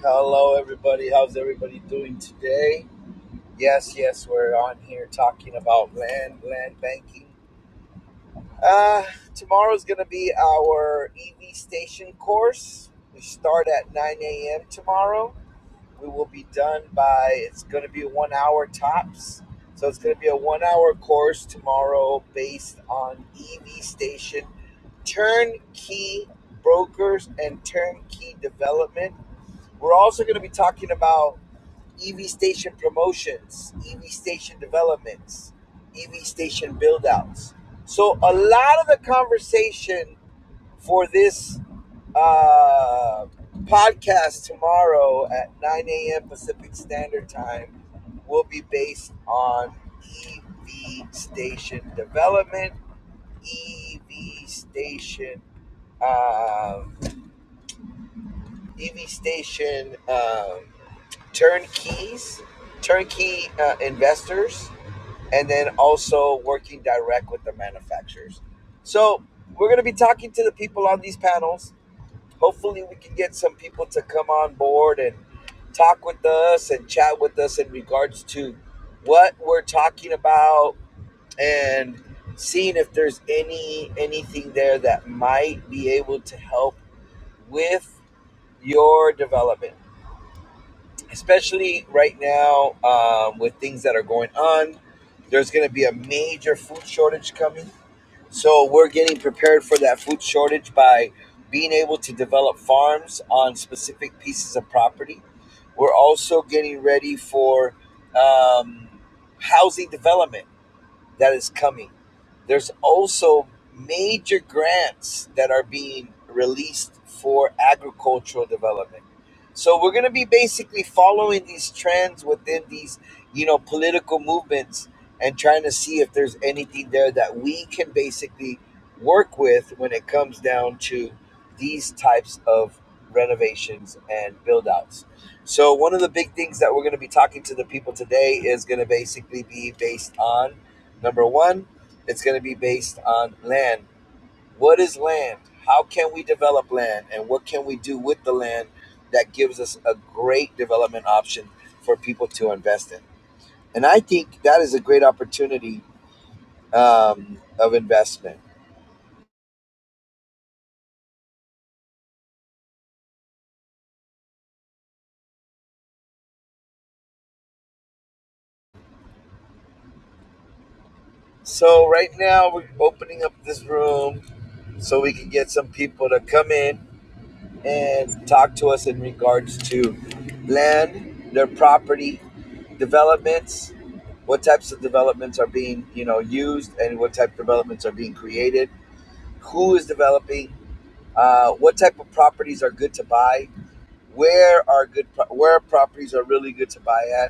Hello, everybody. How's everybody doing today? Yes, yes, we're on here talking about land, land banking. Uh, tomorrow's going to be our EV station course. We start at 9 a.m. tomorrow. We will be done by, it's going to be one hour tops. So it's going to be a one hour course tomorrow based on EV station turnkey brokers and turnkey development. We're also going to be talking about EV station promotions, EV station developments, EV station build outs. So, a lot of the conversation for this uh, podcast tomorrow at 9 a.m. Pacific Standard Time will be based on EV station development, EV station, um, EV station um, turnkeys, turnkey uh, investors and then also working direct with the manufacturers. So we're going to be talking to the people on these panels. Hopefully, we can get some people to come on board and talk with us and chat with us in regards to what we're talking about and seeing if there's any anything there that might be able to help with your development especially right now um, with things that are going on. There's going to be a major food shortage coming. So we're getting prepared for that food shortage by being able to develop farms on specific pieces of property. We're also getting ready for um, housing development that is coming. There's also major grants that are being released for agricultural development. So we're going to be basically following these trends within these, you know, political movements and trying to see if there's anything there that we can basically work with when it comes down to these types of renovations and build outs. So one of the big things that we're going to be talking to the people today is going to basically be based on Number one, it's going to be based on land. What is land? How can we develop land? And what can we do with the land that gives us a great development option for people to invest in? And I think that is a great opportunity um, of investment. So, right now, we're opening up this room so we can get some people to come in and talk to us in regards to land, their property, developments, what types of developments are being you know used, and what type of developments are being created, who is developing, uh, what type of properties are good to buy, where are good pro- where properties are really good to buy at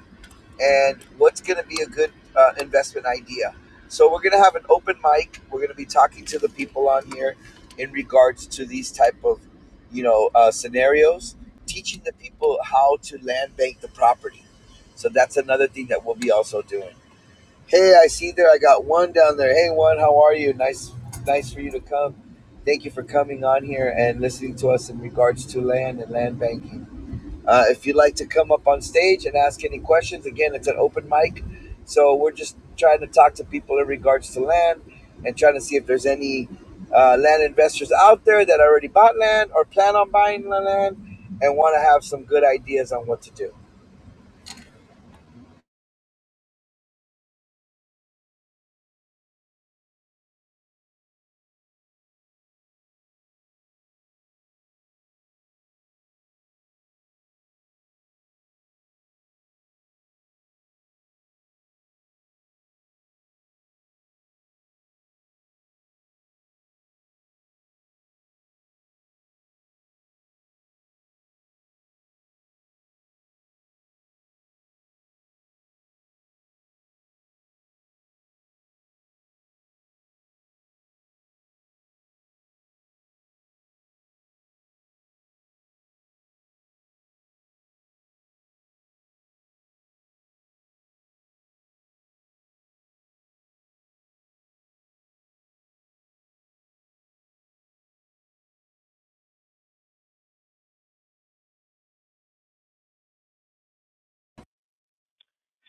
and what's going to be a good uh, investment idea. So we're going to have an open mic. We're going to be talking to the people on here in regards to these type of, you know, uh, scenarios, teaching the people how to land bank the property. So that's another thing that we'll be also doing. Hey, I see there. I got one down there. Hey, one, how are you? Nice, nice for you to come. Thank you for coming on here and listening to us in regards to land and land banking. Uh, if you'd like to come up on stage and ask any questions, again, it's an open mic. So we're just trying to talk to people in regards to land and trying to see if there's any uh, land investors out there that already bought land or plan on buying land and want to have some good ideas on what to do.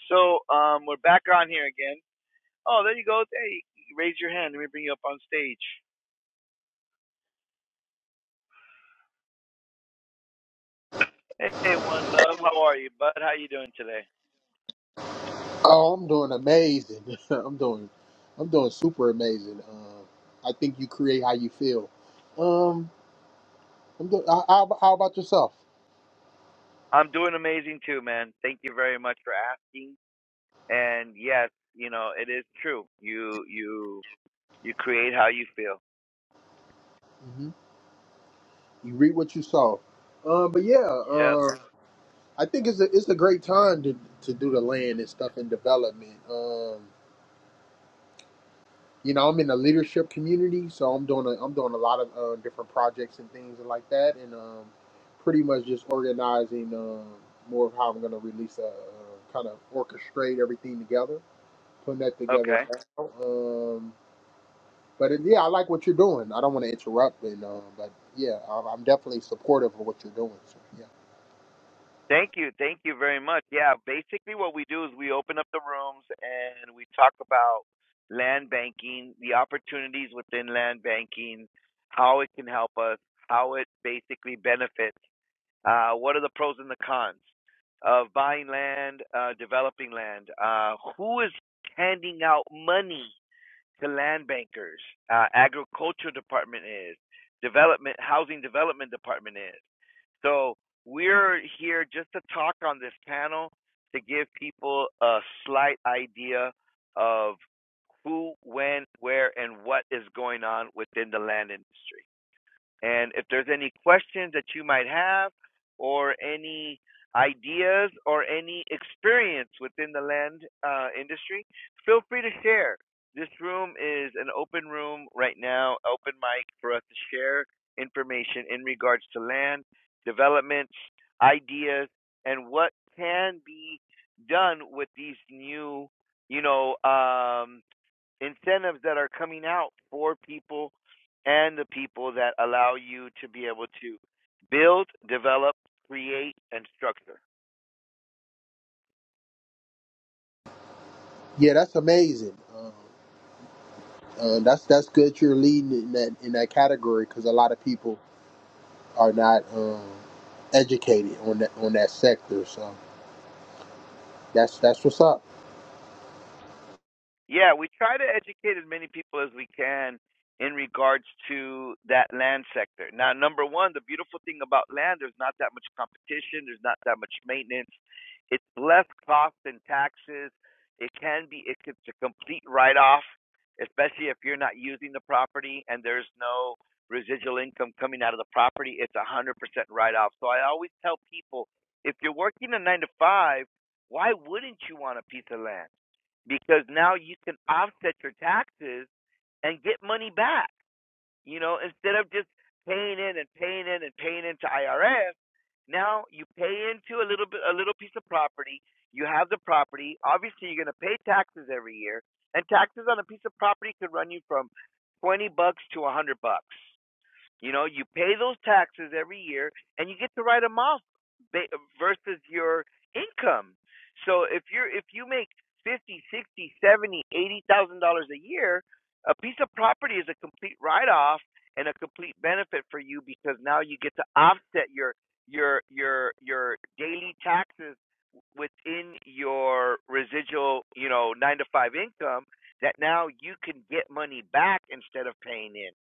So um, we're back on here again. Oh, there you go. Hey, raise your hand. Let me bring you up on stage. Hey, one love. How are you, bud? How you doing today? Oh, I'm doing amazing. I'm doing, I'm doing super amazing. Uh, I think you create how you feel. Um, I'm doing. How, how how about yourself? I'm doing amazing too, man. Thank you very much for asking. Yes, you know, it is true. You you you feel. hmm You read what you saw. Uh, but yeah, uh, I think it's a it's a great time to to do the land and stuff and development. Um, you know, I'm in the leadership community, so I'm doing a, I'm doing a lot of uh, different projects and things like that, and um, pretty much just organizing um, more of how I'm going to release a uh, kind of orchestrate everything together, putting that together. Okay. Now. Um, but it, yeah, I like what you're doing. I don't want to interrupt, and um, but yeah, I'm, I'm definitely supportive of what you're doing. So, yeah, Thank you. Thank you very much. Yeah, basically what we do is we open up the rooms and we talk about land banking, the opportunities within land banking, how it can help us, how it basically benefits, uh, what are the pros and the cons of buying land, uh, developing land, uh, who is handing out money to land bankers, uh, agriculture department is, development, housing development department is. So we're here just to talk on this panel to give people a slight idea of who, when, where, and what is going on within the land industry. And if there's any questions that you might have, or any ideas, or any experience within the land uh, industry, feel free to share. This room is an open room right now, open mic for us to share information in regards to land developments, ideas, and what can be done with these new, you know, um, incentives that are coming out for people and the people that allow you to be able to build, develop, create, and structure. yeah, that's amazing. Um, uh, that's that's good. You're leading in that in that category because a lot of people are not. Um, educated on that on that sector. So that's that's what's up. Yeah, we try to educate as many people as we can in regards to that land sector. Now, number one, the beautiful thing about land, there's not that much competition, there's not that much maintenance, it's less cost than taxes. It can be, it- it's a complete write off, especially if you're not using the property and there's no residual income coming out of the property. It's a 100% write off. So I always tell people if you're working a nine to five, why wouldn't you want a piece of land? because now you can offset your taxes and get money back. You know, instead of just paying in and paying in and paying into IRS, now you pay into a little bit, a little piece of property. You have the property. Obviously, you're going to pay taxes every year, and taxes on a piece of property could run you from twenty bucks to a hundred bucks. You know, you pay those taxes every year and you get to write them off versus your income. So if you're if you make fifty, sixty, seventy, eighty thousand dollars a year, a piece of property is a complete write off and a complete benefit for you because now you get to offset your your your your daily taxes within your residual, you know, nine to five income that now you can get money back instead of paying in.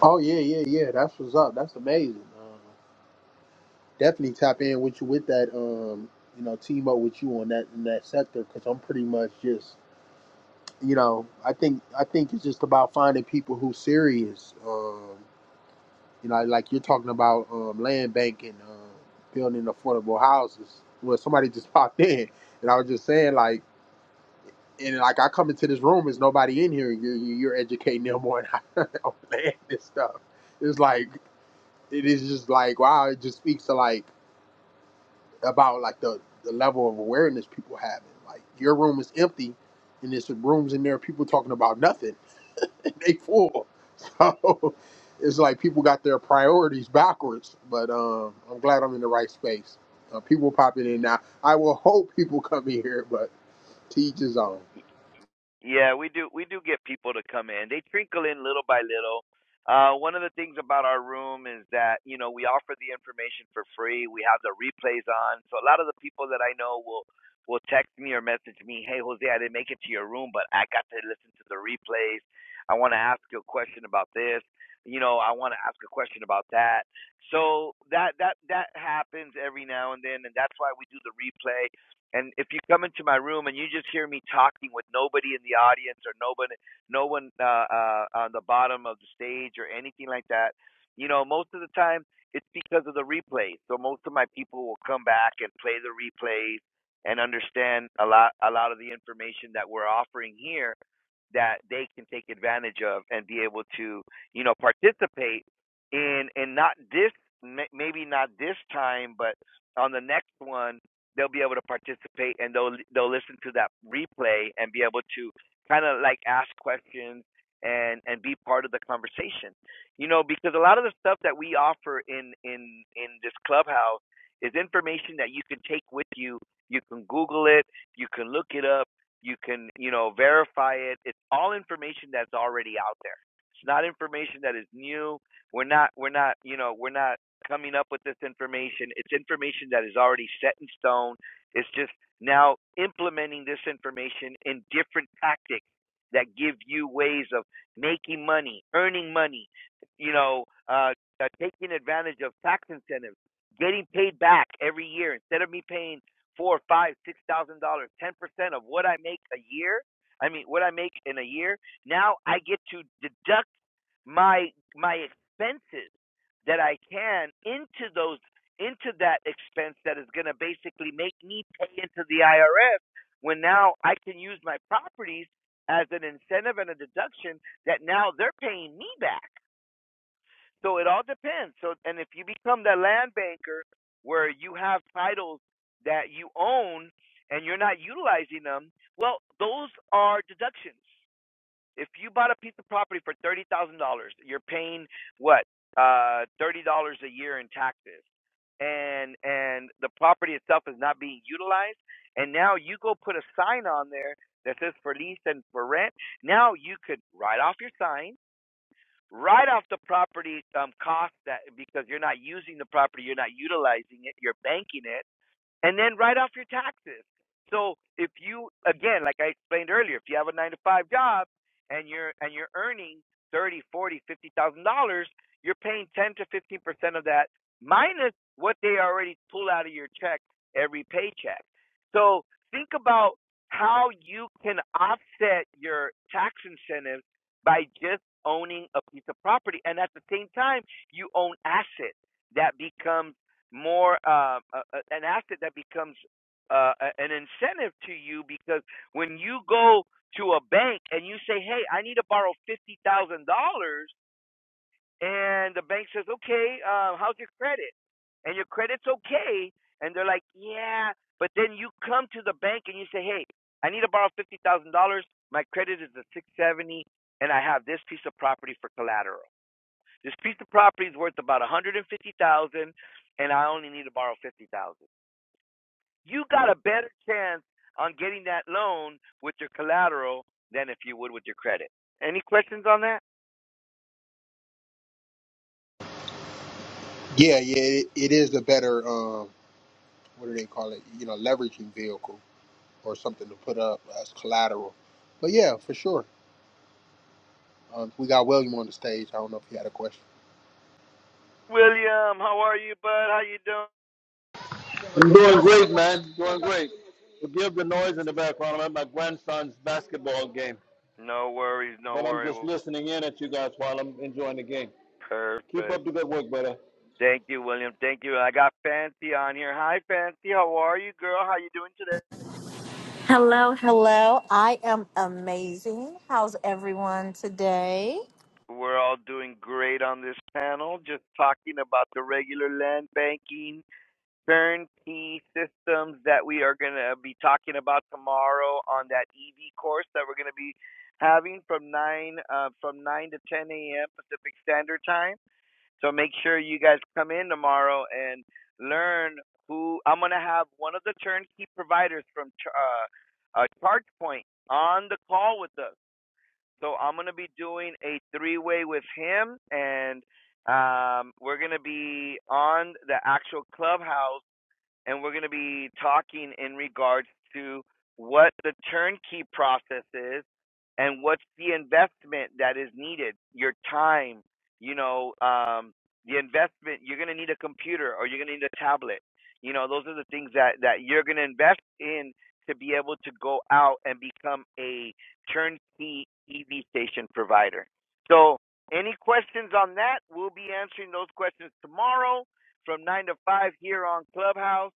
Oh yeah, yeah, yeah. That's what's up. That's amazing. Um, definitely tap in with you with that. Um, you know, team up with you on that in that sector because I'm pretty much just you know I think I think it's just about finding people who serious. Um, you know, like you're talking about um, land banking, um, building affordable houses. Well, somebody just popped in, and I was just saying like. and like I come into this room, there's nobody in here. You're, you're educating them on how on land and stuff. It's like it is just like wow. It just speaks to like about like the the level of awareness people have. Like your room is empty, and there's some rooms in there people talking about nothing. and they full. So it's like people got their priorities backwards. But um, I'm glad I'm in the right space. Uh, people popping in now. I will hope people come in here, but teach is on. Yeah. little. Uh, one of the things about our room is that you know we offer the information for free. We have the replays on, so a lot of the people that I know will will text me or message me, "Hey Jose, I didn't make it to your room, but I got to listen to the replays. I want to ask you a question about this. You know, I want to ask a question about that." So that that that happens every now and then, and that's why we do the replay. And if you come into my room and you just hear me talking with nobody in the audience or nobody no one uh, uh, on the bottom of the stage or anything like that. You know, most of the time it's because of the replay. So most of my people will come back and play the replays and understand a lot a lot of the information that we're offering here that they can take advantage of and be able to, you know, participate in and not this maybe not this time, but on the next one they'll be able to participate and they'll they'll listen to that replay and be able to kind of like ask questions and and be part of the conversation. You know, because a lot of the stuff that we offer in in in this clubhouse is information that you can take with you. You can Google it, you can look it up you can, you know, verify it. It's all information that's already out there. It's not information that is new. We're not, we're not, you know, we're not coming up with this information. It's information that is already set in stone. It's just now implementing this information in different tactics that give you ways of making money, earning money, you know, uh, uh, taking advantage of tax incentives, getting paid back every year instead of me paying four, five, six thousand dollars, ten percent of what I make a year. I mean, what I make in a year. Now I get to deduct my my expenses that I can into those into that expense that is going to basically make me pay into the IRS when now I can use my properties as an incentive and a deduction that now they're paying me back so it all depends. So and if you become that land banker where you have titles that you own and you're not utilizing them, well, those are deductions. If you bought a piece of property for thirty thousand dollars, you're paying what uh, thirty dollars a year in taxes, and and the property itself is not being utilized, and now you go put a sign on there that says for lease and for rent. Now you could write off your sign Right off the property um, cost that because you're not using the property, you're not utilizing it, you're banking it and then write off your taxes. So if you again, like I explained earlier, if you have a nine to five job and you're and you're earning thirty, forty, fifty thousand dollars, you're paying ten to fifteen percent of that minus what they already pull out of your check every paycheck. So think about how you can offset your tax incentives by just owning a piece of property and at the same time you own assets that become more uh, a- an asset that becomes uh, an incentive to you because when you go to a bank and you say, "Hey, I need to borrow fifty thousand dollars," and the bank says, "Okay, uh, how's your credit?" and your credit's okay, and they're like, "Yeah," but then you come to the bank and you say, "Hey, I need to borrow fifty thousand dollars. My credit is a six seventy, and I have this piece of property for collateral. This piece of property is worth about a hundred and fifty thousand, dollars, and I only need to borrow 50,000 you got a better chance on getting that loan with your collateral than if you would with your credit. Any questions on that? Yeah, yeah, it, it is a better um, what do they call it? You know, leveraging vehicle or something to put up as collateral. But yeah, for sure. Um, we got William on the stage. I don't know if he had a question. William, how are you, bud? How you doing? I'm doing great, man. Doing great. Forgive the noise in the background. I'm at my grandson's basketball game, No worries, no but I'm worry. just listening in at you guys while I'm enjoying the game. Keep up Perfect. the good work, brother. Thank you, William. Thank you. I got Fancy on here. Hi, Fancy. How are you, girl? How you doing today? Hello, hello. I am amazing. How's everyone today? We're all doing great on this panel, just talking about the regular land banking turnkey systems that we are going to be talking about tomorrow on that EV course that we're going to be having from nine uh, from nine to ten a.m. Pacific Standard Time. So make sure you guys come in tomorrow and learn who I'm going to have one of the turnkey providers from Ch- uh, uh, ChargePoint on the call with us. So I'm going to be doing a three-way with him and um, we're going to be on the actual clubhouse and we're going to be talking in regards to what the turnkey process is and what's the investment that is needed your time you know um the investment you're going to need a computer or you're going to need a tablet you know those are the things that that you're going to invest in to be able to go out and become a turnkey EV station provider so any questions on that we'll be answering those questions tomorrow from 9 to 5 here on Clubhouse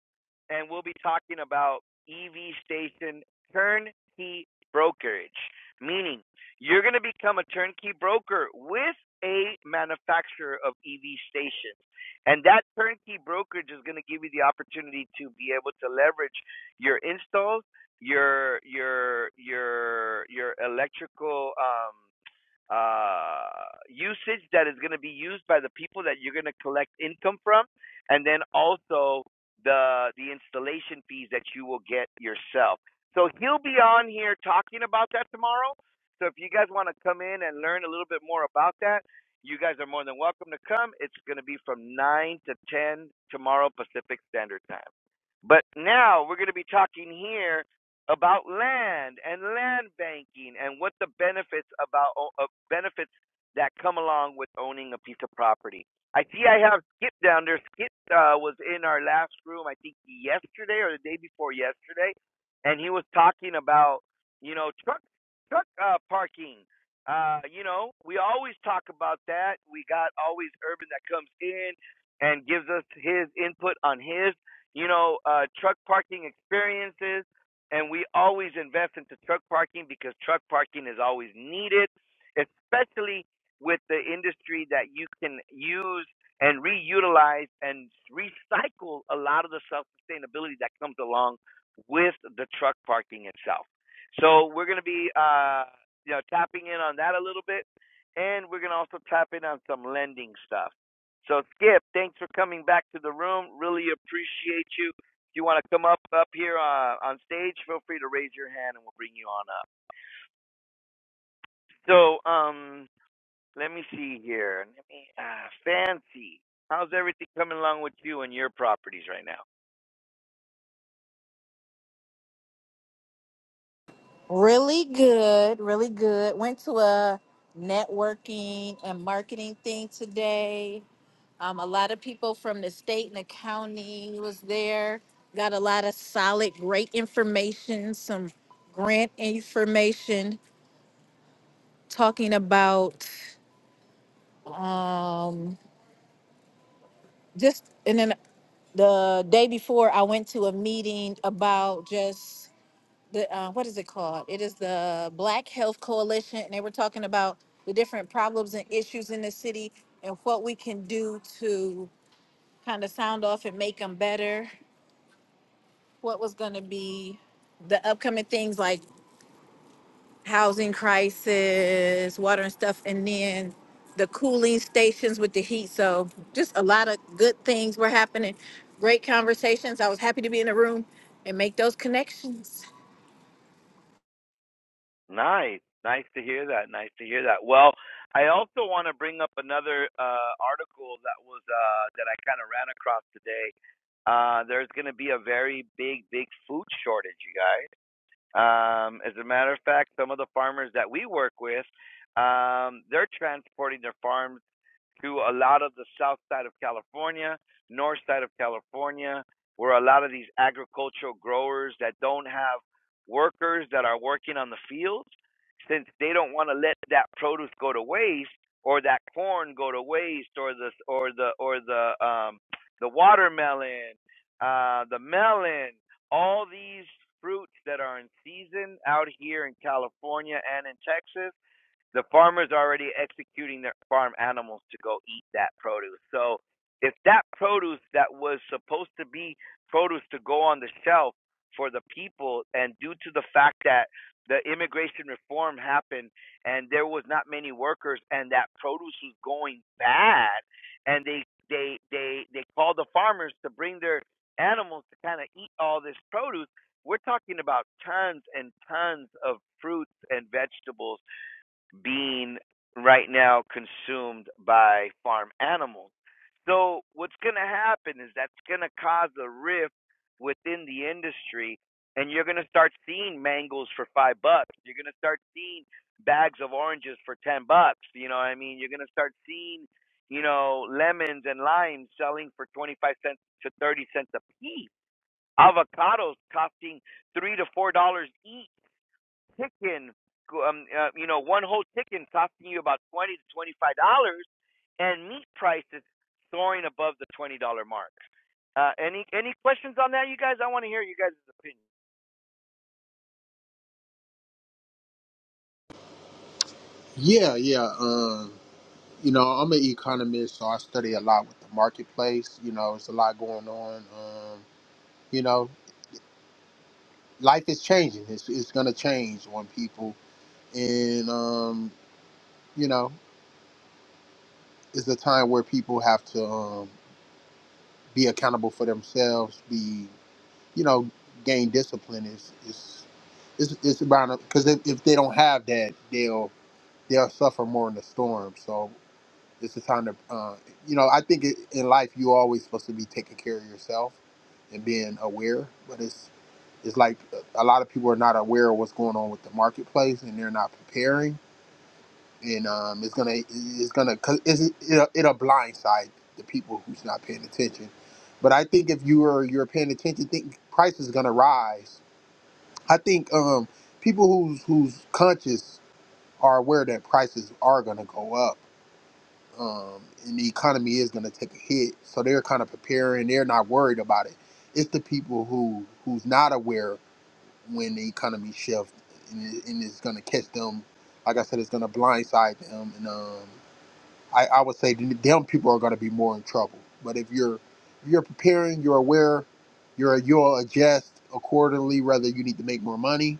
and we'll be talking about EV station turnkey brokerage meaning you're going to become a turnkey broker with a manufacturer of EV stations. And that turnkey brokerage is going to give you the opportunity to be able to leverage your installs, your your your your electrical um uh, usage that is going to be used by the people that you're going to collect income from, and then also the the installation fees that you will get yourself. So he'll be on here talking about that tomorrow. So if you guys want to come in and learn a little bit more about that, you guys are more than welcome to come. It's going to be from 9 to 10 tomorrow Pacific Standard Time. But now we're going to be talking here about land and land banking and what the benefits about uh, benefits that come along with owning a piece of property. I see I have Skip down there. Skip uh, was in our last room, I think yesterday or the day before yesterday, and he was talking about you know truck truck uh, parking. Uh, you know, we always talk about that. We got always Urban that comes in and gives us his input on his you know, uh, truck parking experiences. And we always invest into truck parking because truck parking is always needed, especially with the industry that you can use and reutilize and recycle a lot of the self sustainability that comes along with the truck parking itself. So we're going to be, uh, you know, tapping in on that a little bit, and we're going to also tap in on some lending stuff. So Skip, thanks for coming back to the room. Really appreciate you. If you want to come up up here uh, on stage, feel free to raise your hand and we'll bring you on up. So um, let me see here. Let me uh, fancy. How's everything coming along with you and your properties right now? Really good, really good. Went to a networking and marketing thing today. Um, a lot of people from the state and the county was there. Got a lot of solid, great information, some grant information talking about um, just, and then the day before I went to a meeting about just the uh, what is it called? It is the Black Health Coalition, and they were talking about the different problems and issues in the city and what we can do to kind of sound off and make them better. What was going to be the upcoming things like housing crisis, water and stuff, and then the cooling stations with the heat. So just a lot of good things were happening. Great conversations. I was happy to be in the room and make those connections. Nice, nice to hear that. Nice to hear that. Well, I also want to bring up another uh, article that was uh, that I kind of ran across today. Uh, there's going to be a very big, big food shortage, you guys Um, as a matter of fact, some of the farmers that we work with, um, they're transporting their farms to a lot of the south side of California, north side of California, where a lot of these agricultural growers that don't have workers that are working on the fields, since they don't want to let that produce go to waste or that corn go to waste or the or the or the um the watermelon, uh the melon, all these fruits that are in season out here in California and in Texas the farmer's already executing their farm animals to go eat that produce. So if that produce that was supposed to be produce to go on the shelf for the people and due to the fact that the immigration reform happened and there was not many workers and that produce was going bad and they they they they called the farmers to bring their animals to kind of eat all this produce we're talking about tons and tons of fruits and vegetables being right now consumed by farm animals. So what's going to happen is that's going to cause a rift within the industry, and you're going to start seeing mangoes for five bucks. You're going to start seeing bags of oranges for ten bucks. You know what I mean? You're going to start seeing, you know, lemons and limes selling for twenty five cents to thirty cents a piece. Avocados costing three to four dollars each chicken, um, uh, you know, one whole chicken costing you about twenty to twenty-five dollars, and meat prices soaring above the twenty-dollar mark. Uh, any any questions on that, you guys? I want to hear you guys' opinion. Yeah, yeah. Um, you know, I'm an economist, so I study a lot with the marketplace. You know, it's a lot going on. Um, you know, life is changing. It's it's gonna change on people, and um, you know, it's a time where people have to um, be accountable for themselves, Be you know, gain discipline is is is it's about because if, if they don't have that, they'll they'll suffer more in the storm. So it's a time to, uh, you know, I think it, in life you always supposed to be taking care of yourself and being aware. But it's it's like a lot of people are not aware of what's going on with the marketplace and they're not preparing. And um, it's gonna it's gonna 'cause it's, it'll, it'll blindside the people who's not paying attention. But I think if you are you're paying attention, think price is gonna rise I think um, people who's who's conscious are aware that prices are going to go up, um, and the economy is going to take a hit. So they're kind of preparing. They're not worried about it. It's the people who who's not aware when the economy shifts and, it, and it's going to catch them. Like I said, it's going to blindside them, and um, I, I would say them people are going to be more in trouble. But if you're if you're preparing, you're aware, you're you'll adjust accordingly. Whether you need to make more money,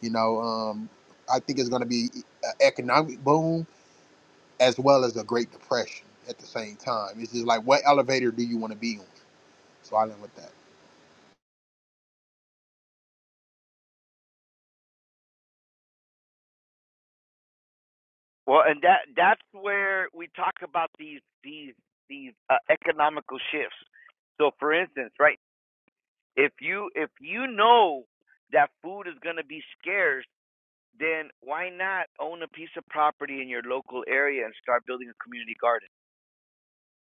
you know, um, I think it's going to be an economic boom as well as a Great Depression at the same time. It's just like what elevator do you want to be on? So I live with that. Well, and that that's where we talk about these these these uh, economical shifts. So, for instance, right, if you if you know that food is going to be scarce, then why not own a piece of property in your local area and start building a community garden?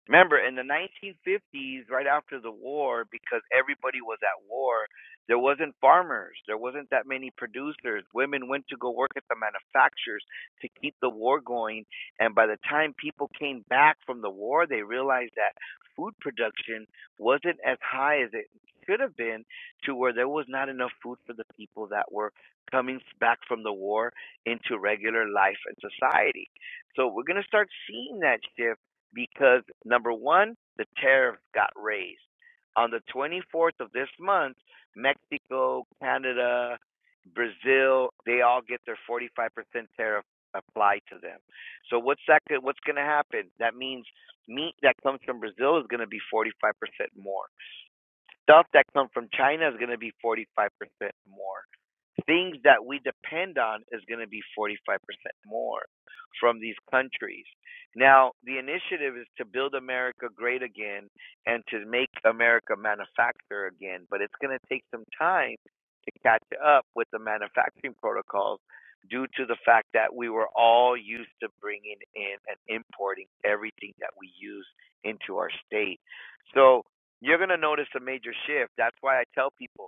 Remember, in the 1950s, right after the war, because everybody was at war, there wasn't farmers. There wasn't that many producers. Women went to go work at the manufacturers to keep the war going. And by the time people came back from the war, they realized that food production wasn't as high as it should have been to where there was not enough food for the people that were coming back from the war into regular life and society. So we're going to start seeing that shift because number one, the tariff got raised. On the 24th of this month, Mexico, Canada, Brazil, they all get their 45% tariff applied to them. So what's that? What's going to happen? That means meat that comes from Brazil is going to be 45% more. Stuff that comes from China is going to be 45% more things that we depend on is going to be 45% more from these countries. Now, the initiative is to build America great again and to make America manufacture again, but it's going to take some time to catch up with the manufacturing protocols due to the fact that we were all used to bringing in and importing everything that we use into our state. So, you're going to notice a major shift. That's why I tell people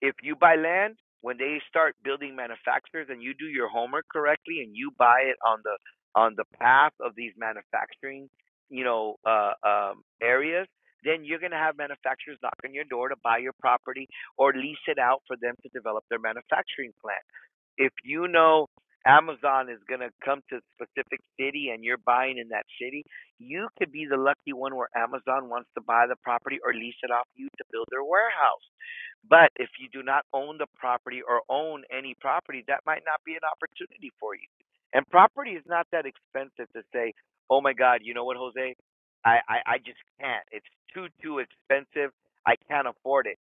if you buy land, when they start building manufacturers and you do your homework correctly and you buy it on the on the path of these manufacturing, you know, uh, um, areas, then you're going to have manufacturers knock on your door to buy your property or lease it out for them to develop their manufacturing plant. If you know Amazon is going to come to a specific city and you're buying in that city, you could be the lucky one where Amazon wants to buy the property or lease it off you to build their warehouse. But if you do not own the property or own any property, that might not be an opportunity for you. And property is not that expensive to say, oh my God, you know what, Jose? I, I, I just can't. It's too, too expensive. I can't afford it.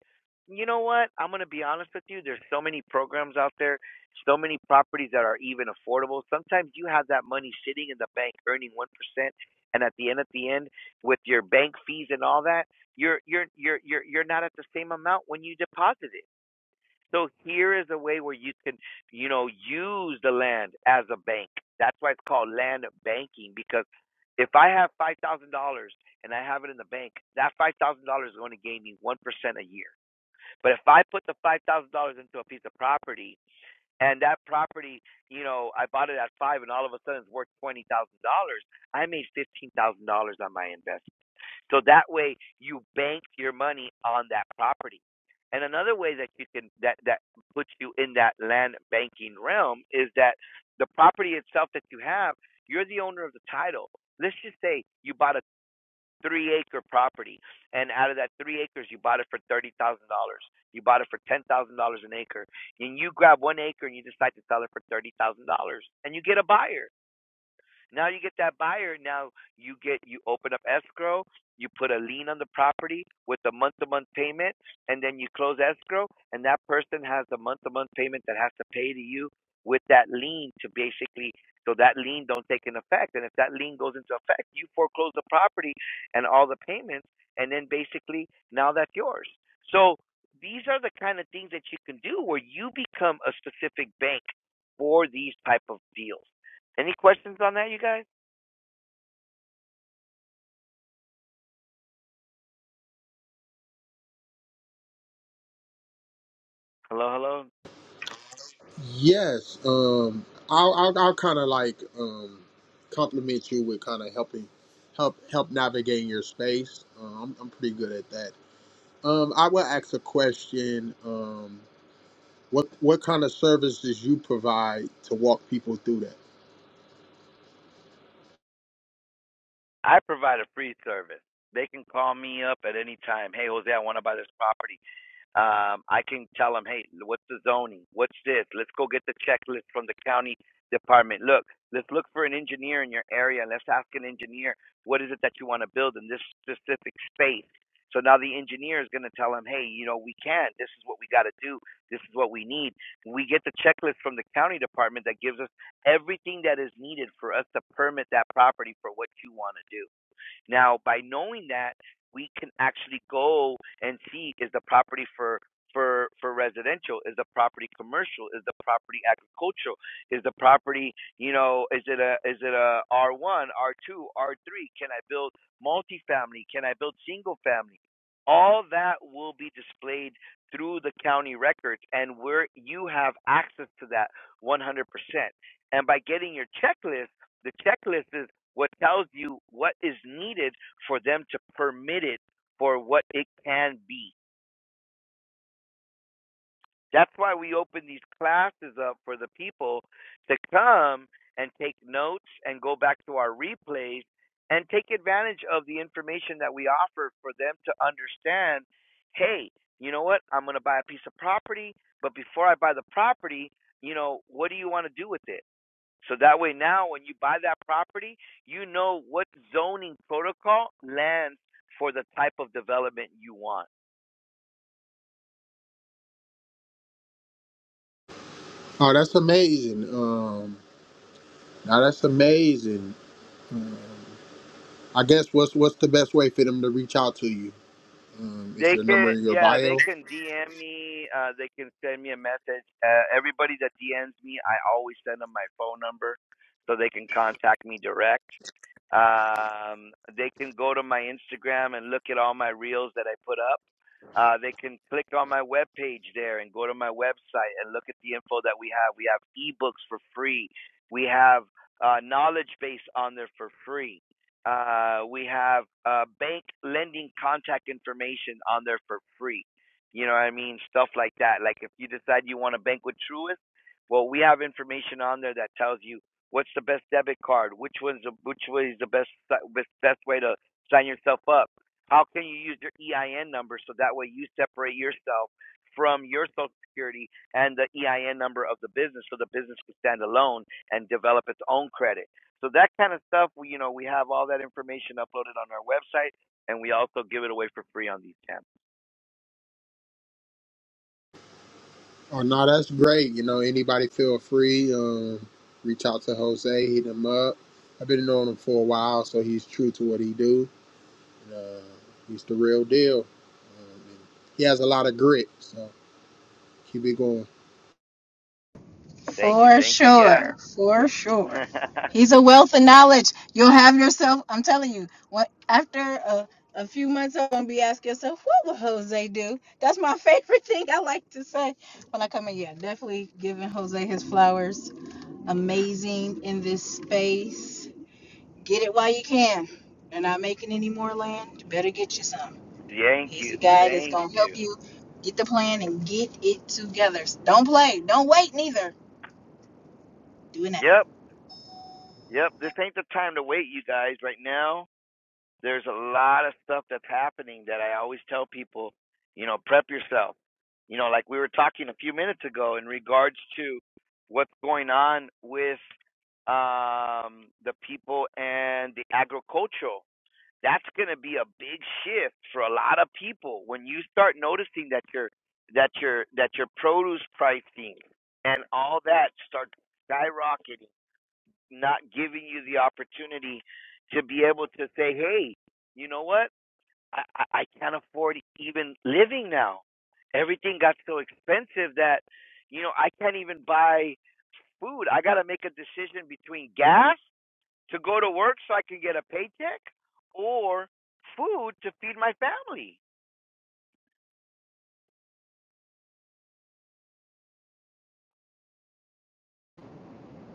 You know what? I'm going to be honest with you. There's so many programs out there, so many properties that are even affordable. Sometimes you have that money sitting in the bank earning 1%. And at the end, at the end, with your bank fees and all that, you're you're you're you're you're not at the same amount when you deposit it. So here is a way where you can, you know, use the land as a bank. That's why it's called land banking because if I have five thousand dollars and I have it in the bank, that five thousand dollars is going to gain me one percent a year. But if I put the five thousand dollars into a piece of property and that property, you know, I bought it at five and all of a sudden it's worth twenty thousand dollars, I made fifteen thousand dollars on my investment. So that way you bank your money on that property. And another way that you can that that puts you in that land banking realm is that the property itself that you have, you're the owner of the title. Let's just say you bought a three acre property and out of that three acres you bought it for thirty thousand dollars. You bought it for ten thousand dollars an acre. And you grab one acre and you decide to sell it for thirty thousand dollars and you get a buyer now you get that buyer. Now you get you open up escrow. You put a lien on the property with a month-to-month payment, and then you close escrow, and that person has the month-to-month payment that has to pay to you with that lien to basically so that lien don't take an effect. And if that lien goes into effect, you foreclose the property and all the payments, and then basically now that's yours. So these are the kind of things that you can do where you become a specific bank for these type of deals. Any questions on that, you guys? Hello, hello. Yes, um, I'll I'll, I'll kind of like um, compliment you with kind of helping help help navigating your space. Uh, I'm I'm pretty good at that Um, I will ask a question. Um, what what kind of services you provide to walk people through that? I provide a free service. They can call me up at any time. Hey, Jose, I want to buy this property. um, I can tell them, hey, what's the zoning? What's this? Let's go get the checklist from the county department. Look, let's look for an engineer in your area. Let's ask an engineer, what is it that you want to build in this specific space? So now the engineer is going to tell them, hey, you know, we can. This is what we got to do. This is what we need. We get the checklist from the county department that gives us everything that is needed for us to permit that property for what you want to do. Now, by knowing that, we can actually go and see is the property for for for residential is the property commercial is the property agricultural is the property you know is it a is it a R1 R2 R3 can I build multifamily can I build single family all that will be displayed through the county records and where you have access to that 100% and by getting your checklist the checklist is what tells you what is needed for them to permit it for what it can be. That's why we open these classes up for the people to come and take notes and go back to our replays and take advantage of the information that we offer for them to understand hey, you know what? I'm going to buy a piece of property, but before I buy the property, you know, what do you want to do with it? So that way now when you buy that property, you know what zoning protocol lands for the type of development you want. Oh, that's amazing. Um, now that's amazing. I guess what's what's the best way for them to reach out to you? Um, is They your can number in your yeah, bio? they can DM me, uh they can send me a message. Uh, everybody that DMs me, I always send them my phone number so they can contact me direct. Um, they can go to my Instagram and look at all my reels that I put up. Uh, they can click on my webpage there and go to my website and look at the info that we have. We have ebooks for free. We have uh, knowledge base on there for free. Uh, we have uh, bank lending contact information on there for free. You know what I mean? Stuff like that. Like if you decide you want to bank with Truist, well, we have information on there that tells you What's the best debit card? Which one's the, which way is the best si- best best way to sign yourself up? How can you use your EIN number so that way you separate yourself from your Social Security and the EIN number of the business so the business can stand alone and develop its own credit. So that kind of stuff, we you know we have all that information uploaded on our website, and we also give it away for free on these camps. Oh, no, that's great. You know, anybody feel free. Um, reach out to Jose, hit him up. I've been knowing him for a while, so he's true to what he do. Uh, he's the real deal. He has a lot of grit, so keep it going. Thank you, For thank you, yeah. sure, for sure. He's a wealth of knowledge. You'll have yourself, I'm telling you, what after a, a few months I'm gonna be asking yourself, what would Jose do? That's my favorite thing I like to say when I come in. Yeah, definitely giving Jose his flowers. Amazing in this space. Get it while you can. They're not making any more land. You better get you some. thank He's the you, guy that's thank gonna you. help you get the plan and get it together. Don't play. Don't wait neither. Do it now. Yep, yep. This ain't the time to wait, you guys. Right now, There's a lot of stuff that's happening that I always tell people, you know, prep yourself. You know, like we were talking a few minutes ago in regards to what's going on with um, the people and the agricultural. That's going to be a big shift for a lot of people when you start noticing that your that your that your produce pricing and all that starts skyrocketing not giving you the opportunity to be able to say, hey, you know what? I, I, I can't afford even living now. Everything got so expensive that, you know, I can't even buy food. I got to make a decision between gas to go to work so I can get a paycheck or food to feed my family.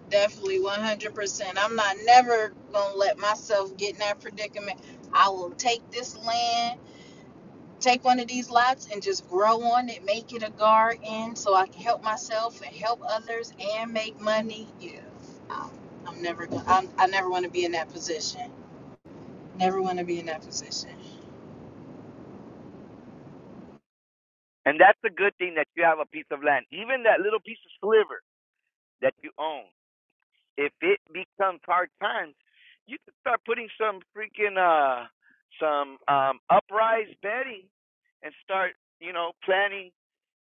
Definitely 100%. I'm not never going to let myself get in that predicament. I will take this land, take one of these lots, and just grow on it, make it a garden so I can help myself and help others and make money. Yeah. I'm, I'm never going to, I never want to be in that position. Never want to be in that position. And that's the good thing that you have a piece of land, even that little piece of sliver that you own. if it becomes hard times, you can start putting some freaking uh some um uprise bedding and start, you know, planning,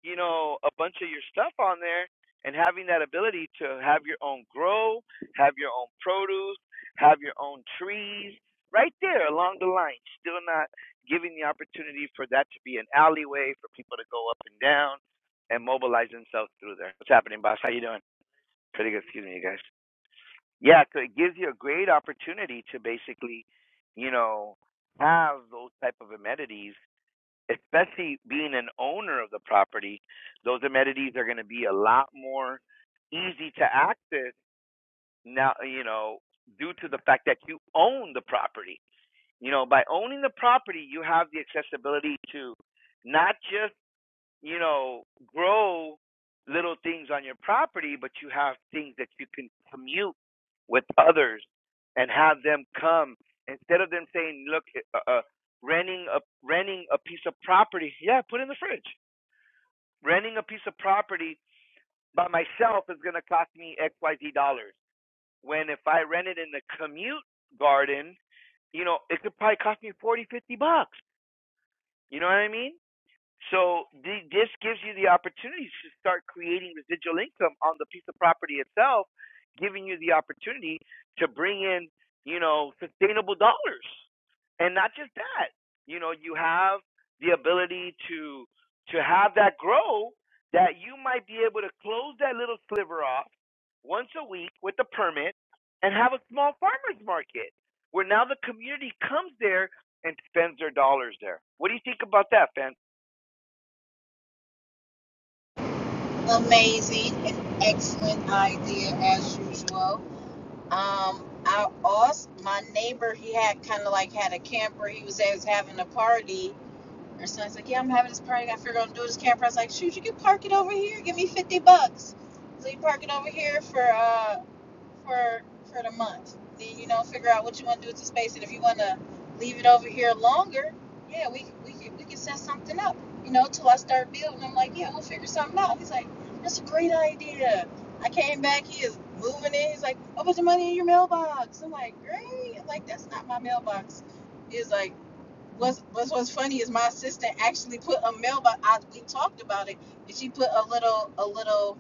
you know, a bunch of your stuff on there and having that ability to have your own grow, have your own produce, have your own trees right there along the line. Still not giving the opportunity for that to be an alleyway for people to go up and down and mobilize themselves through there. What's happening, boss? How you doing? Pretty good. Excuse me, you guys yeah, 'cause it gives you a great opportunity to basically, you know, have those type of amenities, especially being an owner of the property. Those amenities are going to be a lot more easy to access now, you know, due to the fact that you own the property. You know, by owning the property, you have the accessibility to not just you know, grow little things on your property, but you have things that you can commute with others and have them come instead of them saying, "Look, eh, uh, uh, renting a renting a piece of property, yeah, put in the fridge. Renting a piece of property by myself is going to cost me X Y Z dollars. When if I rent it in the commute garden, you know, it could probably cost me forty, fifty bucks. You know what I mean? So the, this gives you the opportunity to start creating residual income on the piece of property itself, giving you the opportunity to bring in, you know, sustainable dollars. And not just that, you know, you have the ability to to have that grow that you might be able to close that little sliver off once a week with a permit and have a small farmers market where now the community comes there and spends their dollars there. What do you think about that, fam? Amazing and excellent idea as usual. Um, I also, my neighbor, he had kind of like had a camper. He was, he was having a party Or so I was like, yeah, I'm having this party. I figured I'll do this camper. I was like, shoot, you can park it over here. Give me 50 bucks. So you park it over here for uh for for the month. Then you know, figure out what you want to do with the space, and if you want to leave it over here longer, yeah, we we can we can set something up. You know, till I start building. I'm like, yeah, we'll figure something out. He's like, that's a great idea. I came back. He is moving in. He's like, a bunch of money in your mailbox. I'm like, great. I'm like, that's not my mailbox. He's like what's, what's what's funny is my assistant actually put a mailbox. I, we talked about it, and she put a little a little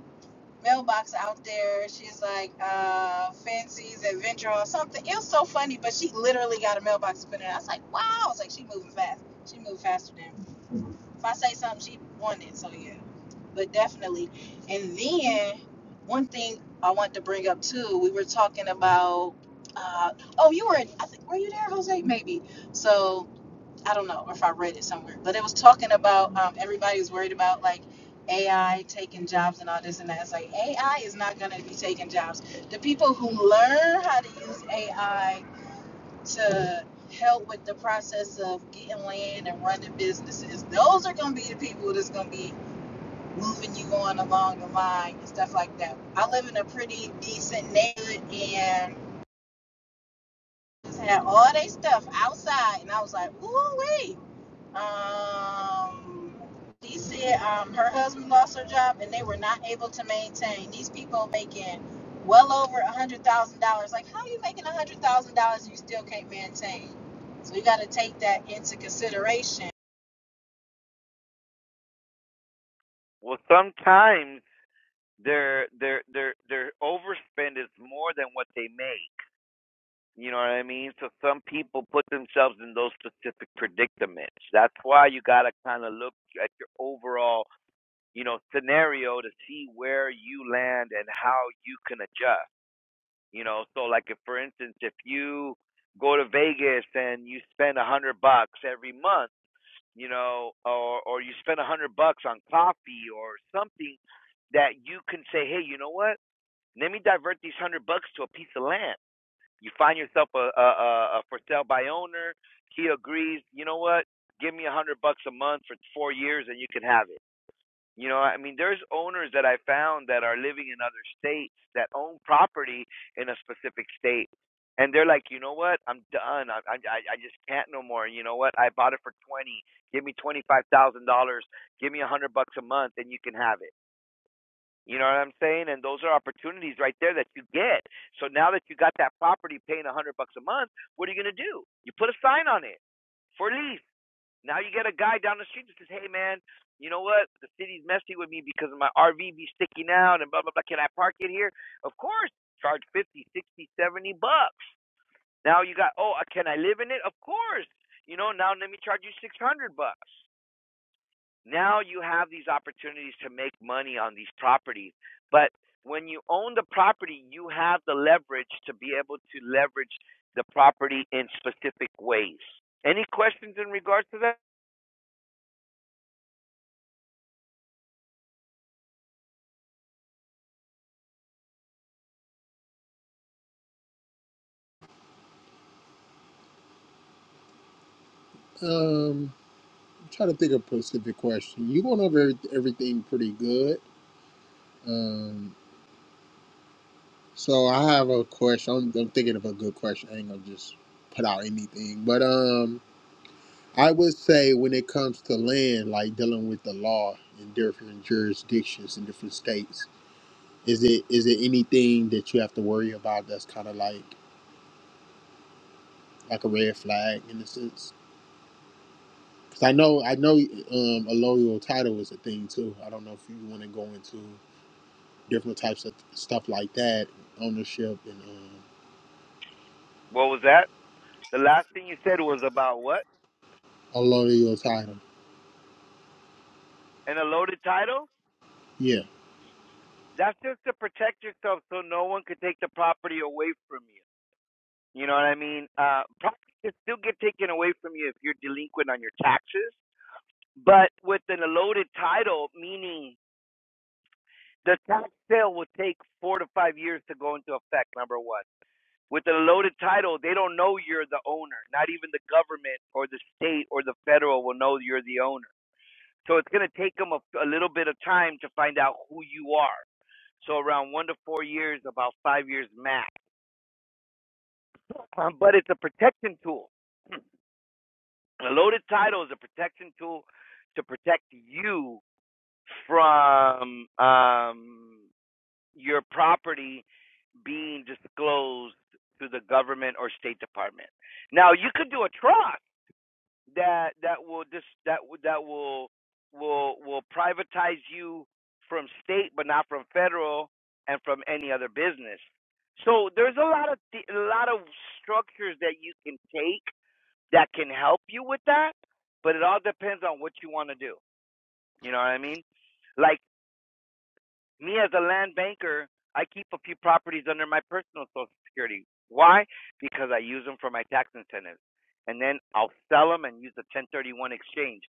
mailbox out there. She's like uh, Fancy's Adventure or something. It was so funny, but she literally got a mailbox put in. I was like, wow. I was like, she moving fast. She moved faster than if I say something, she won it. So yeah, but definitely. And then one thing I want to bring up too. We were talking about. Uh, oh, you were. I think were you there, Jose? Maybe. So I don't know if I read it somewhere, but it was talking about um, everybody was worried about like AI taking jobs and all this and that. It's like AI is not going to be taking jobs. The people who learn how to use AI to help with the process of getting land and running businesses, those are going to be the people that's going to be moving you on along the line and stuff like that. I live in a pretty decent neighborhood and just had all they stuff outside, and I was like, ooh, wait. Um, she said um, her husband lost her job and they were not able to maintain. These people making well over a hundred thousand dollars. Like, how are you making a hundred thousand dollars and you still can't maintain? So you got to take that into consideration. Well, sometimes their their their their overspend is more than what they make. You know what I mean? So some people put themselves in those specific predicaments. That's why you got to kind of look at your overall, you know, scenario to see where you land and how you can adjust. You know, so like if for instance, if you go to Vegas and you spend a hundred bucks every month you know, or or you spend a hundred bucks on coffee or something that you can say, hey, you know what? Let me divert these hundred bucks to a piece of land. You find yourself a, a, a, for sale by owner. He agrees. You know what? Give me a hundred bucks a month for four years, and you can have it you know, I mean, there's owners that I found that are living in other states that own property in a specific state, and they're like, you know what, I'm done. I I I just can't no more. You know what, I bought it for twenty. Give me twenty five thousand dollars. Give me a hundred bucks a month, and you can have it. You know what I'm saying? And those are opportunities right there that you get. So now that you got that property paying a hundred bucks a month, what are you gonna do? You put a sign on it for lease. Now you get a guy down the street that says, "Hey man, you know what? The city's messy with me because my RV be sticking out and blah blah blah. Can I park it here?" Of course, charge 50, 60, 70 bucks. Now you got, "Oh, uh, can I live in it?" Of course. You know, now let me charge you 600 bucks. Now you have these opportunities to make money on these properties. But when you own the property, you have the leverage to be able to leverage the property in specific ways. Any questions in regards to that? Um, trying to think of a specific question. You going over every- everything pretty good. Um, so I have a question. I'm, I'm thinking of a good question. I ain't gonna just put out anything, but um, I would say when it comes to land, like dealing with the law in different jurisdictions in different states, is it is it anything that you have to worry about that's kind of like like a red flag in a sense? Because I know I know um, a loyal title is a thing too. I don't know if you want to go into different types of stuff like that, ownership and um, What was that? The last thing you said was about what? unloading your title. And a loaded title? Yeah. That's just to protect yourself so no one could take the property away from you. You know what I mean? Uh, property can still get taken away from you if you're delinquent on your taxes, but with an loaded title, meaning the tax sale will take four to five years to go into effect, number one. With a loaded title, they don't know you're the owner. Not even the government or the state or the federal will know you're the owner. So it's going to take them a, a little bit of time to find out who you are. So around one to four years, about five years max. Um, but it's a protection tool. A loaded title is a protection tool to protect you from um, your property being disclosed to the government or State Department. Now you could do a trust. that that will dis that that will will will privatize you from state but not from federal and from any other business so there's a lot of th- a lot of structures that you can take that can help you with that but it all depends on what you want to do you know what i mean Like. Me as a land banker, I keep a few properties under my personal social security. Why? Because I use them for my tax incentives. And then I'll sell them and use the 1031 exchange.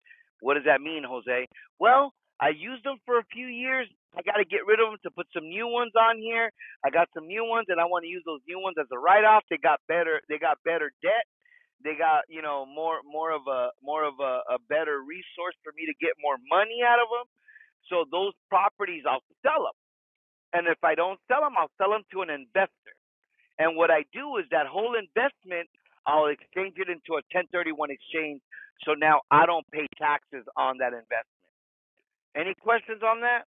What does that mean, Jose? Well, I used them for a few years. I got to get rid of them to put some new ones on here. I got some new ones and I want to use those new ones as a write off. They got better they got better debt. They got, you know, more more of a more of a, a better resource for me to get more money out of them. So those properties I'll sell sell them. And if I don't sell them, I'll sell them to an investor. And what I do is that whole investment, I'll exchange it into a 1031 exchange. So now I don't pay taxes on that investment. Any questions on that?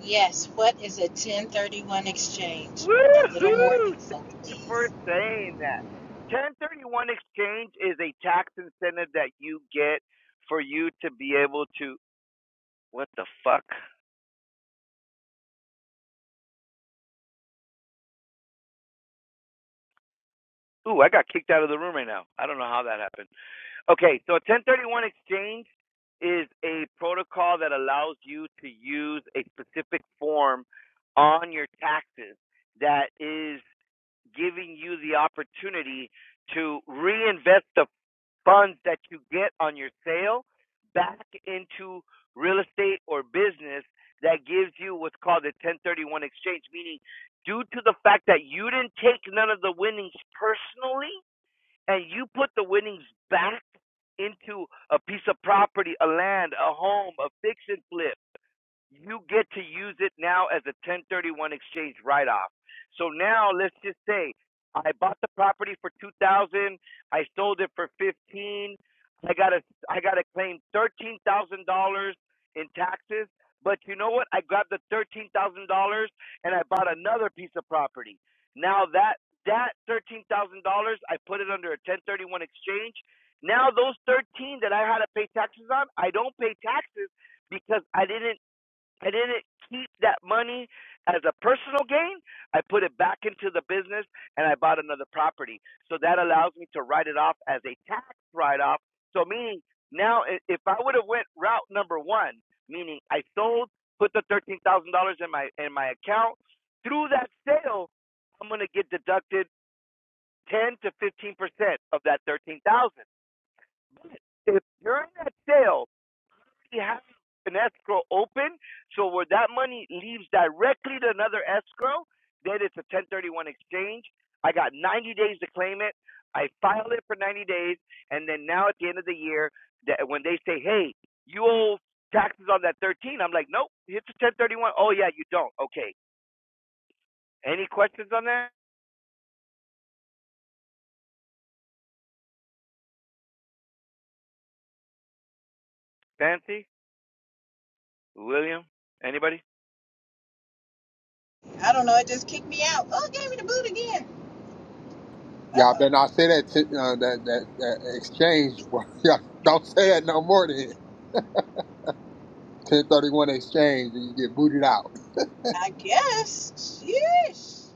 Yes. What is a ten thirty one exchange? A little more Woohoo! info, Thank you for please. saying that. 1031 exchange is a tax incentive that you get for you to be able to. What the fuck? Ooh, I got kicked out of the room right now. I don't know how that happened. Okay, so 1031 exchange is a protocol that allows you to use a specific form on your taxes that is giving you the opportunity to reinvest the funds that you get on your sale back into real estate or business that gives you what's called a 1031 exchange meaning due to the fact that you didn't take none of the winnings personally and you put the winnings back into a piece of property, a land, a home, a fix and flip, you get to use it now as a 1031 exchange write off. So now let's just say I bought the property for 2000, I sold it for 15. thousand dollars, I got to I got to claim $13,000 in taxes, but you know what? I grabbed the $13,000 and I bought another piece of property. Now that that $13,000 I put it under a 1031 exchange. Now those 13 that I had to pay taxes on, I don't pay taxes because I didn't I didn't keep that money as a personal gain. I put it back into the business and I bought another property. So that allows me to write it off as a tax write off. So meaning now i- if I would have went route number 1, meaning I sold, put the $13,000 in my in my account, through that sale I'm going to get deducted 10 to 15% of that 13,000. If during that sale we have an escrow open, so where that money leaves directly to another escrow, then it's a 1031 exchange. I got 90 days to claim it. I file it for 90 days, and then now at the end of the year, that when they say, "Hey, you owe taxes on that 13," I'm like, "Nope, it's a 1031." Oh yeah, you don't. Okay. Any questions on that? Fancy, William, anybody? I don't know. It just kicked me out. Oh, it gave me the boot again. Y'all Uh, better not say that to, uh, that, that that exchange. Y'all don't say that no more. than ten thirty one exchange, and you get booted out. I guess. Yes.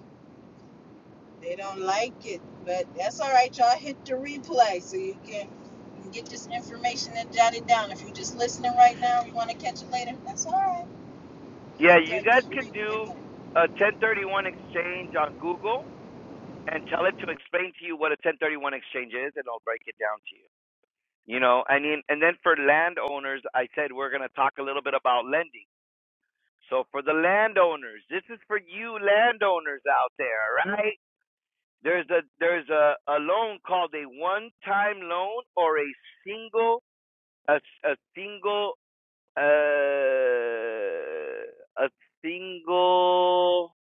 They don't like it, but that's all right. Y'all hit the replay so you can get this information and jot it down. If you're just listening right now, you want to catch it later, that's all right. Yeah, Hit you that guys good can replay do button. a 1031 exchange on Google and tell it to explain to you what a 1031 exchange is, and I'll break it down to you. You know, I mean, and then for landowners, I said we're going to talk a little bit about lending. So for the landowners, this is for you landowners out there, right? There's a there's a, a loan called a one-time loan or a single a a single uh a single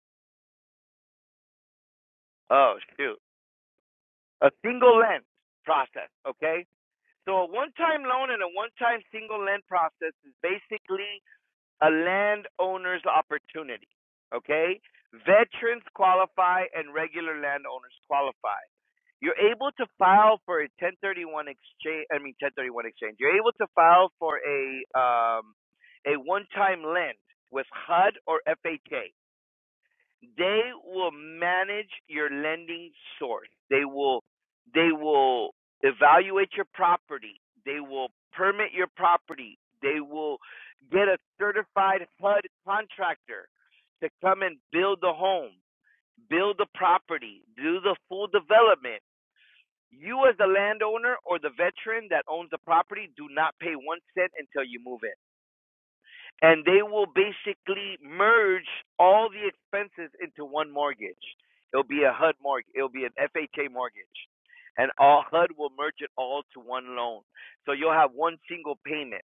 oh shoot a single lend process, okay? So a one-time loan and a one-time single land process is basically a landowner's opportunity. Okay? Veterans qualify and regular landowners qualify. You're able to file for a 1031 exchange. I mean 1031 exchange. You're able to file for a um, a one-time lend with HUD or FHA. They will manage your lending source. They will they will evaluate your property. They will permit your property. They will get a certified HUD contractor to come and build the home, build the property, do the full development. You as the landowner or the veteran that owns the property do not pay 1 cent until you move in and they will basically merge all the expenses into one mortgage. It'll be a HUD mortgage. It'll be an FHA mortgage, and all HUD will merge it all to one loan. So you'll have one single payment.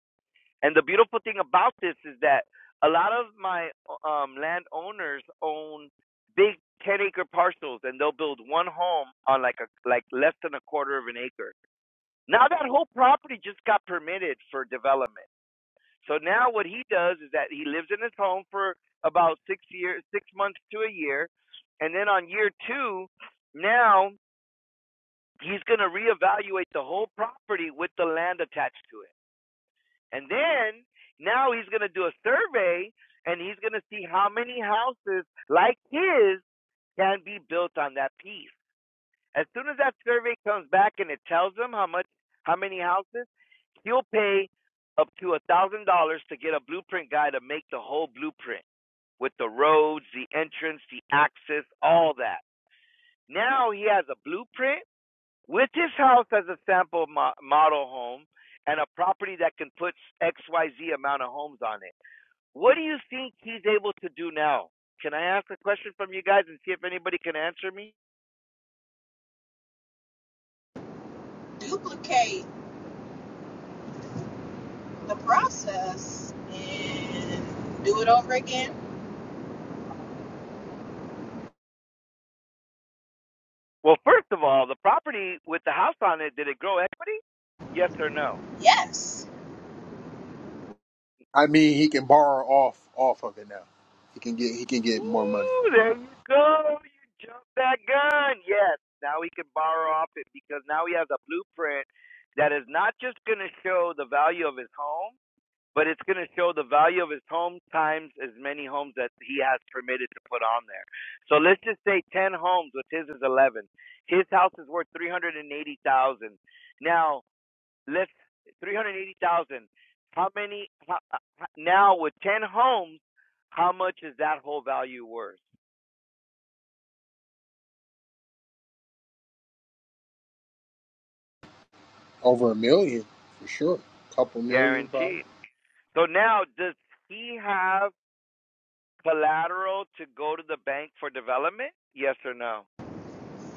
And the beautiful thing about this is that a lot of my um, landowners own big ten acre parcels, and they'll build one home on like a like less than a quarter of an acre. Now that whole property just got permitted for development. So now what he does is that he lives in his home for about six years, six months to a year, and then on year two, now he's going to reevaluate the whole property with the land attached to it, and then now he's going to do a survey and he's going to see how many houses like his can be built on that piece. As soon as that survey comes back and it tells him how much, how many houses, You'll pay up to a thousand dollars to get a blueprint guy to make the whole blueprint with the roads, the entrance, the access, all that. Now he has a blueprint with his house as a sample mo- model home and a property that can put XYZ amount of homes on it. What do you think he's able to do now? Can I ask a question from you guys and see if anybody can answer me? Duplicate the process and do it over again. Well, first of all, the property with the house on it, did it grow equity? Yes or no? Yes, I mean, he can borrow off off of it now. He can get he can get more money, Ooh, there you go. You jumped that gun. Yes. Now he can borrow off it because now he has a blueprint that is not just going to show the value of his home, but it's going to show the value of his home times as many homes that he has permitted to put on there. So let's just say 10 homes, which his is 11. His house is worth 380,000. Now, let's 380,000. How many how, uh, how- now with 10 homes, how much is that whole value worth? over a million for sure, couple million probably. Guaranteed. So now, does he have collateral to go to the bank for development? Yes or no?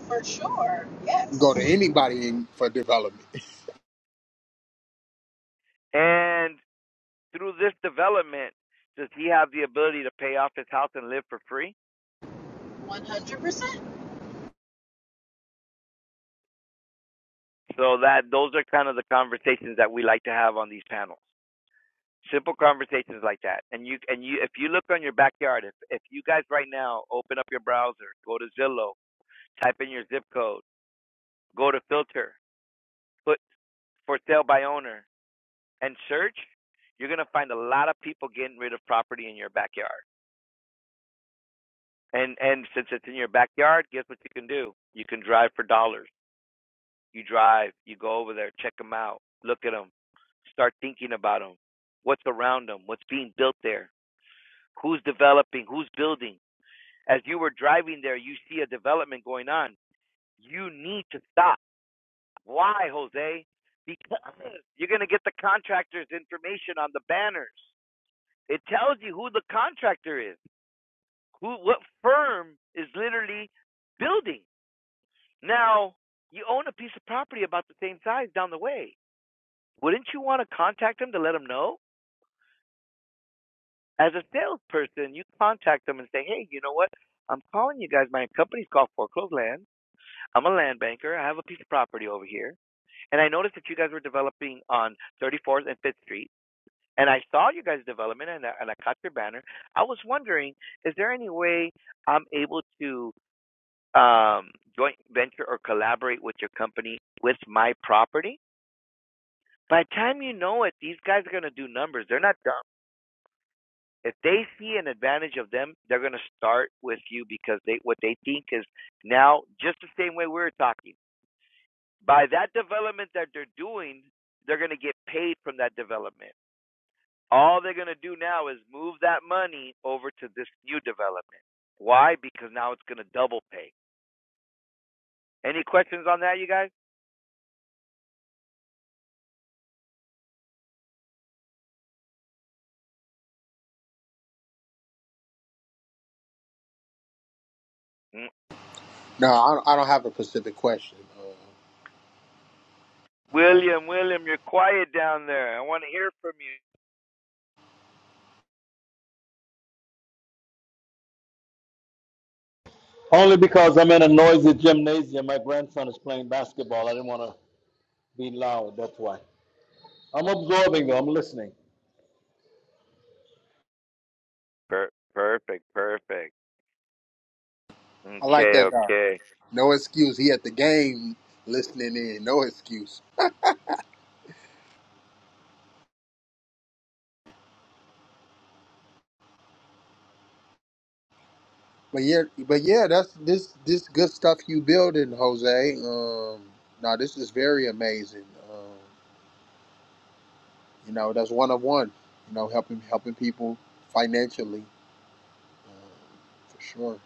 for sure. Go to Yes, anybody in, for development. And through this development, does he have the ability to pay off his house and live for free? 100%. So that those are kind of the conversations that we like to have on these panels. Simple conversations like that. And you and you if you look on your backyard, if if you guys right now open up your browser, go to Zillow, type in your zip code, go to filter, put for sale by owner, and search, you're gonna find a lot of people getting rid of property in your backyard. And and since it's in your backyard, guess what you can do? You can drive for dollars. You drive, you go over there, check them out, look at them, start thinking about them. What's around them? What's being built there? Who's developing? Who's building? As you were driving there, you see a development going on. You need to stop. Why, Jose? Because you're gonna get the contractor's information on the banners. It tells you who the contractor is. Who, what firm is literally building? Now, you own a piece of property about the same size down the way. Wouldn't you want to contact them to let them know? As a salesperson, you contact them and say, hey, you know what? I'm calling you guys. My company's called Foreclosed Land. I'm a land banker. I have a piece of property over here. And I noticed that you guys were developing on 34th and 5th Street. And I saw you guys' development and I, and I caught your banner. I was wondering, is there any way I'm able to um, joint venture or collaborate with your company with my property, by the time you know it, these guys are going to do numbers. They're not dumb. If they see an advantage of them, they're going to start with you because they what they think is now just the same way we were talking. By that development that they're doing, they're going to get paid from that development. All they're going to do now is move that money over to this new development. Why? Because now it's going to double pay. Any questions on that, you guys? No, I don't, I don't have a specific question. Uh, no. William, William, you're quiet down there. I want to hear from you. Only because I'm in a noisy gymnasium. My grandson is playing basketball. I didn't want to be loud. That's why. I'm absorbing though. I'm listening. Per- perfect, perfect. I like Okay, that. guy. okay. No excuse. He at the game listening in. No excuse. But yeah, but yeah, that's this this good stuff you building, Jose. Um, no, this is very amazing. Um, you know, that's one of one. You know, helping helping people financially, um, for sure.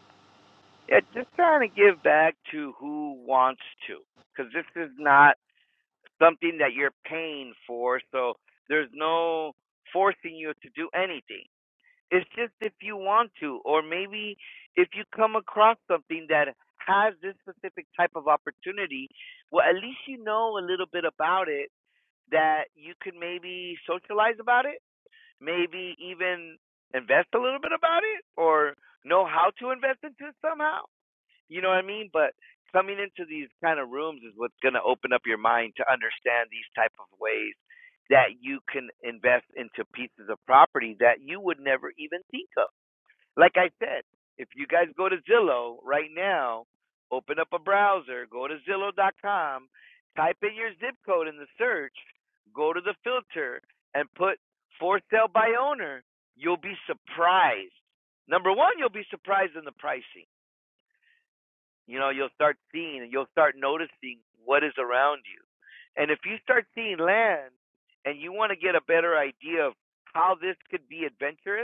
Yeah, just trying to give back to who wants to, because this is not something that you're paying for. So there's no forcing you to do anything. It's just if you want to, or maybe if you come across something that has this specific type of opportunity, well, at least you know a little bit about it that you could maybe socialize about it maybe even invest a little bit about it or know how to invest into it somehow. You know what I mean? But coming into these kind of rooms is what's going to open up your mind to understand these type of ways that you can invest into pieces of property that you would never even think of. Like I said, if you guys go to Zillow right now, open up a browser, go to Zillow.com, type in your zip code in the search, go to the filter, and put for sale by owner, you'll be surprised. Number one, you'll be surprised in the pricing. You know, you'll start seeing and you'll start noticing what is around you. And if you start seeing land and you want to get a better idea of how this could be adventurous,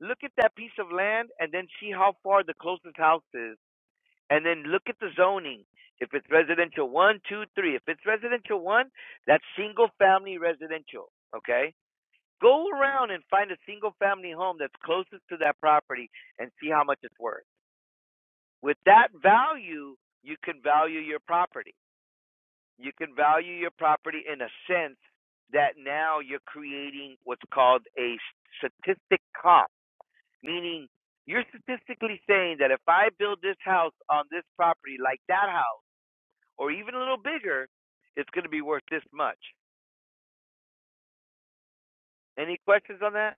Look at that piece of land and then see how far the closest house is. And then look at the zoning. If it's residential one, two, three. If it's residential one, that's single family residential. Okay? Go around and find a single family home that's closest to that property and see how much it's worth. With that value, you can value your property. You can value your property in a sense that now you're creating what's called a statistic comp Meaning, you're statistically saying that if I build this house on this property, like that house, or even a little bigger, it's going to be worth this much. Any questions on that?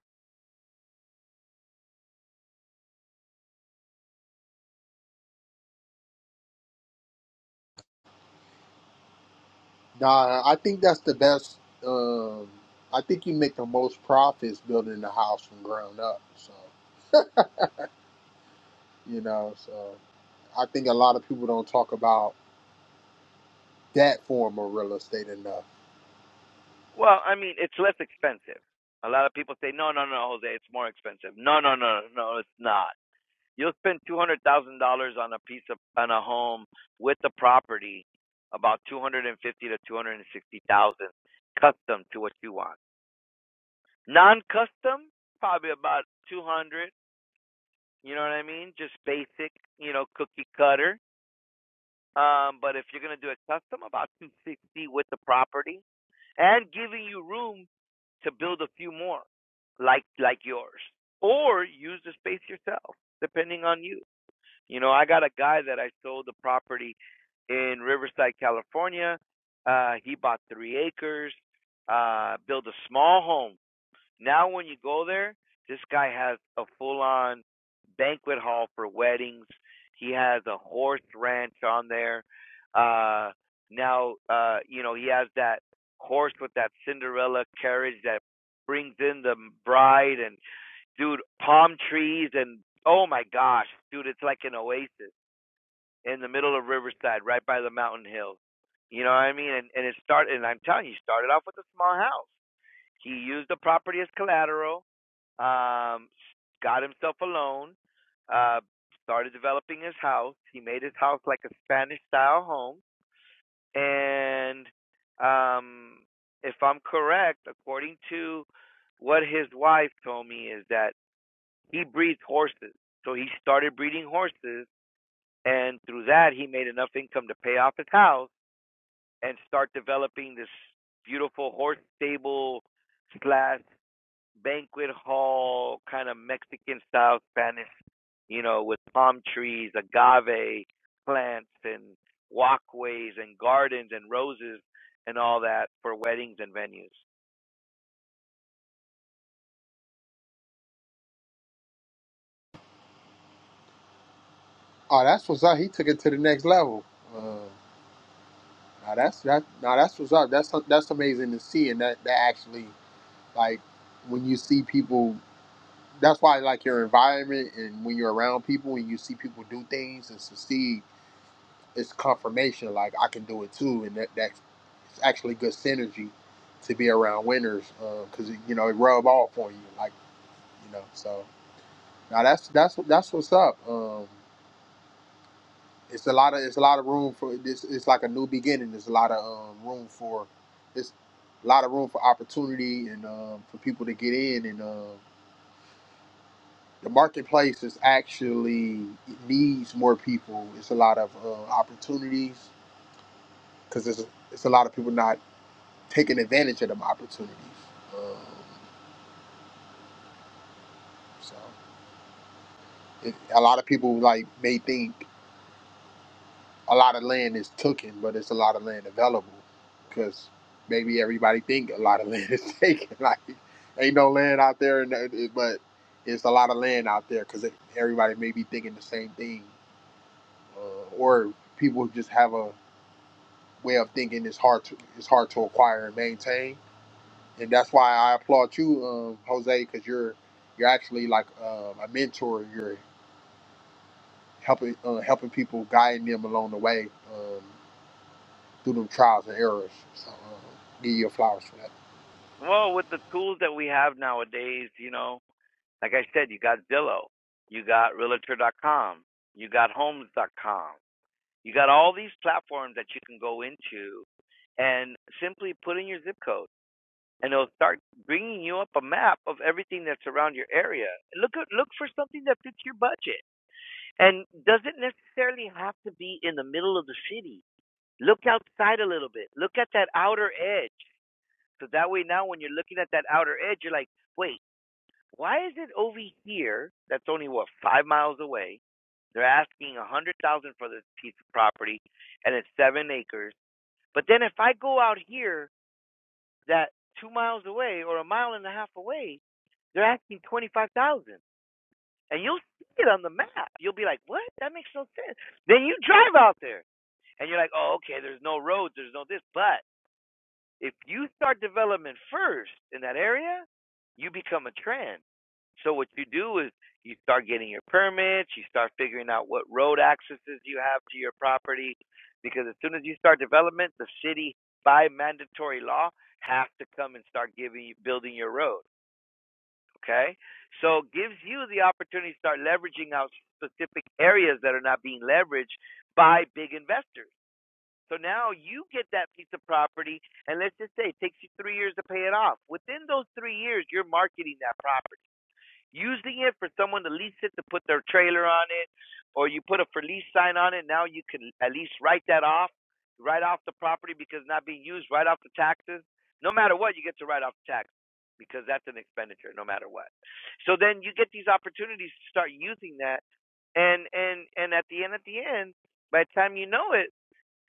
Nah, I think that's the best. Um, I think you make the most profits building the house from ground up. So you know, so I think a lot of people don't talk about that form of real estate enough. Well, I mean, it's less expensive. A lot of people say, no, no, no, Jose, it's more expensive. No, no, no, no, it's not. You'll spend two hundred thousand dollars on a piece of on a home with the property, about two hundred and fifty to two hundred and sixty thousand, custom to what you want. Non-custom, probably about two hundred. You know what I mean? Just basic, you know, cookie cutter. Um, but if you're gonna do a custom, about 260 with the property and giving you room to build a few more, like like yours, or use the space yourself, depending on you. You know, I got a guy that I sold the property in Riverside, California. Uh, he bought three acres, uh, built a small home now, when you go there, this guy has a full on banquet hall for weddings. He has a horse ranch on there. Uh, now, uh, you know, he has that horse with that Cinderella carriage that brings in the bride and, dude, palm trees and, oh my gosh, dude, it's like an oasis in the middle of Riverside, right by the mountain hills. You know what I mean? And, and it started, and I'm telling you, he started off with a small house. He used the property as collateral um, got himself a loan, uh, started developing his house. He made his house like a Spanish style home. And um, if I'm correct, according to what his wife told me, is that he breeds horses. So he started breeding horses. And through that, he made enough income to pay off his house and start developing this beautiful horse stable slash banquet hall kind of Mexican style Spanish you know, with palm trees, agave plants, and walkways and gardens and roses and all that for weddings and venues. Oh, that's what's up. He took it to the next level. Uh, now that's that. Now that's what's up. That's that's amazing to see, and that that actually like when you see people. That's why like your environment and when you're around people and you see people do things and succeed, it's confirmation. Like I can do it too, and that that's it's actually good synergy to be around winners because you know it rub off on you. Like you know, so now that's that's that's what's up. Um, it's a lot of it's a lot of room for this. It's like a new beginning. There's a lot of um, room for it's a lot of room for opportunity and um, for people to get in. And um, the marketplace is actually it needs more people. It's a lot of uh, opportunities because it's it's a lot of people not taking advantage of them opportunities. Um, so it, a lot of people like may think. a lot of land is taken, but it's a lot of land available because maybe everybody think a lot of land is taken. Like, ain't no land out there, and it- it- but it's a lot of land out there because everybody may be thinking the same thing, uh, or people just have a way of thinking it's hard to it's hard to acquire and maintain, and that's why I applaud you, um, Jose, because you're you're actually like um, a mentor. You're helping uh, helping people, guiding them along the way. Um, through them trials and errors. So uh, give you your flowers for that. Well, with the tools that we have nowadays, you know, like I said, you got Zillow, you got Realtor.com, you got Homes.com, you got all these platforms that you can go into and simply put in your zip code, and it'll start bringing you up a map of everything that's around your area. Look look for something that fits your budget And doesn't necessarily have to be in the middle of the city. Look outside a little bit. Look at that outer edge. So that way now when you're looking at that outer edge, you're like, wait, why is it over here that's only what, five miles away? They're asking a hundred thousand dollars for this piece of property and it's seven acres. But then if I go out here that two miles away or a mile and a half away, they're asking twenty five thousand. dollars. And you'll see it on the map. You'll be like, What? That makes no sense. Then you drive out there and you're like, oh, okay, there's no roads, there's no this. But if you start development first in that area, you become a trend. So what you do is you start getting your permits, you start figuring out what road accesses you have to your property, because as soon as you start development, the city by mandatory law has to come and start giving you building your road. Okay, so it gives you the opportunity to start leveraging out specific areas that are not being leveraged by big investors so now you get that piece of property, and let's just say it takes you three years to pay it off. Within those three years, you're marketing that property, using it for someone to lease it to put their trailer on it, or you put a for lease sign on it. Now you can at least write that off, write off the property because it's not being used, write off the taxes. No matter what, you get to write off the taxes because that's an expenditure no matter what. So then you get these opportunities to start using that, and and and at the end, at the end, by the time you know it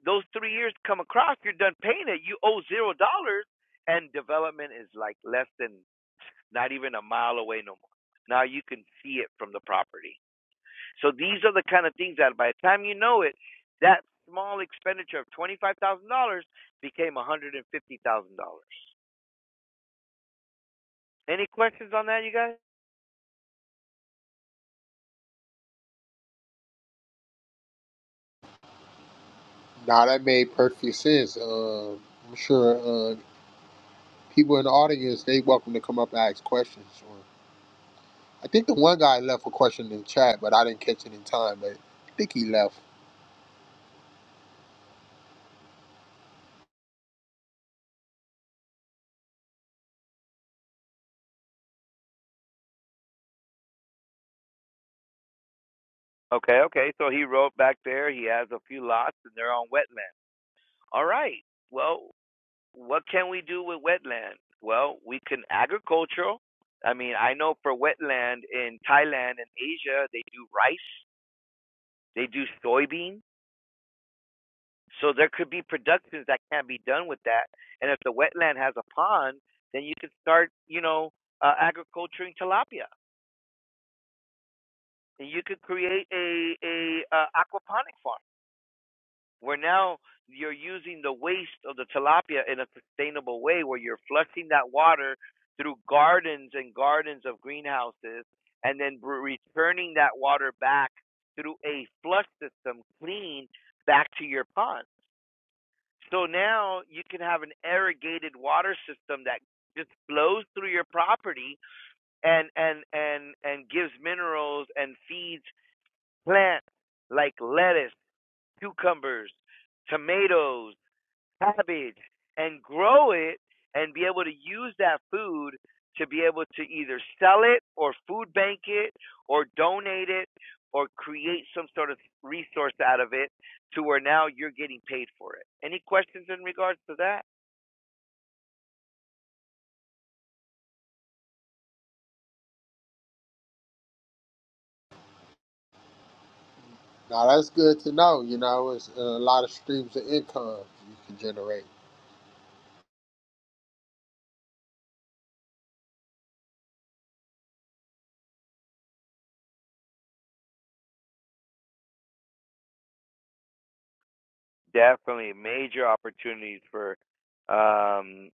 those three years come across, you're done paying it. You owe zero dollars, and development is like less than not even a mile away no more. Now you can see it from the property. So these are the kind of things that by the time you know it, that small expenditure of twenty five thousand dollars became one hundred and fifty thousand dollars. Any questions on that, you guys? Now that made perfect sense. Uh, I'm sure uh, people in the audience they welcome to come up and ask questions. Or I think the one guy left a question in the chat, but I didn't catch it in time. But I think he left. Okay, okay. So he wrote back there. He has a few lots, and they're on wetland. All right. Well, What can we do with wetland? Well, we can agricultural. I mean, I know for wetland in Thailand and Asia, they do rice, they do soybean. So there could be productions that can be done with that. And if the wetland has a pond, then you could start, you know, uh, agriculturing tilapia. And you could create a a uh, aquaponic farm where now you're using the waste of the tilapia in a sustainable way where you're flushing that water through gardens and gardens of greenhouses and then returning that water back through a flush system clean back to your pond. So now you can have an irrigated water system that just flows through your property and and and and gives minerals and feeds plants like lettuce, cucumbers, tomatoes, cabbage and grow it and be able to use that food to be able to either sell it or food bank it or donate it or create some sort of resource out of it to where now you're getting paid for it. Any questions in regards to that? Now that's good to know. You know, it's a lot of streams of income you can generate. definitely major opportunities for um,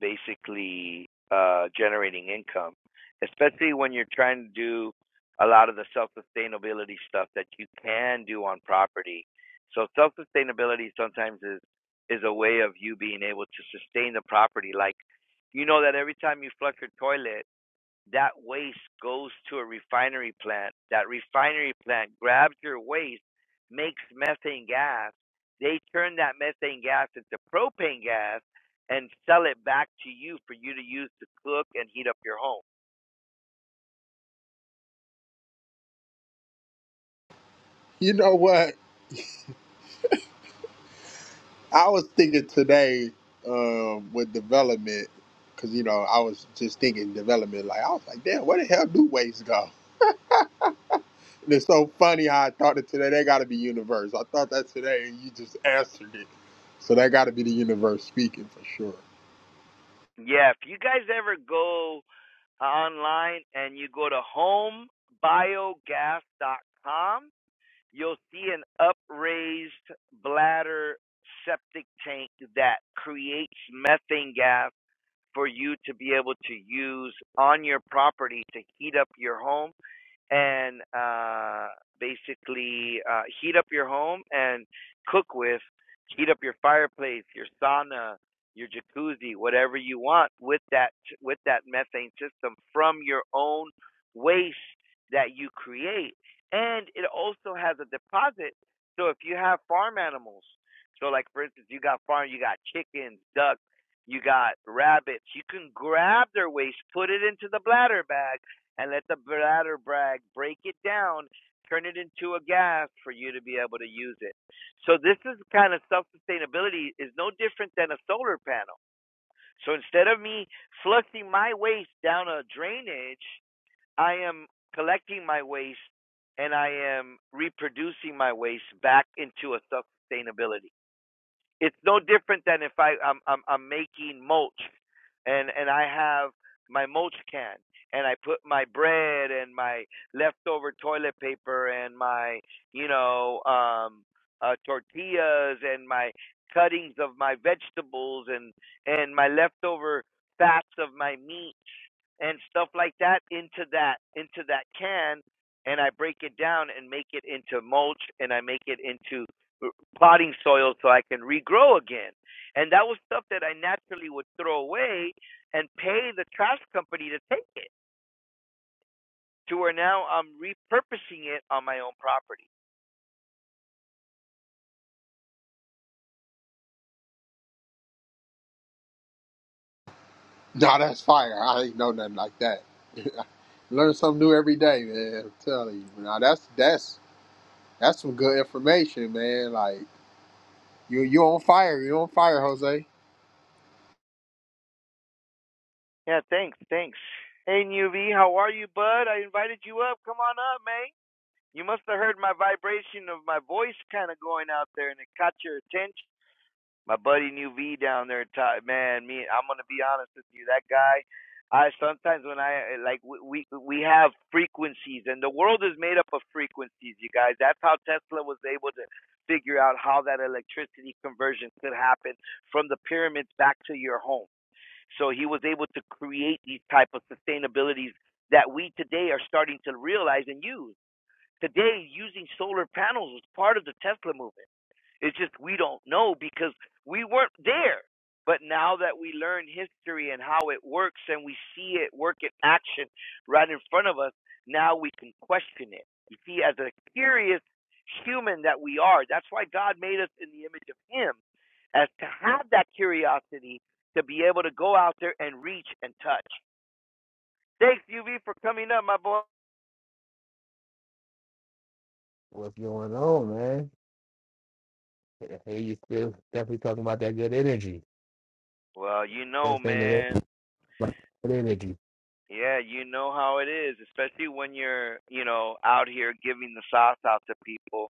basically uh, generating income, especially when you're trying to do a lot of the self sustainability stuff that you can do on property. So self sustainability sometimes is is a way of you being able to sustain the property. Like you know that every time you flush your toilet that waste goes to a refinery plant. That refinery plant grabs your waste, makes methane gas. They turn that methane gas into propane gas and sell it back to you for you to use to cook and heat up your home. You know what? I was thinking today um, with development because you know I was just thinking development. Like I was like, damn, where the hell do waste go? And it's so funny how I thought it today. That got to be universe. I thought that today, and you just answered it. So that got to be the universe speaking for sure. Yeah, if you guys ever go online and you go to home biogas dot com, you'll see an upraised bladder septic tank that creates methane gas for you to be able to use on your property to heat up your home and uh, basically uh, heat up your home and cook with, heat up your fireplace, your sauna, your jacuzzi, whatever you want with that with that methane system from your own waste that you create, and it also has a deposit. So if you have farm animals, so like for instance, you got farm, you got chickens, ducks. You got rabbits. You can grab their waste, put it into the bladder bag, and let the bladder brag break it down, turn it into a gas for you to be able to use it. So this is kind of self sustainability is no different than a solar panel. So instead of me flushing my waste down a drainage, I am collecting my waste and I am reproducing my waste back into a self sustainability it's no different than if I I'm I'm, I'm making mulch, and and I have my mulch can, and I put my bread and my leftover toilet paper and my you know um uh, tortillas and my cuttings of my vegetables and and my leftover fats of my meat and stuff like that into that into that can and I break it down and make it into mulch and I make it into potting soil so I can regrow again. And that was stuff that I naturally would throw away and pay the trash company to take it to where now I'm repurposing it on my own property. Nah, that's fire. I ain't know nothing like that. Learn something new every day, man. I'm telling you. Now that's that's that's some good information, man. Like you you on fire. You on fire, Jose. Yeah, thanks, thanks. Hey, Nuv, how are you, bud? I invited you up. Come on up, man. You must have heard my vibration of my voice kind of going out there and it caught your attention. My buddy New V down there, Ty, man, me, I'm gonna be honest with you. That guy, I sometimes when I like we we have frequencies, and the world is made up of frequencies, you guys. That's how Tesla was able to figure out how that electricity conversion could happen from the pyramids back to your home. So he was able to create these type of sustainabilities that we today are starting to realize and use. Today, using solar panels was part of the Tesla movement it's just we don't know because we weren't there. But now that we learn history and how it works and we see it work in action right in front of us, now we can question it. You see, as a curious human that we are, that's why God made us in the image of Him, as to have that curiosity to be able to go out there and reach and touch. Thanks, UV, for coming up, my boy. What's going on, man? Hey, you still definitely talking about that good energy. Well, you know, Best thing that man. ever like, good energy. Yeah, you know how it is, especially when you're, you know, out here giving the sauce out to people.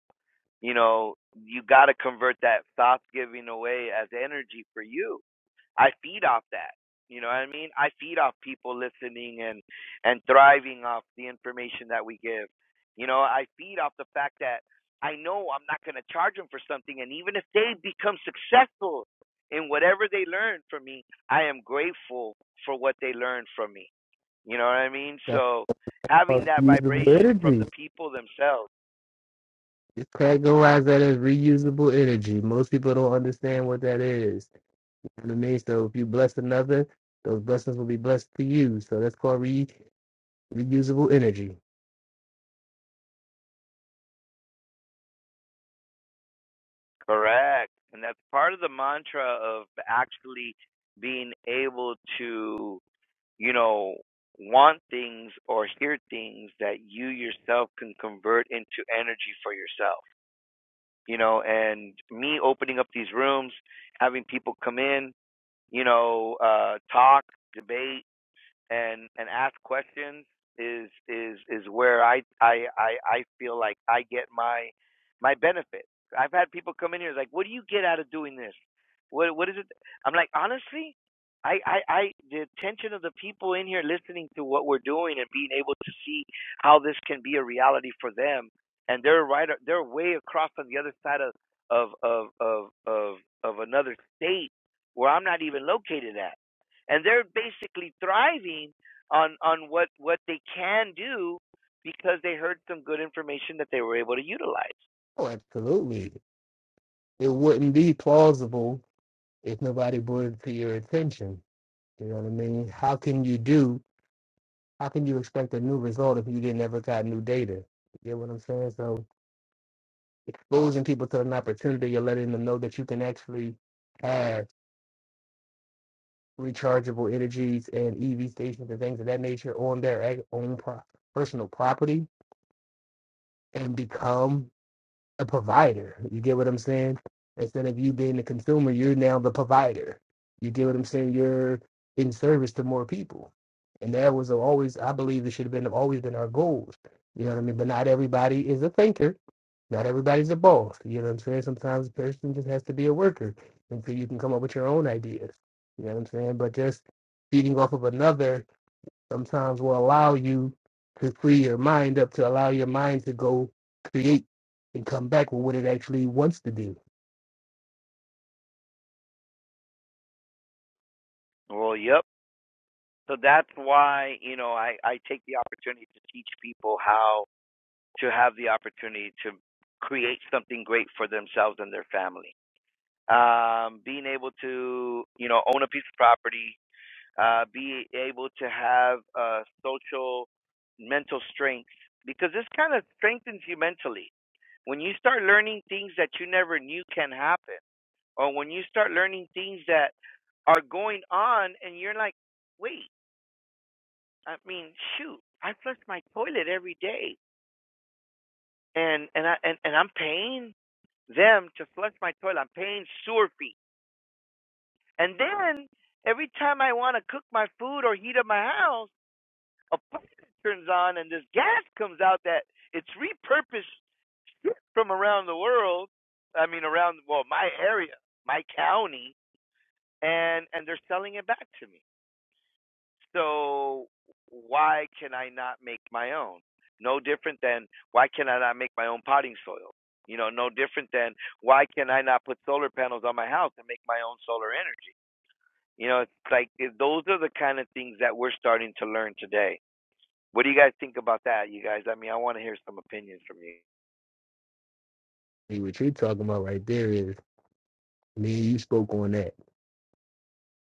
You know, you got to convert that sauce giving away as energy for you. I feed off that. You know what I mean? I feed off people listening and and thriving off the information that we give. You know, I feed off the fact that I know I'm not going to charge them for something, and even if they become successful in whatever they learn from me, I am grateful for what they learned from me you know what I mean? That's So having called that reusable vibration from the energy. people themselves. It's categorized that as reusable energy. Most people don't understand what that is. You know what I mean? So if you bless another, those blessings will be blessed to you. So that's called re- reusable energy. Correct. And that's part of the mantra of actually being able to, you know, want things or hear things that you yourself can convert into energy for yourself. You know, and me opening up these rooms, having people come in, you know, uh, talk, debate, and and ask questions is is is where I I I, I feel like I get my my benefit. I've had people come in here like, what do you get out of doing this? What what is it? I'm like, honestly, I I, I the attention of the people in here listening to what we're doing and being able to see how this can be a reality for them, and they're right they're way across on the other side of of of of of, of another state where I'm not even located at and they're basically thriving on on what what they can do because they heard some good information that they were able to utilize. Oh, absolutely. It wouldn't be plausible if nobody brought it to your attention. You know what I mean? How can you do how can you expect a new result if you didn't ever got new data? You get what I'm saying? So exposing people to an opportunity, you're letting them know that you can actually have rechargeable energies and EV stations and things of that nature on their ag- own pro- personal property and become a provider. You get what I'm saying? Instead of you being the consumer, you're now the provider. You get what I'm saying? You're in service to more people. And that was always, I believe, it should have been always been our goals. You know what I mean? But not everybody is a thinker. Not everybody's a boss. You know what I'm saying? Sometimes a person just has to be a worker until you can come up with your own ideas. You know what I'm saying? But just feeding off of another sometimes will allow you to free your mind up to allow your mind to go create and come back with what it actually wants to do. Well, yep. So that's why you know I I take the opportunity to teach people how to have the opportunity to create something great for themselves and their family. Um, being able to you know own a piece of property, uh, be able to have uh, social mental strength because this kind of strengthens you mentally when you start learning things that you never knew can happen, or when you start learning things that are going on, and you're like, wait, I mean, shoot, I flush my toilet every day, and and I and, and I'm paying them to flush my toilet. I'm paying sewer fees. and then every time I want to cook my food or heat up my house, a faucet turns on, and this gas comes out that it's repurposed from around the world. I mean, around well, my area, my county and and they're selling it back to me. So why can I not make my own? No different than why can I not make my own potting soil? You know, no different than why can I not put solar panels on my house and make my own solar energy? You know, it's like it, those are the kind of things that we're starting to learn today. What do you guys think about that, you guys? I mean, I want to hear some opinions from you. See what you're talking about right there is me and you spoke on that a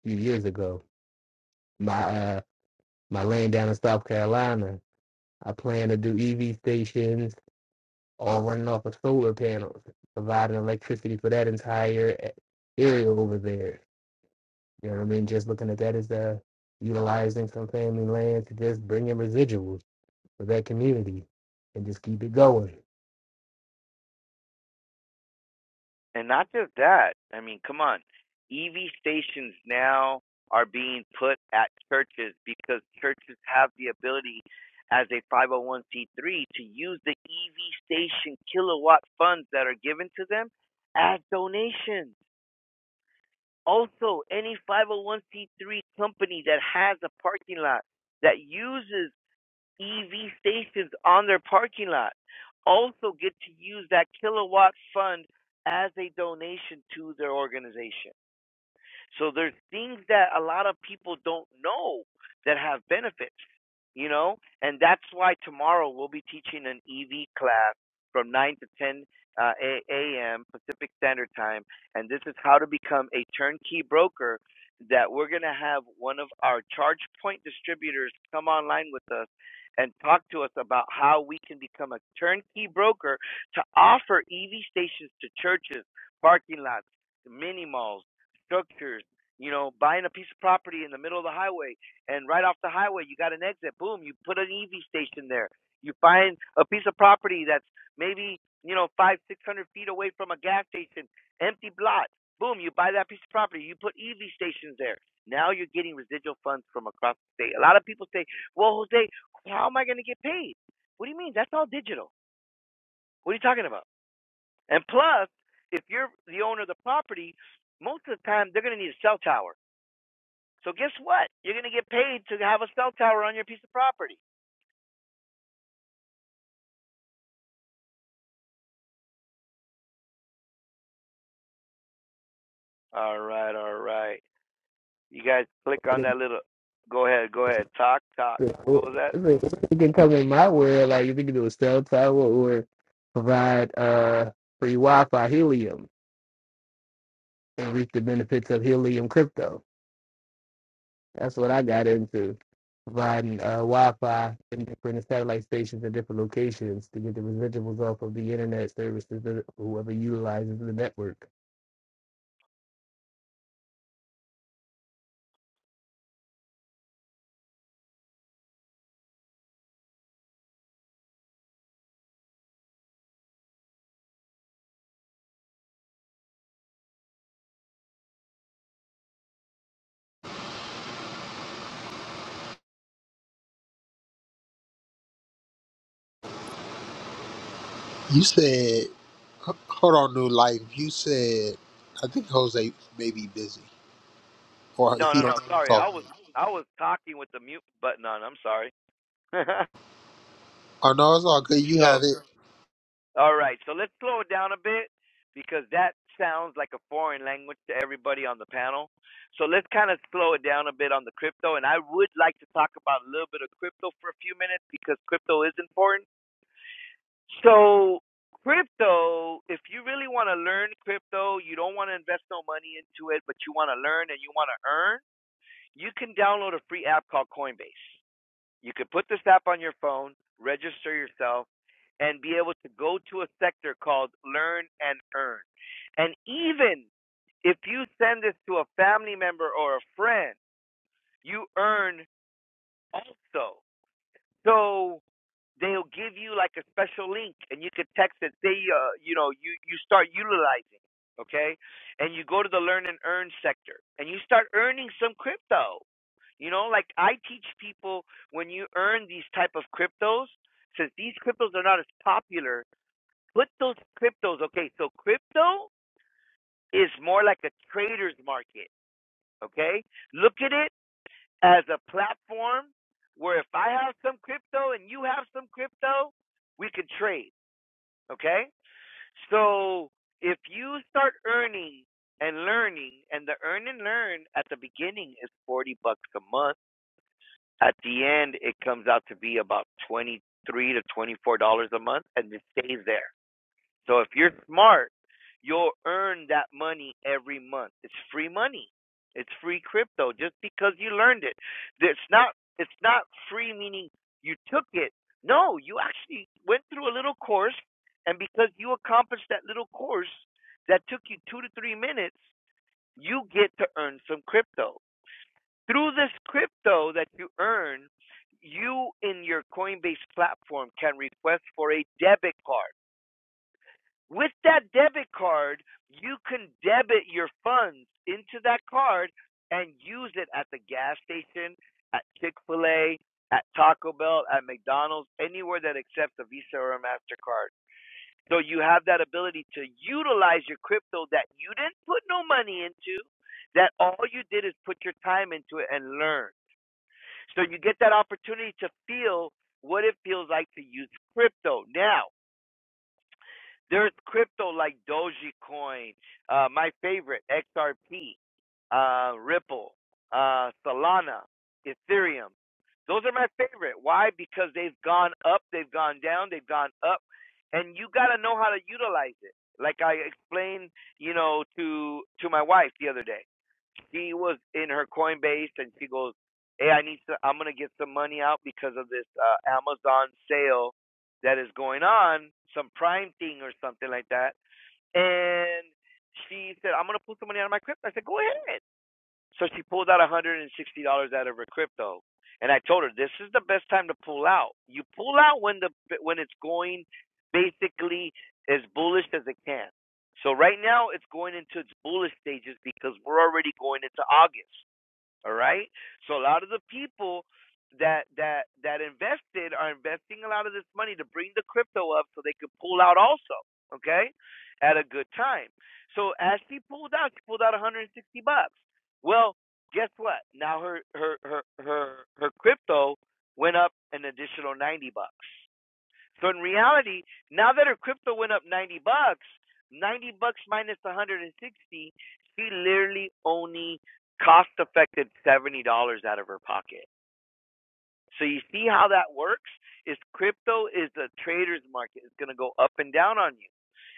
few years ago. My uh my land down in South Carolina, I plan to do EV stations all running off of solar panels, providing electricity for that entire e, area over there. You know what I mean? Just looking at that as uh utilizing some family land to just bring in residuals for that community and just keep it going. And not just that. I mean, come on. EV stations now are being put at churches because churches have the ability as a 501c3 to use the EV station kilowatt funds that are given to them as donations. Also, any 501c3 company that has a parking lot that uses EV stations on their parking lot also get to use that kilowatt fund as a donation to their organization. So there's things that a lot of people don't know that have benefits, you know, and that's why tomorrow we'll be teaching an EV class from 9 to 10 uh, a.m. Pacific Standard Time, and this is how to become a turnkey broker. That we're gonna have one of our charge point distributors come online with us and talk to us about how we can become a turnkey broker to offer EV stations to churches, parking lots, mini malls structures, you know, buying a piece of property in the middle of the highway, and right off the highway, you got an exit. Boom, you put an EV station there. You find a piece of property that's maybe, you know, five, six hundred feet away from a gas station, empty lot. Boom, you buy that piece of property. You put EV stations there. Now you're getting residual funds from across the state. A lot of people say, well, Jose, how am I going to get paid? What do you mean? That's all digital. What are you talking about? And plus, if you're the owner of the property, most of the time they're going to need a cell tower so guess what? You're gonna get paid to have a cell tower on your piece of property. All right, all right. You guys click What on that little. Go ahead, go ahead. Talk, talk. if What was that? You can come in my world, like if you can do a cell tower or provide uh, free Wi Fi helium and reap the benefits of helium crypto. That's what I got into providing uh, Wi Fi in different satellite stations in different locations to get the residuals off of the internet services that whoever utilizes the network. You said, h- hold on, new life. You said, I think Jose may be busy or No, he no, don't no. know he's Sorry, I off. was I was talking with the mute button on. I'm sorry. Oh no, it's all good. You so, have it. all right. So let's slow it down a bit because that sounds like a foreign language to everybody on the panel. So let's kind of slow it down a bit on the crypto. And I would like to talk about a little bit of crypto for a few minutes because crypto is important So crypto, if you really want to learn crypto, you don't want to invest no money into it, but you want to learn and you want to earn, you can download a free app called Coinbase. You could put this app on your phone, register yourself, and be able to go to a sector called Learn and Earn. And even if you send this to a family member or a friend, you earn also. So they'll give you like a special link and you can text it they uh you know you you start utilizing it, okay and you go to the learn and earn sector and you start earning some crypto you know like i teach people when you earn these type of cryptos since these cryptos are not as popular put those cryptos okay so crypto is more like a trader's market okay look at it as a platform where if i have some crypto and you have some crypto we can trade Okay? So if you start earning and learning, and the earn and learn at the beginning is 40 bucks a month, at the end it comes out to be about 23 to $24 a month, and it stays there. So if you're smart, you'll earn that money every month. It's free money. It's free crypto just because you learned it. It's not it's not free meaning you took it. No, you actually went through a little course and because you accomplished that little course that took you 2 to 3 minutes, you get to earn some crypto. Through this crypto that you earn, you in your Coinbase platform can request for a debit card with that debit card, you can debit your funds into that card and use it at the gas station, at Chick fil A, at Taco Bell, at McDonald's, anywhere that accepts a Visa or a MasterCard. So you have that ability to utilize your crypto that you didn't put no money into, that all you did is put your time into it and learn. So you get that opportunity to feel what it feels like to use crypto. Now, there's crypto like Dogecoin, uh, my favorite XRP, uh, Ripple, uh, Solana, Ethereum. Those are my favorite. Why? Because they've gone up, they've gone down, they've gone up, and you got to know how to utilize it. Like I explained, you know, to to my wife the other day she was in her Coinbase and she goes, "Hey, I need to. I'm gonna get some money out because of this uh, Amazon sale that is going on, some Prime thing or something like that." And she said, "I'm gonna put some money out of my crypto." I said, "Go ahead." So she pulled out $160 out of her crypto. And I told her, this is the best time to pull out. You pull out when the when it's going basically as bullish as it can. So right now it's going into its bullish stages because we're already going into August. All right. So a lot of the people that that that invested are investing a lot of this money to bring the crypto up so they could pull out also. Okay, at a good time. So as she pulled out, she pulled out 160 bucks. Well, guess what? Now her her her her her crypto went up an additional 90 bucks. So in reality, now that her crypto went up 90 bucks, 90 bucks minus 160, she literally only cost affected $70 out of her pocket. So you see how that works? Is crypto is a trader's market. It's going to go up and down on you.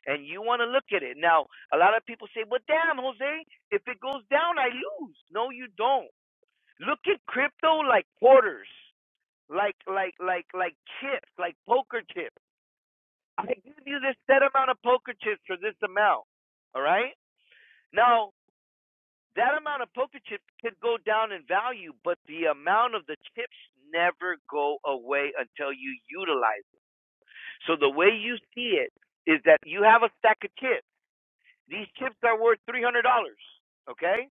And you want to look at it. Now, a lot of people say, "Well, damn, Jose, if it goes down, I lose." No, you don't. Look at crypto like quarters, like like like like chips, like poker chips. I give you this set amount of poker chips for this amount. All right? Now, that amount of poker chips could go down in value, but the amount of the chips never go away until you utilize it. So the way you see it is that you have a stack of chips. These chips are worth three hundred dollars. Okay?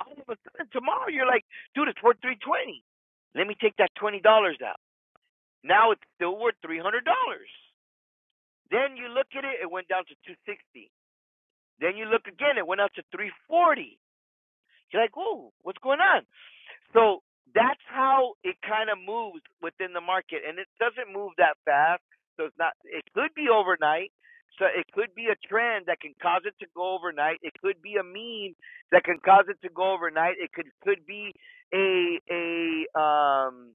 All of a sudden tomorrow you're like, dude, it's worth three hundred twenty. dollars. Let me take that twenty dollars out. Now it's still worth three hundred dollars. Then you look at it, it went down to two hundred sixty. dollars. Then you look again, it went up to 340. You're like, "Ooh, what's going on? So that's how it kind of moves within the market, and it doesn't move that fast. So it's not. It could be overnight. So it could be a trend that can cause it to go overnight. It could be a meme that can cause it to go overnight. It could could be a a um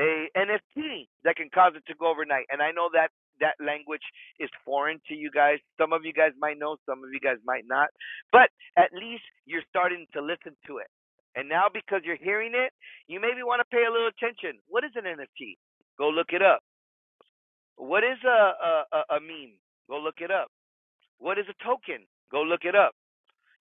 a NFT that can cause it to go overnight. And I know that that language is foreign to you guys. Some of you guys might know, some of you guys might not. But at least you're starting to listen to it. And now because you're hearing it, you maybe want to pay a little attention. What is an NFT? Go look it up. What is a a, a, a meme? Go look it up. What is a token? Go look it up.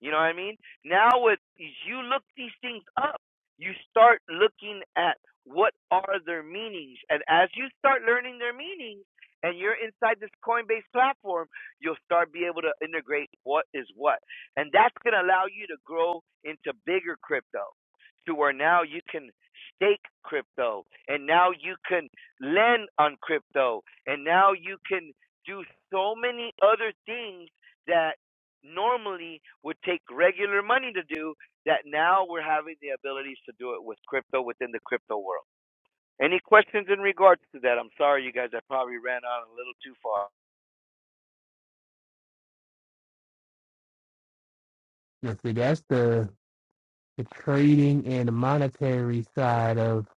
You know what I mean? Now, with as you look these things up, you start looking at what are their meanings, and as you start learning their meanings, and you're inside this Coinbase platform, you'll start be able to integrate what is what, and that's gonna allow you to grow into bigger crypto, to where now you can stake crypto, and now you can lend on crypto, and now you can do so many other things that normally would take regular money to do that now we're having the abilities to do it with crypto within the crypto world. Any questions in regards to that? I'm sorry, you guys, I probably ran on a little too far. Now, see, that's the, the trading and the monetary side of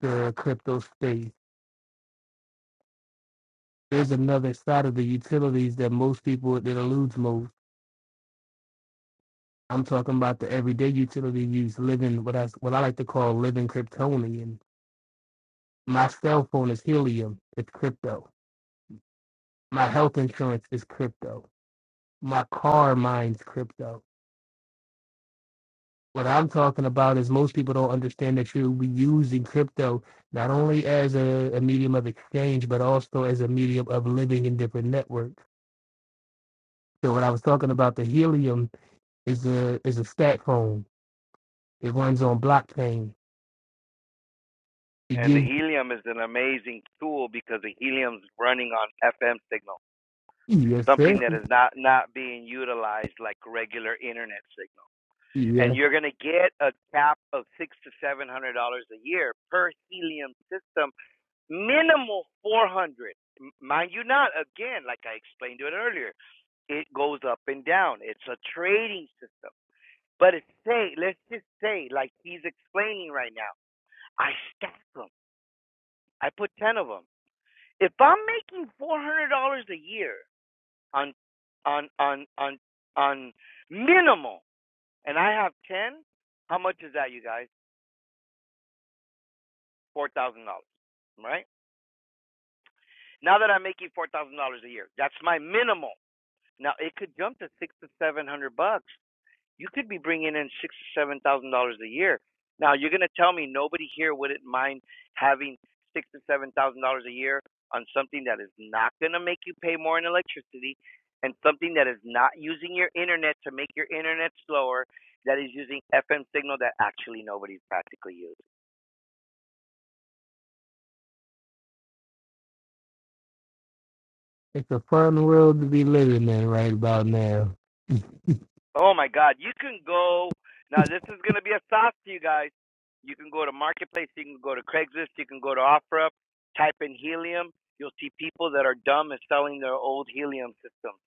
the crypto space there's another side of the utilities that most people that eludes most. I'm talking about the everyday utility use, living what I what I like to call living Kryptonian. My cell phone is helium, it's crypto. My health insurance is crypto. My car mines crypto. What I'm talking about is most people don't understand that you're using crypto not only as a, a medium of exchange, but also as a medium of living in different networks. So what I was talking about the helium is a is a stat phone. It runs on blockchain. It And the gives helium is an amazing tool because the helium's running on FM signal, you, yes, something sir. that is not not being utilized like regular internet signal. And Yes. you're gonna get a cap of six to seven hundred dollars a year per helium system minimal 400 mind you not again like i explained to it earlier it goes up and down it's a trading system but it's say let's just say like he's explaining right now i stack them i put 10 of them if i'm making $400 a year on on on on on minimal and i have 10 how much is that you guys $4000 right now that i'm making $4000 a year that's my minimal Now it could jump to six to seven hundred bucks. You could be bringing in six to seven thousand dollars a year. Now you're gonna tell me nobody here wouldn't mind having six to seven thousand dollars a year on something that is not gonna make you pay more in electricity, and something that is not using your internet to make your internet slower, that is using FM signal that actually nobody's practically used. It's a fun world to be living in right about now. Oh my God, you can go now. This is gonna be a sauce to you guys. You can go to Marketplace, you can go to Craigslist, you can go to OfferUp. Type in helium. You'll see people that are dumb and selling their old helium systems.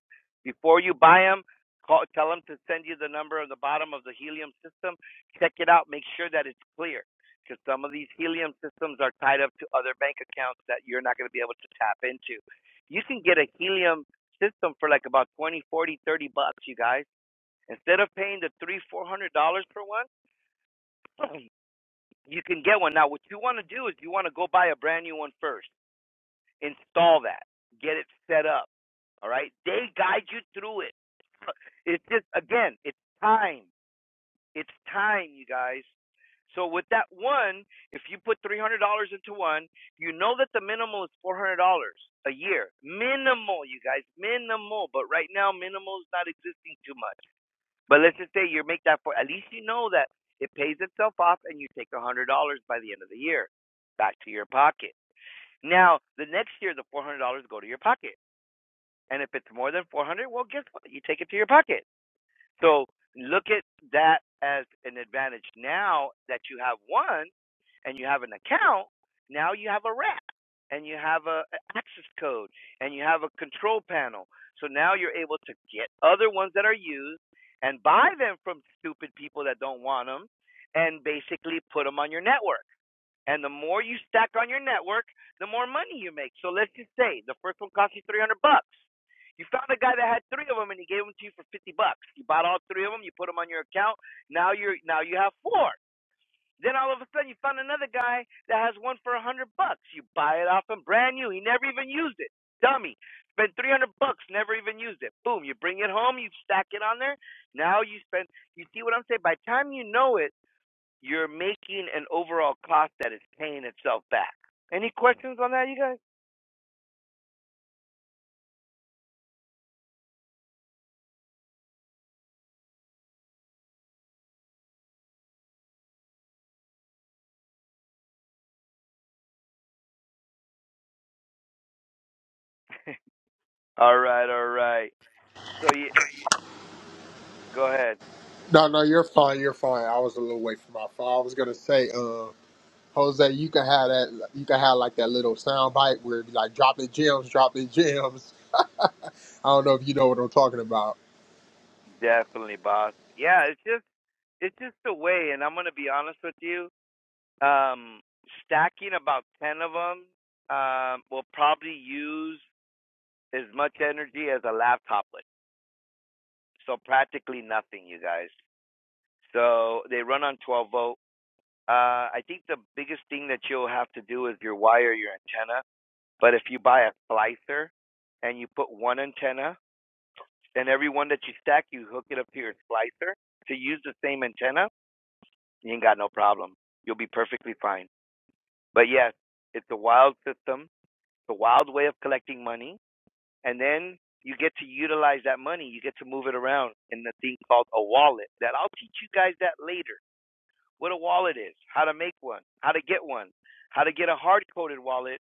Before you buy them, call, tell them to send you the number on the bottom of the helium system. Check it out. Make sure that it's clear, because some of these helium systems are tied up to other bank accounts that you're not going to be able to tap into. You can get a helium system for like about 20, 40, 30 bucks, you guys Instead of paying the three, four hundred dollars per one, you can get one. Now, what you want to do is you want to go buy a brand new one first, install that, get it set up. All right, they guide you through it. It's just again, it's time. It's time, you guys. So with that one, if you put three hundred dollars into one, you know that the minimal is four hundred dollars a year. Minimal, you guys, minimal. But right now, minimal is not existing too much. But let's just say you make that for at least you know that it pays itself off and you take a hundred dollars by the end of the year back to your pocket. Now the next year the four hundred dollars go to your pocket. And if it's more than four hundred, well guess what? You take it to your pocket. So look at that as an advantage now that you have one and you have an account, now you have a wrap and you have a, a access code and you have a control panel. So now you're able to get other ones that are used and buy them from stupid people that don't want them and basically put them on your network. And the more you stack on your network, the more money you make. So let's just say the first one cost you 300 bucks. You found a guy that had three of them and he gave them to you for 50 bucks. You bought all three of them, you put them on your account. Now you're now you have four. Then all of a sudden you find another guy that has one for a hundred bucks. You buy it off him brand new. He never even used it. Dummy. Spent three hundred bucks, never even used it. Boom, you bring it home, you stack it on there. Now you spend you see what I'm saying? By the time you know it, you're making an overall cost that is paying itself back. Any questions on that you guys? All right, all right. So you go ahead. No, no, you're fine. You're fine. I was a little way from my phone. I was gonna say, uh, Jose, you can have that. You can have like that little sound bite where it be like dropping gems, dropping gems. I don't know if you know what I'm talking about. Definitely, boss. Yeah, it's just it's just the way and I'm gonna be honest with you. Um, stacking about 10 of them um, will probably use as much energy as a laptop would. So practically nothing, you guys. So they run on 12 volt. Uh, I think the biggest thing that you'll have to do is your wire your antenna. But if you buy a splicer and you put one antenna, then every one that you stack, you hook it up to your splicer to use the same antenna, you ain't got no problem. You'll be perfectly fine. But yes, it's a wild system the wild way of collecting money, and then you get to utilize that money. You get to move it around in the thing called a wallet. That I'll teach you guys that later. What a wallet is, how to make one, how to get one, how to get a hard coded wallet,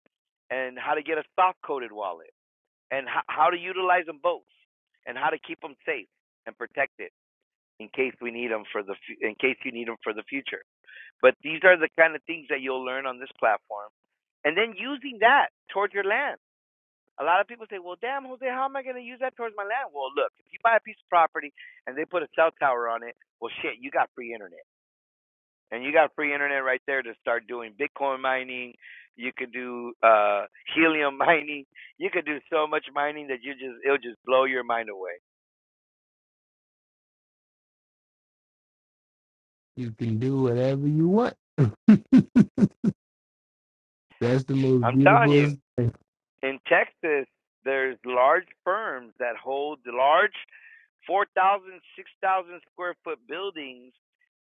and how to get a soft coded wallet, and how, how to utilize them both, and how to keep them safe and protect it in case we need them for the fu- in case you need them for the future. But these are the kind of things that you'll learn on this platform, and then using that toward your land a lot of people say, well, damn, Jose, how am I going to use that towards my land? Well, look, if you buy a piece of property and they put a cell tower on it, well, shit, you got free internet. And you got free internet right there to start doing Bitcoin mining. You could do uh, helium mining. You could do so much mining that you just it'll just blow your mind away. You can do whatever you want. That's the most I'm telling you, beautiful thing. in Texas, there's large firms that hold large 4,000, 6,000 square foot buildings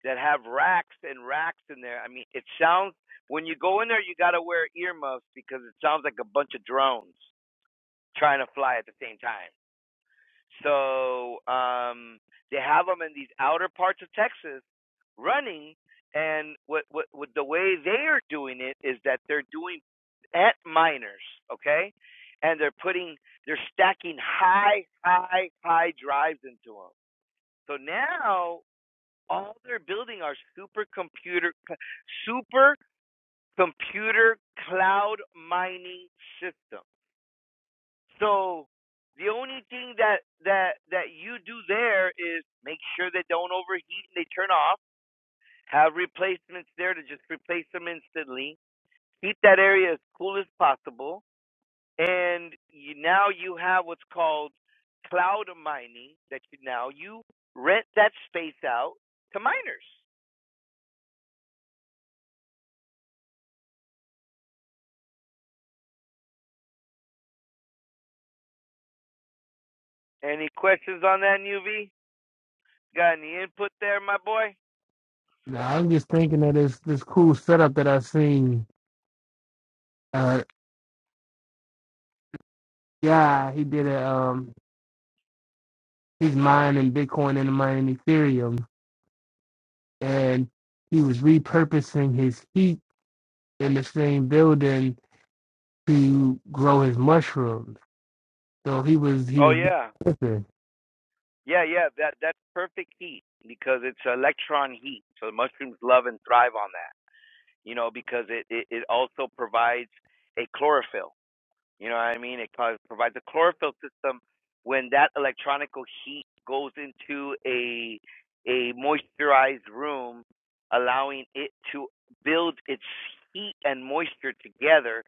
that have racks and racks in there. I mean, it sounds, when you go in there, you got to wear earmuffs because it sounds like a bunch of drones trying to fly at the same time. So um, they have them in these outer parts of Texas running. And what, what, what the way they are doing it is that they're doing at miners, okay? And they're putting, they're stacking high, high, high drives into them so now all they're building are supercomputer, supercomputer cloud mining system. So the only thing that that that you do there is make sure they don't overheat and they turn off. Have replacements there to just replace them instantly. Keep that area as cool as possible. And you, now you have what's called cloud mining that you now you rent that space out to miners. Any questions on that, Nuvi? Got any input there, my boy? Now, I'm just thinking of this this cool setup that I've seen. Uh, yeah, he did a um, he's mining Bitcoin and mining Ethereum, and he was repurposing his heat in the same building to grow his mushrooms. So he was he Oh was yeah, yeah, yeah. That that's perfect heat because it's electron heat. So the mushrooms love and thrive on that. You know, because it it, it also provides a chlorophyll. You know what I mean? It cause, provides a chlorophyll system when that electronical heat goes into a a moisturized room, allowing it to build its heat and moisture together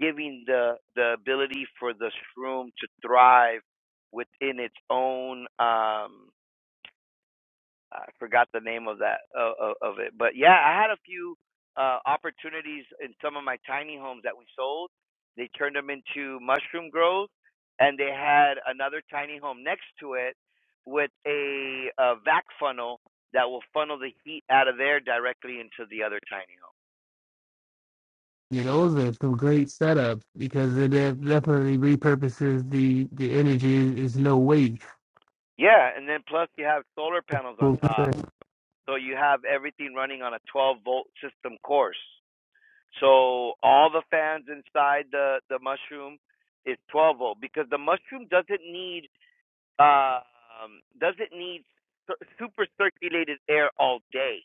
giving the the ability for the shroom to thrive within its own um I forgot the name of that uh, of it but yeah I had a few uh opportunities in some of my tiny homes that we sold they turned them into mushroom groves and they had another tiny home next to it with a, a vac funnel that will funnel the heat out of there directly into the other tiny home You know, those are some great setups because it def- definitely repurposes the the energy. It's no waste. yeah and then plus you have solar panels on Well, top So you have everything running on a 12 volt system course. So all the fans inside the, the mushroom is 12 volt because the mushroom doesn't need uh, um, doesn't need super circulated air all day.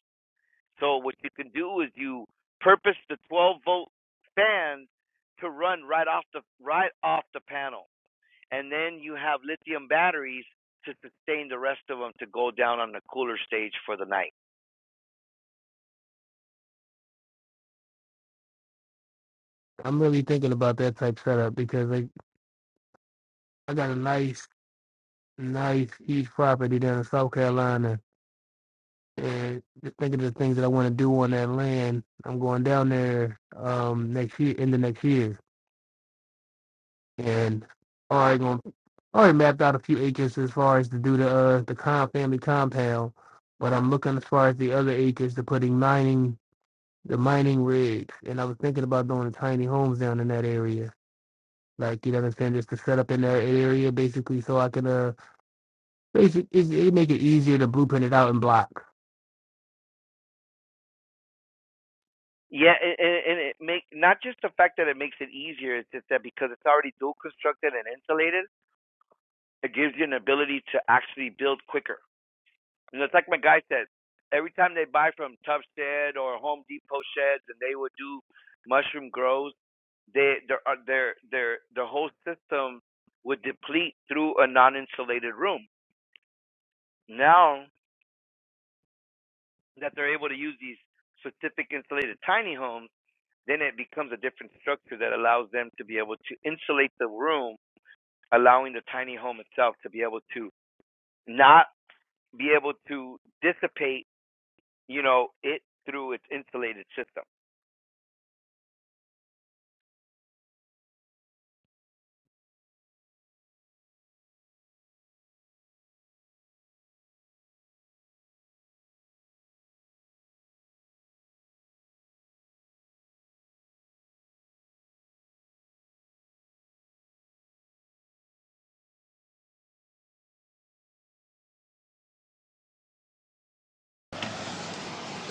So what you can do is you purpose the 12 volt fans to run right off the right off the panel, and then you have lithium batteries to sustain the rest of them to go down on the cooler stage for the night. I'm really thinking about that type setup because like I got a nice, nice huge property down in South Carolina, and just thinking of the things that I want to do on that land. I'm going down there um next year, in the next year, and already going already mapped out a few acres as far as to do the uh the com family compound, but I'm looking as far as the other acres to putting mining the mining rigs, and I was thinking about doing tiny homes down in that area. Like you know what I'm saying, just to set up in that area basically, so I can uh basically it, make it easier to blueprint it out and block. Yeah, and, and it make not just the fact that it makes it easier. It's just that because it's already dual constructed and insulated, it gives you an ability to actually build quicker. You know, it's like my guy said. Every time they buy from Tuff Shed or Home Depot sheds, and they would do mushroom grows, they their uh, their their the whole system would deplete through a non-insulated room. Now that they're able to use these specific insulated tiny homes then it becomes a different structure that allows them to be able to insulate the room, allowing the tiny home itself to be able to not be able to dissipate, you know, it through its insulated system.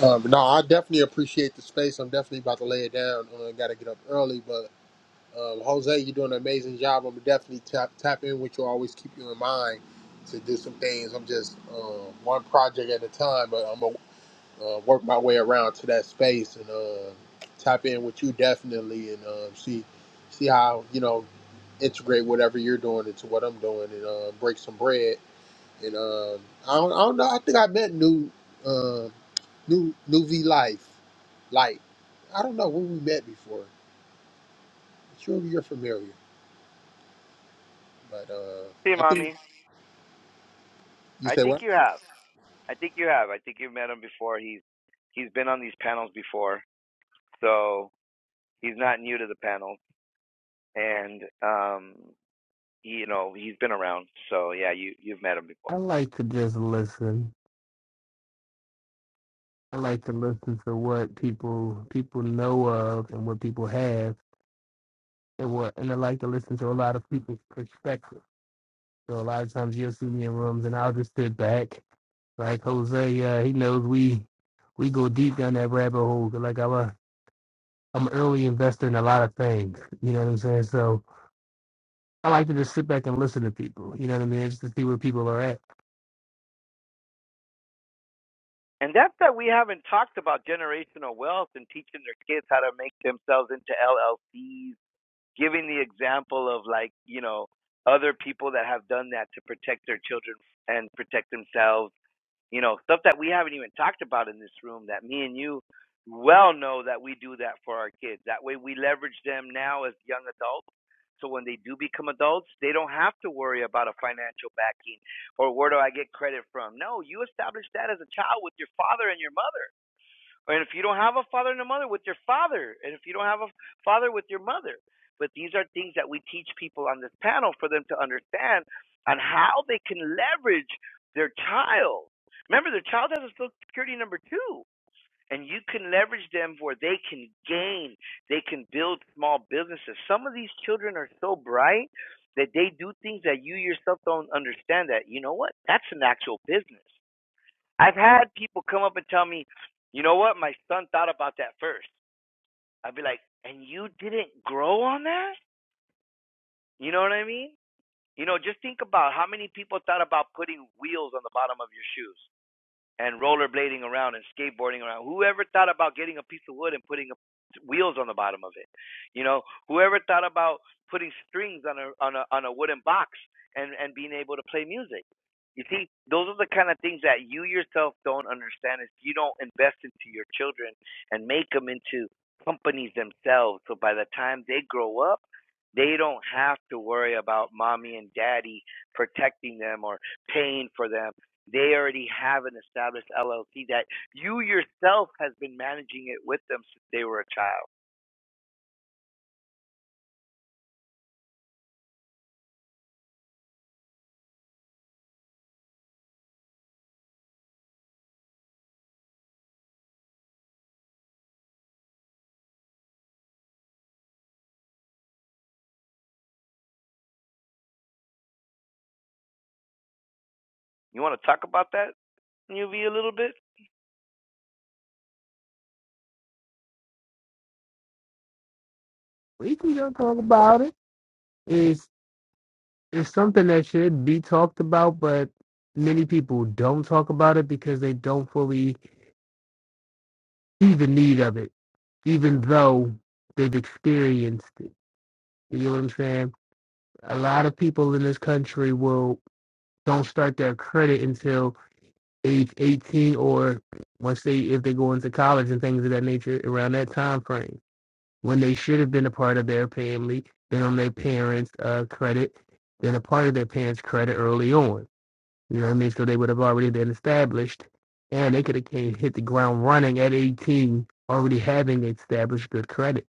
Um, no, I definitely appreciate the space. I'm definitely about to lay it down. Uh, Got to get up early, but um, Jose, you're doing an amazing job. I'm definitely tap tap in with you. Always keep you in mind to do some things. I'm just um, one project at a time, but I'm aware. uh, work my way around to that space and uh, tap in with you definitely and uh, see see how you know integrate whatever you're doing into what I'm doing and uh, break some bread. And um, I, don't, I don't know. I think I met new um new new V Life. Like I don't know when we met before. I'm sure you're familiar, but uh, See, I think mommy, you I said think what? you have. I think you have. I think you've met him before. He's he's been on these panels before, so he's not new to the panel. And um, you know, he's been around. So yeah, you you've met him before. I like to just listen. I like to listen to what people people know of and what people have, and what and I like to listen to a lot of people's perspective. So a lot of times you'll see me in rooms and I'll just sit back, like Jose. Uh, he knows we we go deep down that rabbit hole, Like I was I'm an early investor in a lot of things. You know what I'm saying? So I like to just sit back and listen to people. You know what I mean? Just to see where people are at. And that's that we haven't talked about generational wealth and teaching their kids how to make themselves into LLCs, giving the example of like, you know, other people that have done that to protect their children and protect themselves you know, stuff that we haven't even talked about in this room that me and you well know that we do that for our kids. That way we leverage them now as young adults. So when they do become adults, they don't have to worry about a financial backing or where do I get credit from. No, you established that as a child with your father and your mother. And if you don't have a father and a mother, with your father. And if you don't have a father, with your mother. But these are things that we teach people on this panel for them to understand on how they can leverage their child. Remember, their child has a social security number two, and you can leverage them where they can gain, they can build small businesses. Some of these children are so bright that they do things that you yourself don't understand that, you know what? That's an actual business. I've had people come up and tell me, you know what, my son thought about that first. I'd be like, and you didn't grow on that? You know what I mean? You know, just think about how many people thought about putting wheels on the bottom of your shoes and rollerblading around and skateboarding around. Whoever thought about getting a piece of wood and putting a, wheels on the bottom of it? You know, whoever thought about putting strings on a on a on a wooden box and and being able to play music? You see, those are the kind of things that you yourself don't understand if you don't invest into your children and make them into companies themselves. So by the time they grow up, they don't have to worry about mommy and daddy protecting them or paying for them they already have an established LLC that you yourself has been managing it with them since they were a child. You want to talk about that, UV, a little bit? We can go talk about it. It's it's something that should be talked about, but many people don't talk about it because they don't fully see the need of it, even though they've experienced it. You know what I'm saying? A lot of people in this country will don't start their credit until age 18 or once they if they go into college and things of that nature around that time frame when they should have been a part of their family been on their parents uh, credit been a part of their parents credit early on you know what i mean so they would have already been established and they could have came hit the ground running at 18 already having established good credit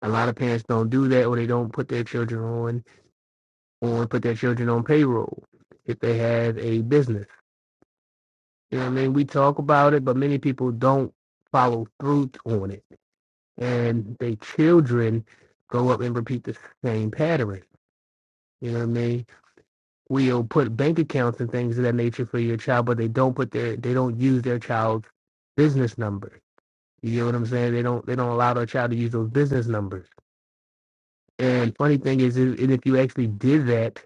a lot of parents don't do that or they don't put their children on or put their children on payroll if they have a business You know what I mean? We talk about it, but many people don't follow through on it. And they children go up and repeat the same pattern. You know what I mean? We'll put bank accounts and things of that nature for your child, but they don't put their they don't use their child's business number. You know what I'm saying? They don't they don't allow their child to use those business numbers. And funny thing is, is is if you actually did that,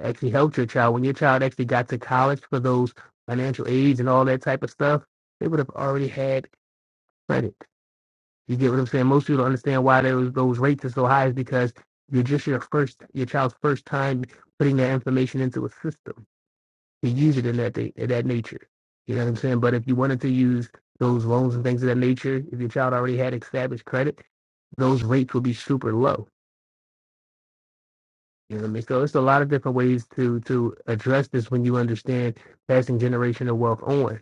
actually helped your child, when your child actually got to college for those financial aids and all that type of stuff, they would have already had credit. You get what I'm saying? Most people don't understand why those those rates are so high is because you're just your first your child's first time putting that information into a system to use it in that day, in that nature. You know what I'm saying? But if you wanted to use those loans and things of that nature, if your child already had established credit, those rates would be super low. You know what I mean? So it's a lot of different ways to to address this when you understand passing generational wealth on.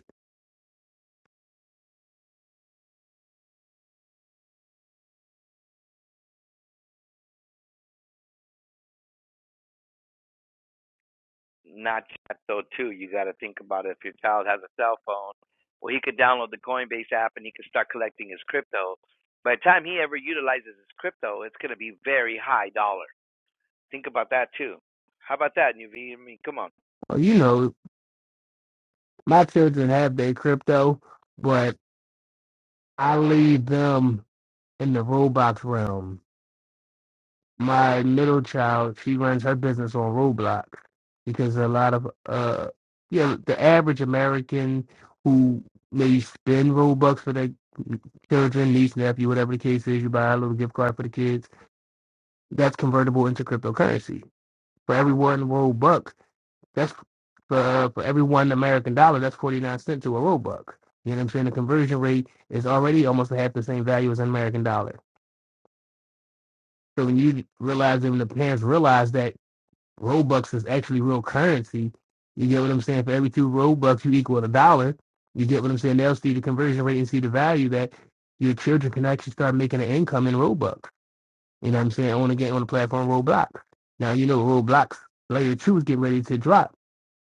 Not yet, though, too. You got to think about it. If your child has a cell phone, well, he could download the Coinbase app and he could start collecting his crypto. By the time he ever utilizes his crypto, it's going to be very high dollar. Think about that, too. How about that, UV? I mean, come on. Well, you know, my children have their crypto, but I leave them in the Roblox realm. My middle child, she runs her business on Roblox because a lot of uh, you know, the average American who may spend Robux for their children, niece, nephew, whatever the case is, you buy a little gift card for the kids. That's convertible into cryptocurrency. For every one Robux, that's for uh, for every one American dollar, that's forty nine cent to a Robux. You know what I'm saying? The conversion rate is already almost half the same value as an American dollar. So when you realize that when the parents realize that Robux is actually real currency, you get what I'm saying? For every two Robux, you equal a dollar. You get what I'm saying? They'll see the conversion rate and see the value that your children can actually start making an income in Robux. You know what I'm saying? On the game, on the platform Roblox. Now, you know Roblox Layer 2 is getting ready to drop.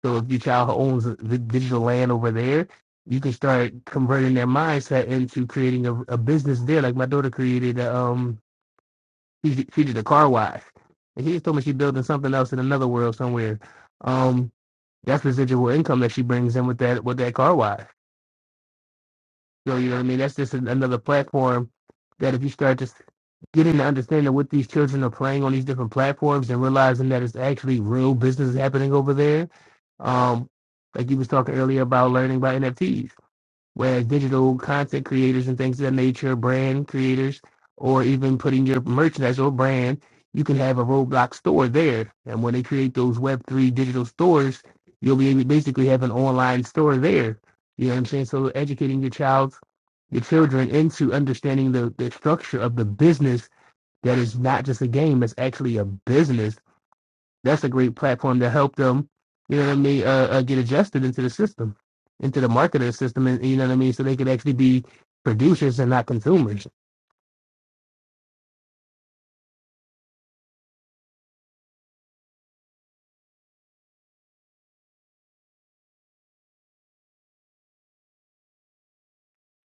So if your child owns the digital land over there, you can start converting their mindset into creating a, a business there. Like my daughter created a, um, she she did a car wash, and she just told me she's building something else in another world somewhere. Um, that's residual income that she brings in with that with that car wash. So you know what I mean? That's just an, another platform that if you start just getting the understanding what these children are playing on these different platforms and realizing that it's actually real business happening over there. Um, like you was talking earlier about learning about NFTs whereas digital content creators and things of that nature, brand creators, or even putting your merchandise or brand, you can have a Roblox store there. And when they create those Web3 digital stores, you'll be able to basically have an online store there. You know what I'm saying? So educating your child, your children into understanding the, the structure of the business that is not just a game, it's actually a business that's a great platform to help them, you know what I mean, uh, uh, get adjusted into the system, into the marketer system, and you know what I mean, so they could actually be producers and not consumers.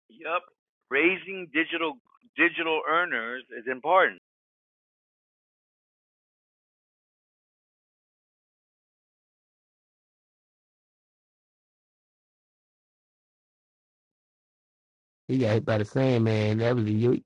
Yup. Raising digital digital earners is important He got hit by the same man. That was a yo-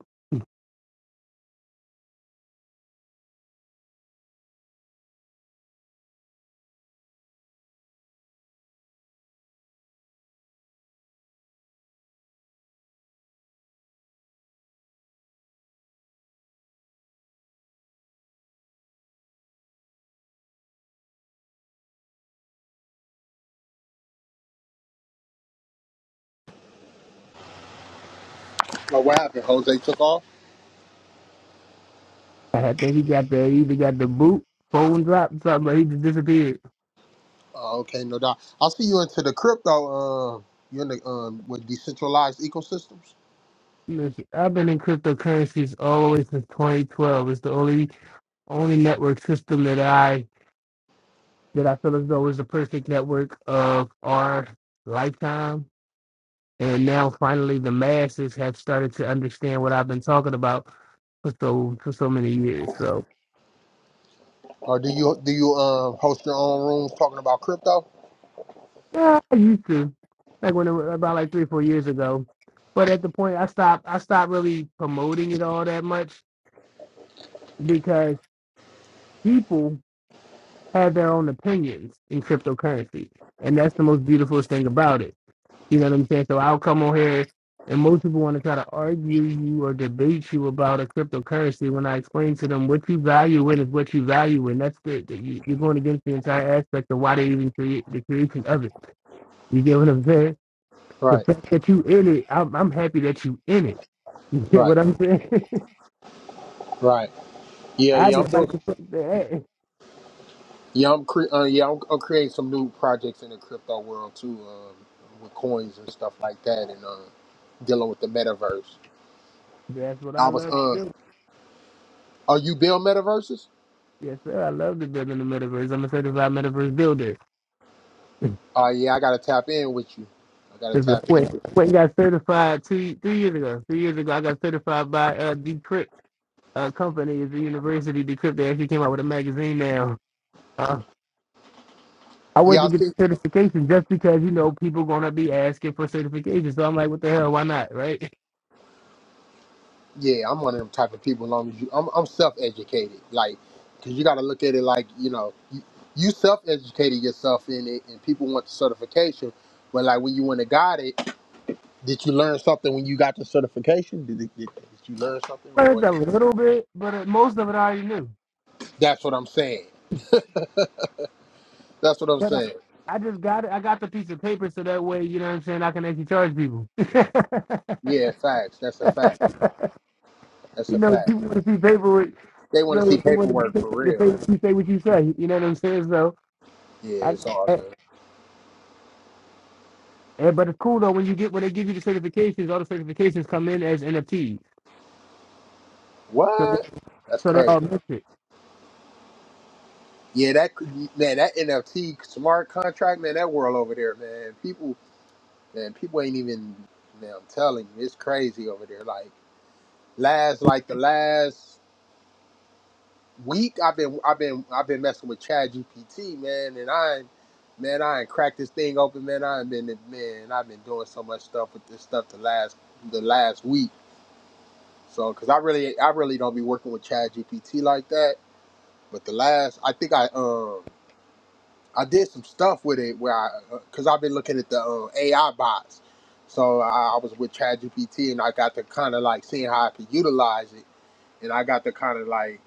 Oh, what happened? Jose took off. I think he got the he either got the boot, phone drop, something. But he just disappeared. Oh, okay, no doubt. I'll see you into the crypto. Um, you in the um with decentralized ecosystems. Listen, I've been in cryptocurrencies all the way since 2012. It's the only only network system that I that I feel as though is the perfect network of our lifetime And now finally the masses have started to understand what I've been talking about for so for so many years. So Or do you do you um host your own rooms talking about crypto? yeah, I used to like when it was about like three, four years ago. But at the point I stopped I stopped really promoting it all that much because people have their own opinions in cryptocurrency. And that's the most beautiful thing about it. You know what I'm saying? So I'll come on here and most people want to try to argue you or debate you about a cryptocurrency when I explain to them what you value in is what you value in. That's it. That you, you're going against the entire aspect of why they even create the creation of it. You get what I'm saying? The Right, fact that you in it, I'm, I'm happy that you in it. You get what right, I'm saying? right. Yeah, I yeah. I'm just doing. like to put that. Yeah, I'm cre- uh, yeah. I'm, I'm creating some new projects in the crypto world too, um, with coins and stuff like that, and uh, dealing with the metaverse. That's what I I was. love to Uh, do. are you build metaverses? Yes, sir. I love to build in the metaverse. I'm a certified metaverse builder. Oh yeah, I gotta tap in with you. I gotta It's tap in Wait, with. You. wait, got certified two, three years ago. Three years ago, I got certified by uh, Decrypt uh, company. It's a university. Decrypt. They actually came out with a magazine now. Uh, I went Yeah, to I get see. the certification just because you know people gonna be asking for certification. So I'm like, what the hell? Why not? Right? Yeah, I'm one of them type of people. As long as you, I'm, I'm self-educated. Like, cause you got to look at it like you know, you, you self-educated yourself in it, and people want the certification. But like when you went and got it, did you learn something when you got the certification? Did, it, did, did you learn something, I or Learned is a it? little bit, but uh, most of it I already knew. That's what I'm saying. That's what I'm But I, saying. I just got it. I got the piece of paper so that way, you know what I'm saying. I can actually charge people. Yeah, facts. That's a fact. That's a You know, fact. people want to see favorite. They want So to see they want to paperwork say for the real. you say what you say. You know what I'm saying? So, Yeah, I, it's all I, good. eh, but it's cool though when you get when they give you the certifications. All the certifications come in as NFTs, so What? That's so they crazy. all miss it. Yeah, that could be, man, that NFT smart contract, man, that world over there, man. People man, people ain't even man, I'm telling you, it's crazy over there. Like last like the last week I've been I've been I've been messing with Chad GPT, man, and I ain't- man, I ain't cracked this thing open, man. I've been man, I've been doing so much stuff with this stuff the last the last week. So cuz I really I really don't be working with Chad GPT like that, but the last I think I um I did some stuff with it where I, because I've been looking at the uh, AI bots. So I, I was with ChatGPT and I got to kind of like seeing how I could utilize it. And I got to kind of like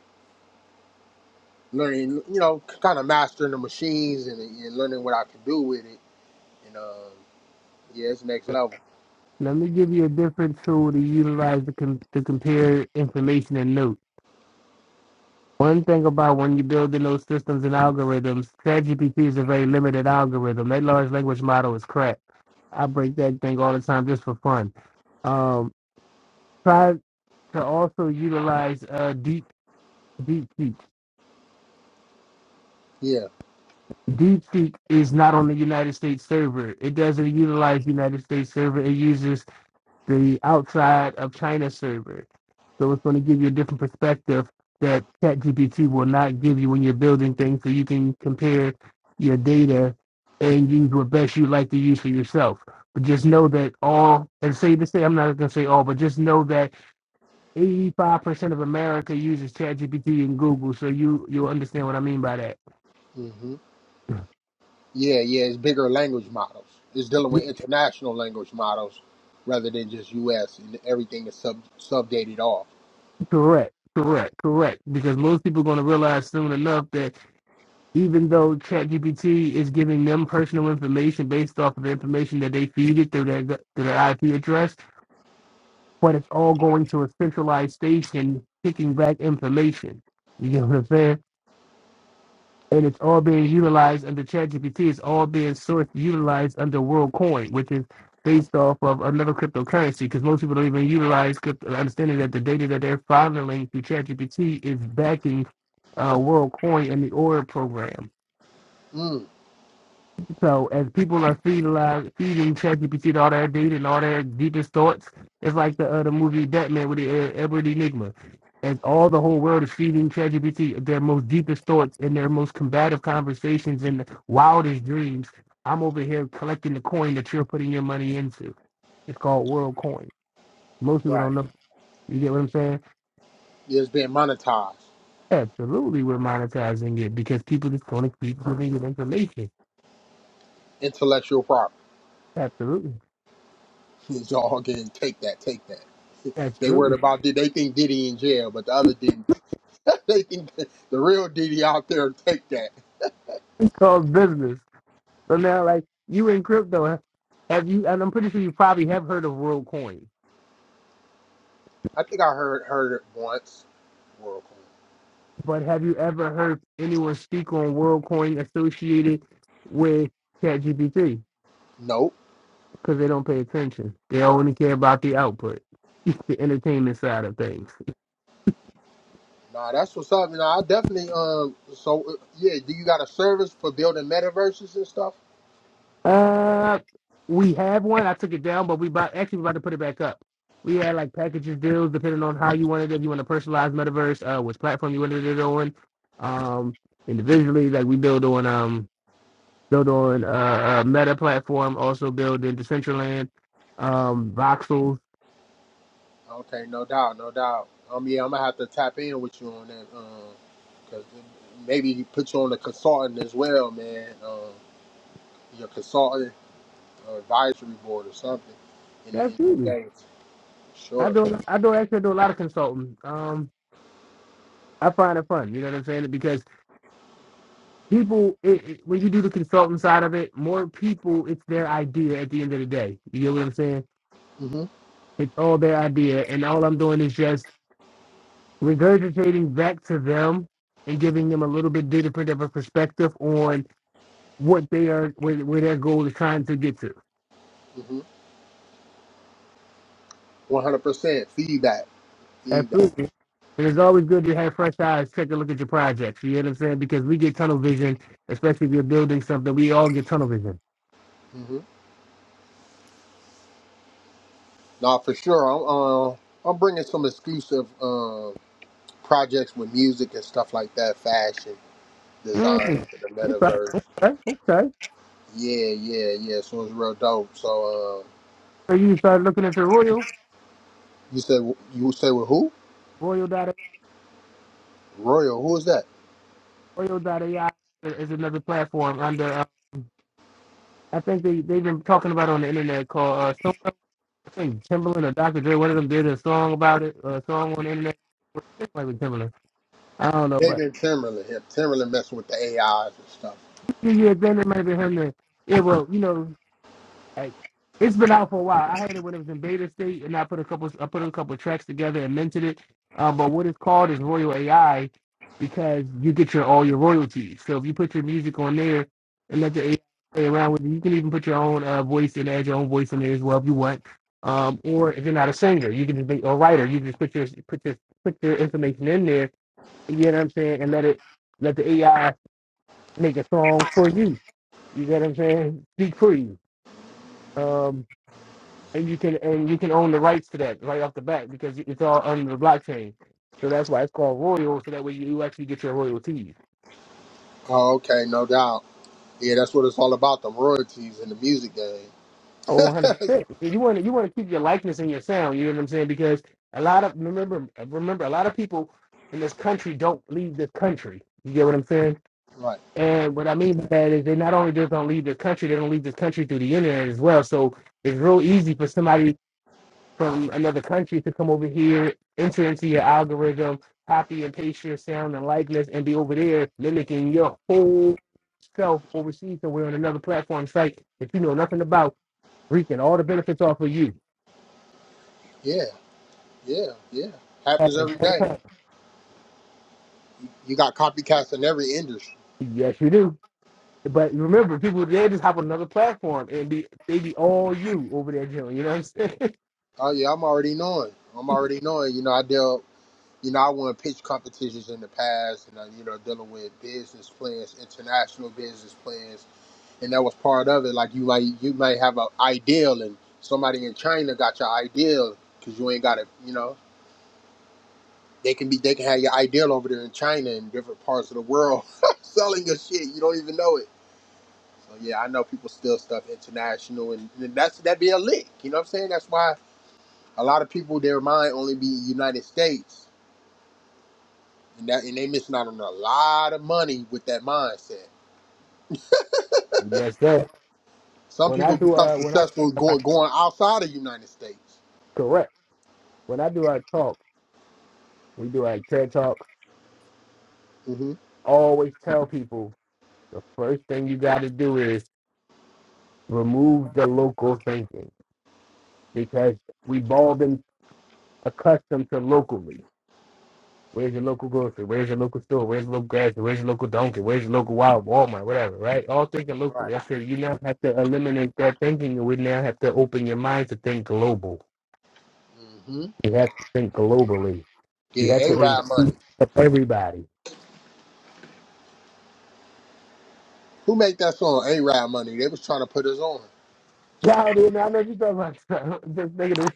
learning, you know, kind of mastering the machines and, and learning what I could do with it. And um, yeah, it's next level. Let me give you a different tool to utilize to, com- to compare information and notes. One thing about when you're building those systems and algorithms, ChatGPT is a very limited algorithm. That large language model is crap. I break that thing all the time just for fun. Um. try to also utilize uh, Deep DeepSeek. Yeah. DeepSeek is not on the United States server. It doesn't utilize United States server. It uses the outside of China server. So it's going to give you a different perspective that ChatGPT will not give you when you're building things. So you can compare your data and use what best you like to use for yourself. But just know that all, and say to say, I'm not going to say all, but just know that Eighty-five percent of America uses ChatGPT and Google, so you you understand what I mean by that. hmm Yeah, yeah. It's bigger language models. It's dealing Yeah, with international language models rather than just U.S. and everything is sub subdated off. Correct, correct, correct. Because most people are going to realize soon enough that even though ChatGPT is giving them personal information based off of the information that they feed it through their through their IP address, but it's all going to a centralized station, kicking back information. You get what I'm saying? and it's all being utilized under ChatGPT. It's all being sourced, utilized under WorldCoin, which is based off of another cryptocurrency. Because most people don't even utilize crypto, understanding that the data that they're funneling through ChatGPT is backing uh, WorldCoin and the Aura program. Mm, So as people are feeding live, feeding ChatGPT all their data and all their deepest thoughts, it's like the uh, the movie Batman with the uh, Edward Enigma. As all the whole world is feeding ChatGPT their most deepest thoughts and their most combative conversations and wildest dreams, I'm over here collecting the coin that you're putting your money into. It's called World Coin. Most people right. don't know. You get what I'm saying? It's being monetized. Absolutely, we're monetizing it because people just want to keep giving you information. Intellectual property. Absolutely, you all getting take that, take that. They worried absolutely. about did they think Diddy in jail, but the other Diddy, they think the the real Diddy out there take that. It's called business. So now, like you in crypto, have you? And I'm pretty sure you probably have heard of WorldCoin, I think I heard heard it once. World Cup. but have you ever heard anyone speak on WorldCoin associated with ChatGPT? Nope. Because they don't pay attention. They only care about the output, the entertainment side of things. Nah, that's what's up. Nah, I definitely um. So uh, yeah, do you got a service for building metaverses and stuff? Uh, we have one. I took it down, but we about actually we're about to put it back up. We had like packages deals depending on how you wanted it. If you want to personalize metaverse, uh, which platform you wanted it on. Um, individually, like we build on um built on uh, a Meta platform, also built in Decentraland, um, Voxels. Okay, no doubt, no doubt. Um, yeah, I'm gonna have to tap in with you on that. Um, cause maybe put you on a consultant as well, man. Um, your consultant uh, advisory board or something in the, That's in the easy. states. I Sure. do. I do actually do a lot of consulting. Um, I find it fun. You know what I'm saying? Because people, it, it- when you do the consulting side of it, more people, it's their idea at the end of the day. You know what I'm saying? hmm It's all their idea, and all I'm doing is just regurgitating back to them and giving them a little bit different of a perspective on what they are, where, where their goal is trying to get to. hmm One hundred percent feedback. Absolutely. Feedback. And it's always good to have fresh eyes take a look at your projects. You know what I'm saying? Because we get tunnel vision, especially if you're building something. We all get tunnel vision. hmm No, for sure. I'm uh, I'm bringing some exclusive uh, projects with music and stuff like that, fashion designs Mm, for the okay, metaverse. okay, okay. Yeah, yeah, yeah. So it's real dope. So uh, So you start looking into Royal, you said you say with who? Royal dot Royal. Who is that? Royal dot AI is another platform under. Uh, I think they they've been talking about it on the internet called uh, some I think Timberland or Dr. Dre. One of them did a song about it, a song on the internet. It might be Timberland. I don't know, but David Timberland. Yeah, Timberland messing with the AIs and stuff. yeah, yeah, then it might be him. That, yeah, well, you know, Like, it's been out for a while. I had it when it was in beta state, and I put a couple. I put a couple tracks together and minted it. Um, but what it's called is Royal AI because you get your all your royalties. So if you put your music on there and let the AI play around with it, you can even put your own uh, voice and add your own voice in there as well if you want. Um, or if you're not a singer, you can just be a writer. You can just put your put your put your information in there. You get what I'm saying, and let it let the AI make a song for you. You get what I'm saying? Speak for you. Um, and you can and you can own the rights to that right off the bat because it's all under the blockchain. So that's why it's called royal. So that way you actually get your royalties. Oh, okay, no doubt. Yeah, that's what it's all about, the royalties in the music game. Oh, one hundred percent. You want to you want to keep your likeness and your sound. You know what I'm saying? Because a lot of remember remember a lot of people in this country don't leave this country. You get what I'm saying? Right. And what I mean by that is they not only just don't leave this country, they don't leave this country through the internet as well. So it's real easy for somebody from another country to come over here, enter into your algorithm, copy and paste your sound and likeness, and be over there mimicking your whole self overseas somewhere on another platform site that you know nothing about, reaping all the benefits off of you. Yeah. Yeah. Yeah. Happens every day. You got copycats in every industry. Yes, you do. But remember, people they just hop on another platform and be they be all you over there, Jim. You know what I'm saying? Oh yeah, I'm already knowing. I'm already knowing. You know, I deal. You know, I won pitch competitions in the past, and I, you know, dealing with business plans, international business plans, and that was part of it. Like you might, you might have an ideal, and somebody in China got your ideal because you ain't got it. You know, they can be, they can have your ideal over there in China and different parts of the world selling your shit. You don't even know it Uh, Yeah, I know people steal stuff international, and, and that's that would be a lick. You know what I'm saying? That's why a lot of people their mind only be United States, and that and they missing out on a lot of money with that mindset. yes, sir. Some When I people do become uh when I successful I going going outside of United States. correct when I do our talk, we do our TED talk. hmm I always tell people the first thing you got to do is remove the local thinking because we've all been accustomed to locally. Where's your local grocery? Where's your local store? Where's your local gas? Where's your local donkey? Where's your local wild Walmart? Whatever, right? All thinking Right. locally. I said you now have to eliminate that thinking, and we now have to open your mind to think global. hmm You have to think globally. You have Getting A to Rod include money. everybody. Who make that song? A Rod money. They was trying to put us on. Yeah, I know you talking about. This nigga,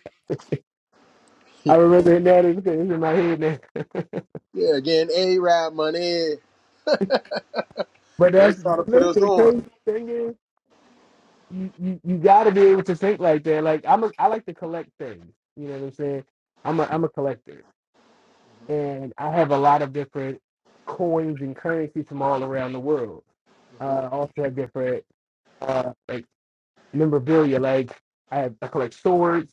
I remember hearing that. It's in my head now. Yeah, getting A Rod money. But They that's was trying to put listen. us The on. crazy thing is, you, you, you got to be able to think like that. Like I'm, a, I like to collect things. You know what I'm saying? I'm a I'm a collector, and I have a lot of different coins and currencies from all around the world. hmm Uh, I also have different uh, like memorabilia. Like I have I collect swords,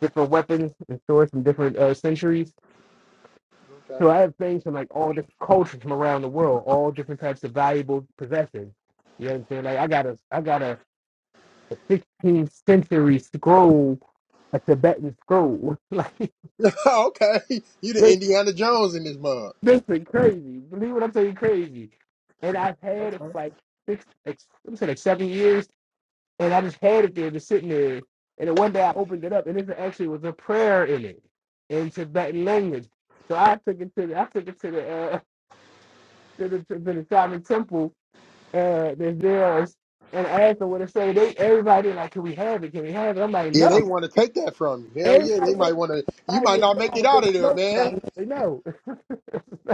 different weapons and swords from different uh, centuries. Okay. So I have things from like all different cultures from around the world, all different types of valuable possessions. You know what I'm saying? Like I got a I got a 16th century scroll, a Tibetan scroll. like, okay. You the this, Indiana Jones in this mug. this is crazy. Believe what I'm saying, crazy. And I've had it for like six, ex, let me say like seven years, and I just had it there, just sitting there. And then one day I opened it up, and it actually was a prayer in it, in Tibetan language. So I took it to the, I took it to the, uh, to the, to the Shaman temple, uh, that's theirs, and I asked them what to say. They, everybody like, can we have it? Can we have it? I'm like, Yeah, they no. want to take that from you. Hell yeah, they Everybody might want to. You I might was not make it wrong out because I of there, know what man. I really know.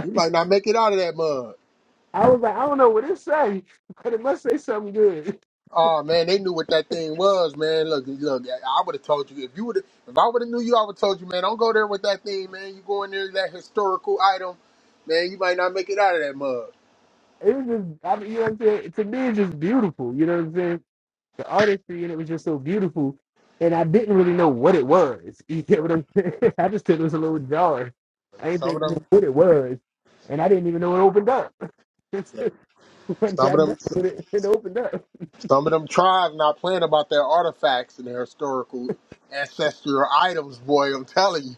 You might not make it out of that mud. I was like, I don't know what it say, but it must say something good. Oh man, they knew what that thing was, man. Look, look, I would have told you if you would, have if I would have knew you, I would have told you, man. Don't go there with that thing, man. You go in there with that historical item, man. You might not make it out of that mud. It was just, I mean, you know what I'm saying? To me, it's just beautiful. You know what I'm saying? The artistry and it was just so beautiful. And I didn't really know what it was. You get what I'm saying? I just took it was a little jar. I Some of didn't think them, what it was. And I didn't even know it opened up. One day some I of them, messed with it, it opened up. some of them tribes not playing about their artifacts and their historical ancestral items, boy. I'm telling you.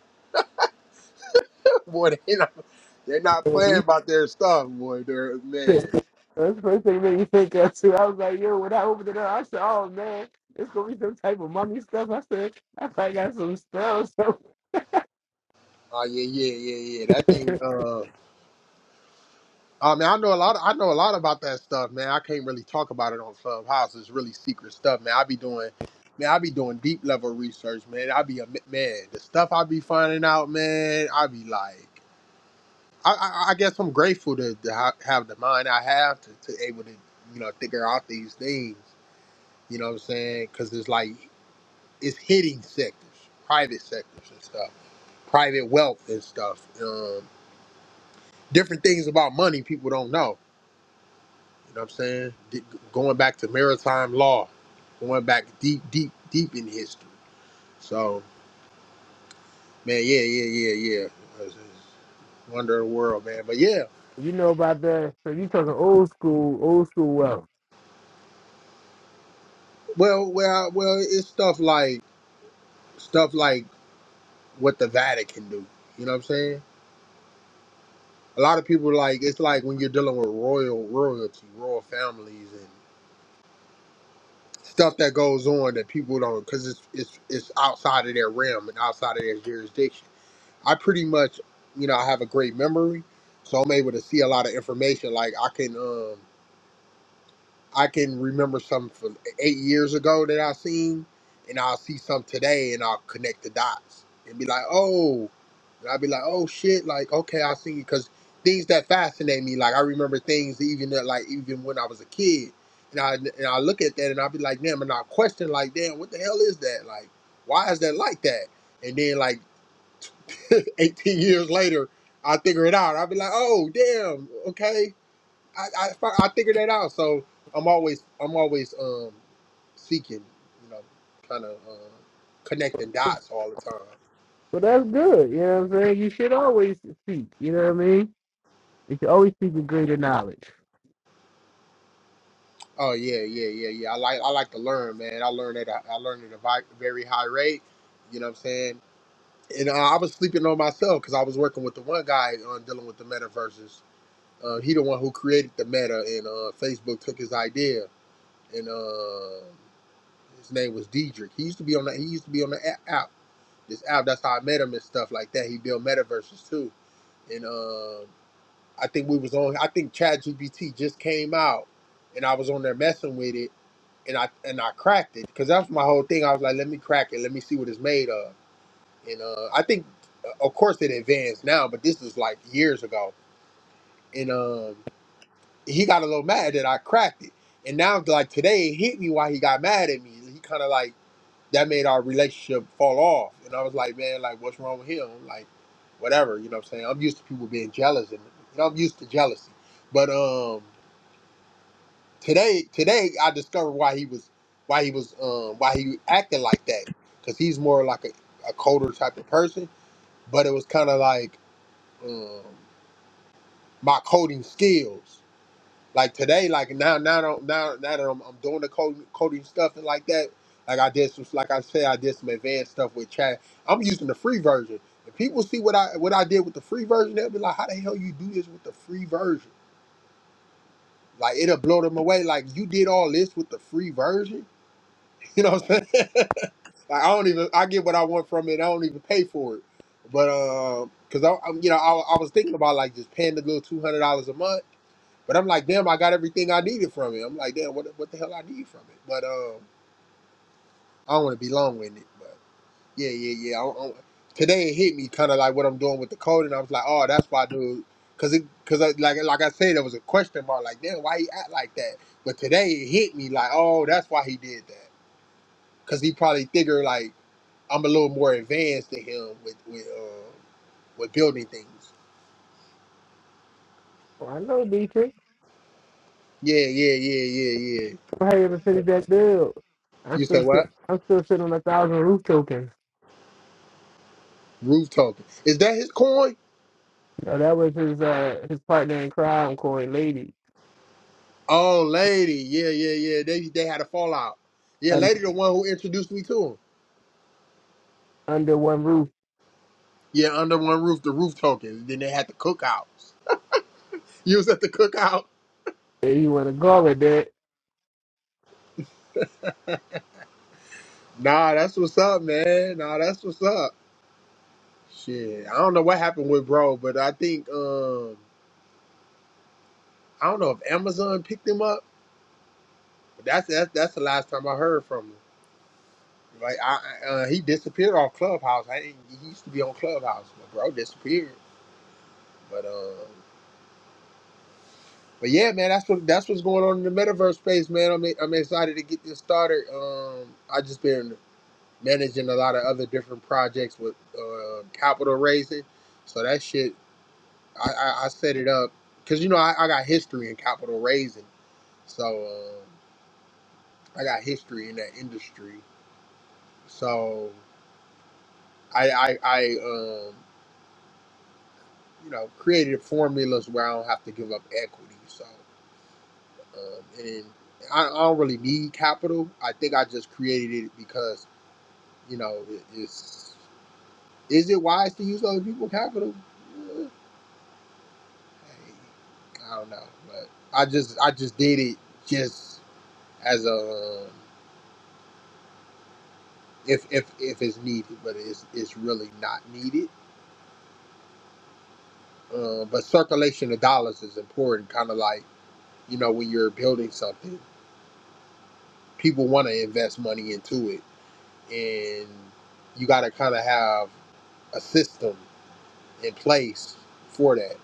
boy, they not, they're not So playing you about their stuff, boy. They're said, man. That's the first thing that you think of too. I was like, yo, when I opened it up, I said, oh man, it's gonna be some type of mummy stuff. I said, I probably got some spells. So Oh yeah, yeah, yeah, yeah. That thing. Uh, I mean, I know a lot. I know a lot about that stuff, man. I can't really talk about it on Clubhouse. It's really secret stuff, man. I be doing, man. I be doing deep level research, man. I be a man. The stuff I be finding out, man. I be like, I, I, I guess I'm grateful to, to ha- have the mind I have to, to able to, you know, figure out these things. You know what I'm saying? Because it's like It's hitting sectors, private sectors and stuff, private wealth and stuff. Um, different things about money people don't know. You know what I'm saying? D- going back to maritime law, going back deep, deep, deep in history. So, man, yeah, yeah, yeah, yeah. It's- it's Wonder of the world, man. But yeah, you know about that. So you talking old school, old school wealth. well, well, well, it's stuff like stuff like what the Vatican do. You know what I'm saying? A lot of people like it's like when you're dealing with royal royalty, royal families stuff that goes on that people don't because it's it's it's outside of their realm and outside of their jurisdiction. I pretty much, you know, I have a great memory, so I'm able to see a lot of information. Like I can, um, I can remember some from eight years ago that I seen, and I'll see some today, and I'll connect the dots and be like, oh, and I'll be like, oh shit, like okay, I see, because things that fascinate me, like I remember things even that, like even when I was a kid, and I and I look at that and I'll be like, damn, and I question like, damn, what the hell is that? Like, why is that like that? And then like 18 years later, I figure it out. I'll be like, oh damn, okay I, I fi- I figured that out. So I'm always I'm always um seeking, you know, kind of uh, connecting dots all the time. So that's good. You know what I'm saying? You should always seek. You know what I mean? You should always seek a greater knowledge. Oh yeah, yeah, yeah, yeah. I like I like to learn, man. I learn at a, I learn at a vi- very high rate. You know what I'm saying? And uh, I was sleeping on myself because I was working with the one guy on dealing with the metaverses. Uh, he the one who created the meta, and uh, Facebook took his idea. And uh, his name was Diedrich. He used to be on the he used to be on the app. this app. That's how I met him and stuff like that. He built metaverses too, and um, I think we was on. I think ChatGPT just came out, and I was on there messing with it, and I and I cracked it because that's my whole thing. I was like, let me crack it, let me see what it's made of, and uh, I think, uh, of course, it advanced now, but this was like years ago, and um, he got a little mad that I cracked it, and now like today it hit me why he got mad at me. He kind of like that made our relationship fall off. And I was like, man, like, what's wrong with him? Like, whatever, you know what I'm saying? I'm used to people being jealous and you know, I'm used to jealousy. But um today today I discovered why he was why he was um why he acted like that. Cause he's more like a, a coder type of person. But it was kinda like um my coding skills. Like today, like now, now, that now, now that I'm, I'm doing the coding, coding stuff and like that. Like I did some, like I said, I did some advanced stuff with chat. I'm using the free version. If people see what I what I did with the free version, they'll be like, "How the hell you do this with the free version?" Like it'll blow them away. Like you did all this with the free version. You know what I'm saying? Like I don't even I get what I want from it. I don't even pay for it. But because I, I'm you know I, I was thinking about like just paying the little two hundred dollars a month but I'm like, damn, I got everything I needed from it. I'm like, damn, what what the hell I need from it? But um, I don't want to be long winded. But yeah, yeah, yeah. I, I, today it hit me kind of like what I'm doing with the code, and I was like, oh, that's why, dude, because it because like like I said, there was a question mark. Like, damn, why he act like that? But today it hit me like, oh, that's why he did that. Because he probably figured like I'm a little more advanced than him with with um, with building things. Well, I know, Dietrich. Yeah, yeah, yeah, yeah, I'm hurry up yeah. finish that bill. I'm You say still sitting. what? I'm still sitting on a thousand roof tokens. Roof token. Is that his coin? You know, that was his uh his partner in crime, Corey Lady, Oh, lady, yeah, yeah, yeah. They they had a fallout. Yeah, un- lady, the one who introduced me to him. under one roof. Yeah, under one roof, the roof tokens. Then they had the cookouts. You was at the cookout. Where you want to go with that? Nah, that's what's up, man. Nah, that's what's up. Shit, I don't know what happened with bro, but I think um I don't know if Amazon picked him up. But that's that's that's the last time I heard from him. Like I I- uh, he disappeared off Clubhouse. I ain't, he used to be on Clubhouse, but bro disappeared. But um. But yeah, man, that's what that's what's going on in the metaverse space, man. I'm I'm excited to get this started. Um, I just been managing a lot of other different projects with uh, capital raising, so that shit I, I, I set it up because you know I, I got history in capital raising, so um, I got history in that industry. So I I, I um, you know created formulas where I don't have to give up equity. So Um, and I, I don't really need capital. I think I just created it because you know it, it's. Is it wise to use other people's capital? Uh, hey, I don't know, but I just I just did it just as a um, if if if it's needed, but it's it's really not needed. Um, but circulation of dollars is important. Kind of like you know when you're building something, people want to invest money into it, and you got to kind of have a system in place for that.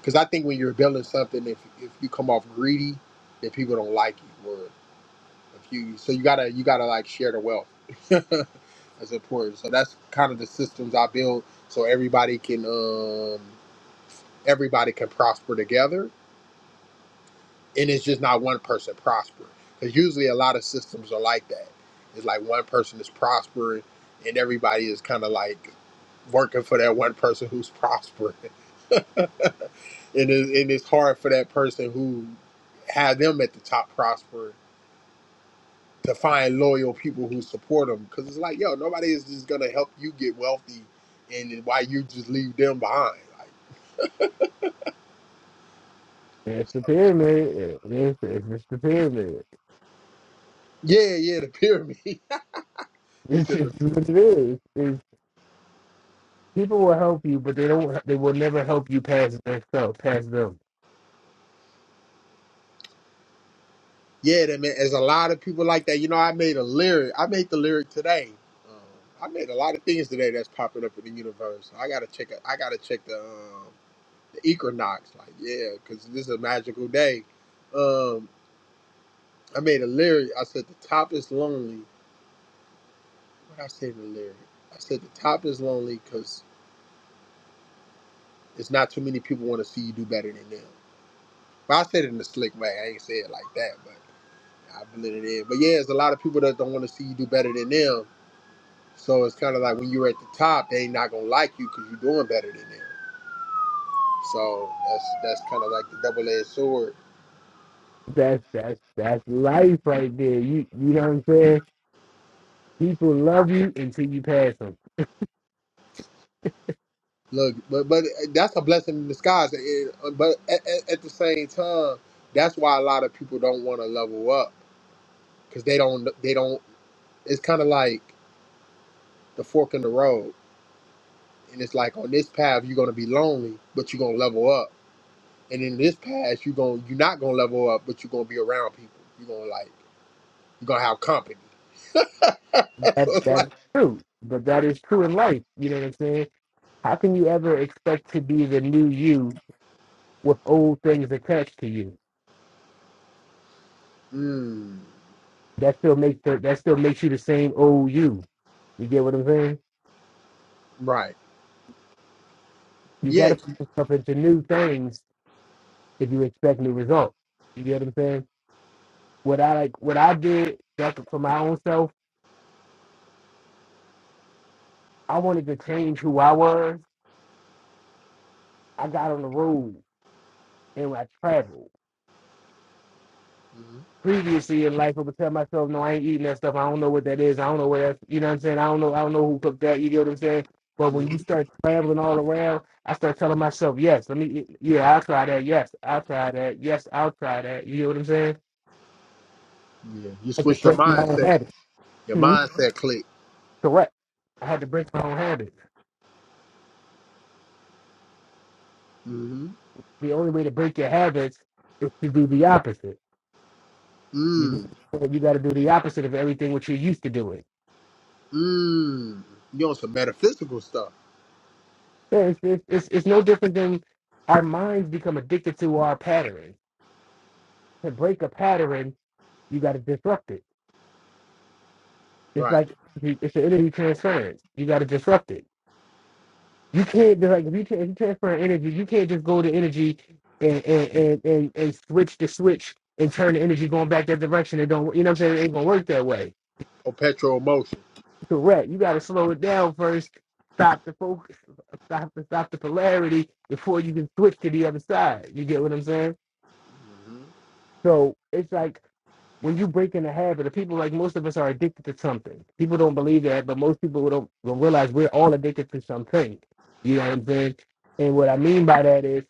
Because I think when you're building something, if if you come off greedy, then people don't like you. Or if you so you gotta you gotta like share the wealth. that's important. So that's kind of the systems I build so everybody can um, everybody can prosper together, and it's just not one person prosper. Because usually a lot of systems are like that. It's like one person is prospering, and everybody is kind of like working for that one person who's prospering. and it, and it's hard for that person who had them at the top prosper to find loyal people who support them because it's like yo nobody is just gonna help you get wealthy and then why you just leave them behind like That's the so, pyramid. It's, it's just the pyramid. yeah yeah the pyramid he It's said the, just what it is. It's, people will help you, but they don't. They will never help you past themselves, past them. yeah that man there's a lot of people like that you know i made a lyric i made the lyric today um, i made a lot of things today that's popping up in the universe i gotta check it i gotta check the um the equinox like yeah because this is a magical day um I made a lyric. I said the top is lonely. What I say in the lyric? I said the top is lonely because it's not too many people want to see you do better than them. But I said it in a slick way. I ain't say it like that, but I blend it in. But yeah, there's a lot of people that don't want to see you do better than them. So it's kind of like when you're at the top, they ain't not gonna like you because you're doing better than them. So that's that's kind of like the double-edged sword. That's that's that's life right there. You you know what I'm saying? People love you until you pass them. Look, but but uh, that's a blessing in disguise. It- but at, at at the same time, that's why a lot of people don't want to level up because they don't they don't it's kind of like the fork in the road and it's like on this path you're going to be lonely but you're going to level up and in this path you're going to you're not going to level up but you're going to be around people you're going to like you're going to have company so That it's that's like true. But that is true in life. You know what I'm saying? How can you ever expect to be the new you with old things attached to you? mm, That still makes the, that still makes you the same old you. You get what I'm saying? right You got yeah to put yourself into new things if you expect new results. You get what I'm saying? What I like, what I did that for my own self, I wanted to change who I was. I got on the road and I traveled. mm-hmm, Previously in life, I would tell myself, "No, I ain't eating that stuff. I don't know what that is. I don't know where that's. You know what I'm saying? I don't know. I don't know who cooked that. You get what I'm saying? But when you mm-hmm. start traveling all around, I start telling myself, "Yes, let me. Yeah, I'll try that. Yes, I'll try that. Yes, I'll try that. You get what I'm saying? yeah you I just switch your break my own mindset habits. your Hmm? mindset click Correct. I had to break my own habits. mm-hmm, The only way to break your habits is to do the opposite. You do- mm, you got to do the opposite of everything what you're used to doing. mm. you on some metaphysical stuff Yeah, It's, it's, it's, it's no different than our minds become addicted to our pattern. To break a pattern, you got to disrupt it. It's right like the- it's an energy transference. You got to disrupt it. You can't be like if you, tra- if you transfer energy, you can't just go to energy and and, and, and and switch the switch and turn the energy going back that direction. It don't you know what I'm saying? It ain't gonna work that way or petro emotion Correct. You got to slow it down first. Stop the focus. Stop the stop the polarity before you can switch to the other side. You get what I'm saying? hmm So it's like when you break in a habit. Of people like most of us are addicted to something. People don't believe that, but most people don't, don't realize we're all addicted to something. You know what I'm saying? And what I mean by that is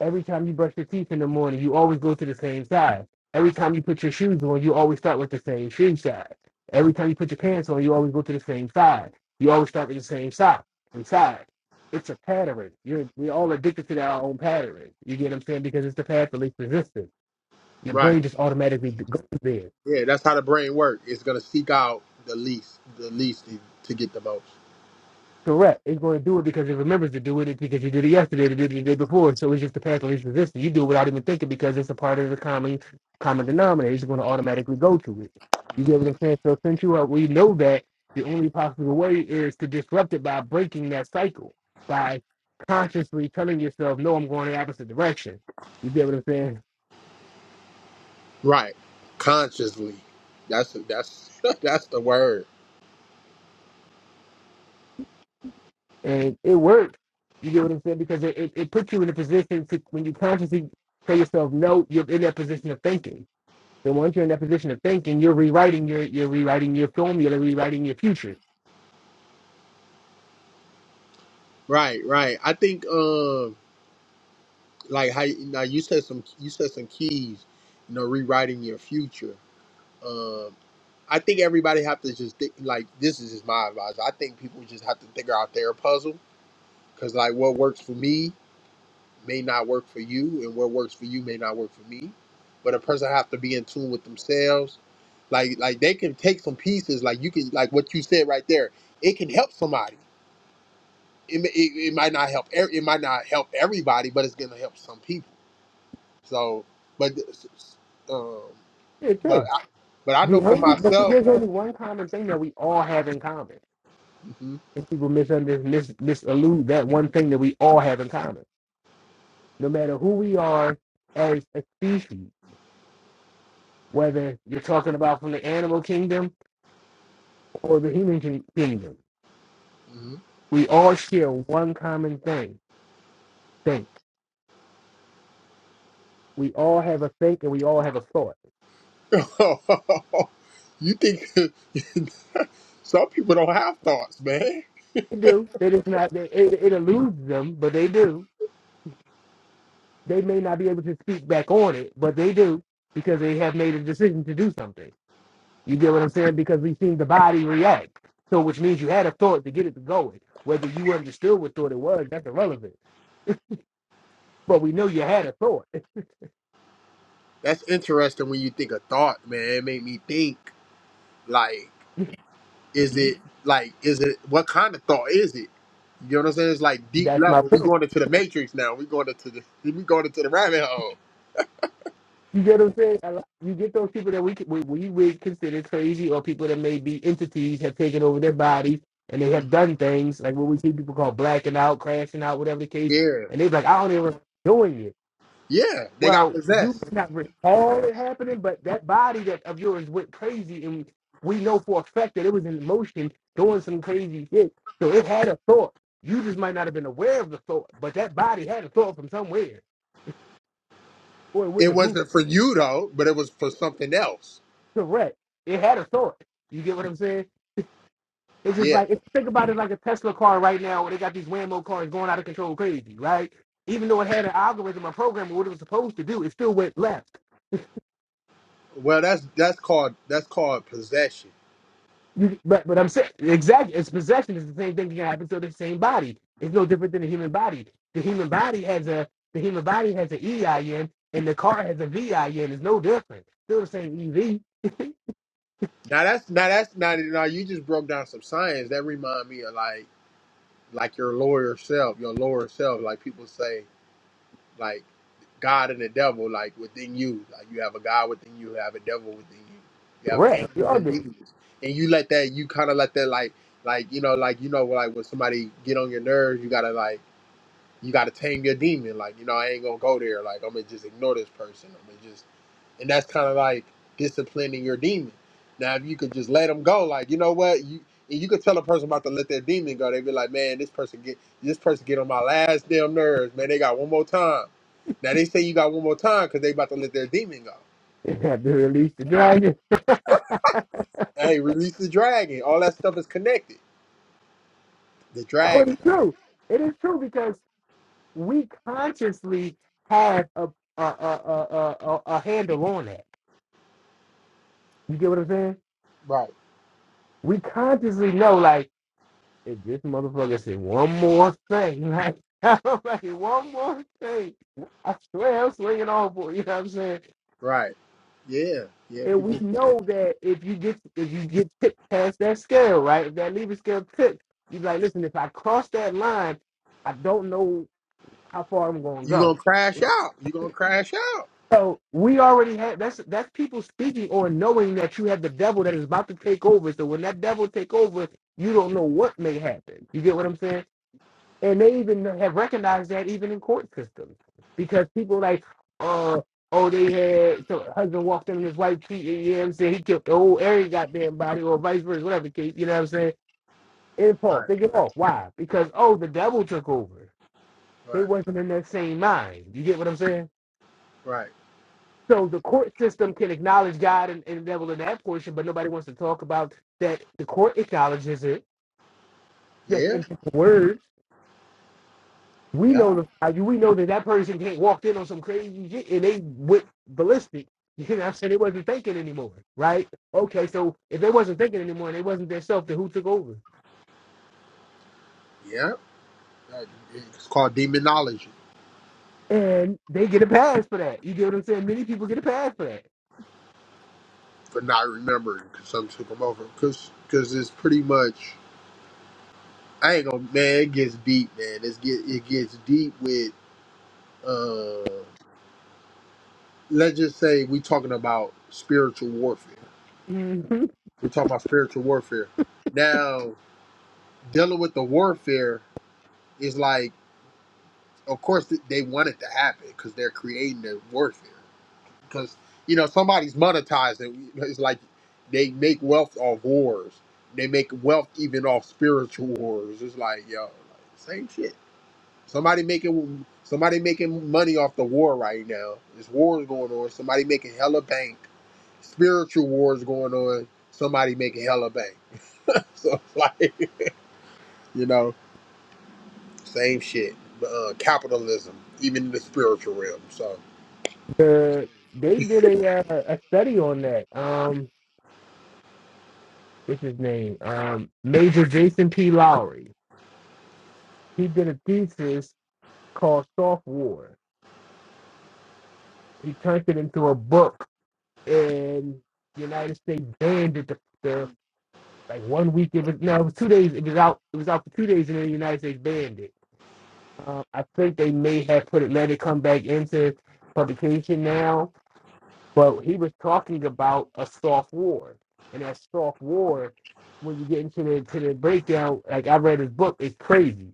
Every time you brush your teeth in the morning, you always go to the same side. Every time you put your shoes on, you always start with the same shoe side. Every time you put your pants on, you always go to the same side. You always start with the same side and side. It's a pattern. You're we're all addicted to our own pattern. You get what I'm saying? Because it's the path of least resistance. Your brain just automatically goes there. Yeah, that's how the brain works. It's gonna seek out the least, the least to, to get the most. Correct. It's going to do it because it remembers to do it It's because you did it yesterday, you did it the day before. So it's just the path of least resistance. You do it without even thinking because it's a part of the common common denominator. It's going to automatically go to it. You get hmm what I'm saying? So since you are, we know that the only possible way is to disrupt it by breaking that cycle by consciously telling yourself, "No, I'm going the opposite direction." You get what I'm saying? Right, consciously. That's that's that's the word. And it works. You get what I'm saying because it, it, it puts you in a position to, when you consciously tell yourself, "No," you're in that position of thinking So once you're in that position of thinking, you're rewriting your you're rewriting your film, you're rewriting your future. Right, right. I think um like how now you said some you said some keys, you know, rewriting your future. Um, I think everybody have to just think like this is just my advice. I think people just have to figure out their puzzle because like what works for me may not work for you and what works for you may not work for me but a person have to be in tune with themselves like like they can take some pieces like you can like what you said right there it can help somebody it, may- it, it might not help ev- it might not help everybody but it's gonna help some people so but um Yeah, but true. I, but i The know for only but myself there's only one common thing that we all have in common. Mhm, And people misunderstand mis misallude that one thing that we all have in common. No matter who we are as a species, whether you're talking about from the animal kingdom or the human kin- kingdom, we all share one common thing. Think. We all have a think and we all have a thought. mhm. you think some people don't have thoughts man They do. They just not they, it, it eludes them, but they do they may not be able to speak back on it, but they do because they have made a decision to do something. You get what I'm saying? Because we've seen the body react. So, which means you had a thought to get it to going. Whether you understood what thought it was, that's irrelevant. But we know you had a thought. that's interesting when you think of thought man it made me think Like, is it like is it what kind of thought is it? You know what I'm saying? It's like deep That's my level. we point. going into the matrix now. we going into the we going into the rabbit hole. You get what I'm saying? A You get those people that we we, we would consider crazy, or people that may be entities have taken over their bodies and they have done things like what we see people call blacking out, crashing out, whatever the case. Yeah. And they're like, I don't even doing it Yeah. They got Well, you possessed. may not recall it happening, but that body that of yours went crazy, and we know for a fact that it was in motion doing some crazy shit. So it had a thought. You just might not have been aware of the thought, but that body had a thought from somewhere, or it It wouldn't have moved. wasn't for you though, but it was for something else. Correct. It had a thought. You get what I'm saying? It's just Yeah. like it's, think about it like a Tesla car right now, where they got these whammo cars going out of control crazy, right? Even though it had an algorithm, a program, what it was supposed to do, it still went left. Well that's that's called that's called possession. You, but but I'm saying exactly. It's possession is the same thing that can happen to the same body. It's no different than the human body. The human body has a the human body has an EIN and the car has a V I N. It's no different. Still the same EV. Now that's now that's not now you just broke down some science. That remind me of like like your lawyer self, your lower self, like people say. like God and the devil, like within you. Like you have a God within you, you have a devil within you. You have Correct. You angels are and different. demons, and you let that. You kind of let that, like, like you know, like you know, like when somebody get on your nerves, you gotta like, you gotta tame your demon. Like you know, I ain't gonna go there. Like I'm gonna just ignore this person and that's kind of like disciplining your demon. Now, if you could just let them go, like you know what, you and you could tell a person about to let their demon go, they'd be like, man, this person get this person get on my last damn nerves, man. They got one more time. Now they say you got one more time because they about to let their demon go. You have to release the dragon. Hey, release the dragon. All that stuff is connected. The Oh, it dragon. is Yeah. true. It is true because we consciously have a a a a, a, a a handle on that. You get what I'm saying? Right. We consciously know like If this motherfucker said one more thing, like, I'm like one more thing, I swear I'm swinging off for it, you. know what I'm saying? Right. Yeah. Yeah. And we People, know that if you get if you get tipped past that scale, right? If that lever scale tipped, you be like, listen, if I cross that line, I don't know how far I'm gonna you go. gonna crash out. You gonna crash out. So we already had that's that's people speaking or knowing that you have the devil that is about to take over. So when that devil take over, you don't know what may happen. You get what I'm saying? And they even have recognized that even in court systems because people like, uh, oh, they had so husband walked in his wife cheated, you know what I'm saying? He killed the whole area goddamn body or vice versa, whatever the case, you know what I'm saying? Impulse, Right. they get off. Why? Because, oh, the devil took over. They Right. wasn't in that same mind. You get what I'm saying? Right. So the court system can acknowledge God and, and the devil in that portion, but nobody wants to talk about that the court acknowledges it just Yeah. in the word We know Yeah. the value. We know that that person can't walked in on some crazy shit and they went ballistic. You know what I'm saying? They wasn't thinking anymore, right? Okay, so if they wasn't thinking anymore and they wasn't their self, then who took over? Yeah. Uh, It's called demonology. And they get a pass for that. You get what I'm saying? Many people get a pass for that. for not remembering because something took them over. Because cause 'cause it's pretty much I ain't gonna man. It gets deep, man. It's get it gets deep with uh. Let's just say we talking about spiritual warfare. hmm We talking about spiritual warfare. Now dealing with the warfare is like, of course th- they want it to happen because they're creating the warfare. because you know somebody's monetized it. It's like they make wealth off wars. They make wealth even off spiritual wars. It's like yo, like, same shit. Somebody making somebody making money off the war right now. There's wars going on. Somebody making hella bank. Spiritual wars going on. Somebody making hella bank. So it's like you know, same shit. Uh, capitalism, even in the spiritual realm. So The, they did a uh, a study on that. Um, what's his name? Um, Major Jason P. Lowry. He did a thesis called Soft War. He turned it into a book and the United States banned it. The, the like one week it was no, it was two days. It was out. It was out for two days, and then the United States banned it. Uh, I think they may have put it, let it come back into publication now. But he was talking about a soft war, and that soft war, when you get into the to the breakdown, like I read his book, it's crazy.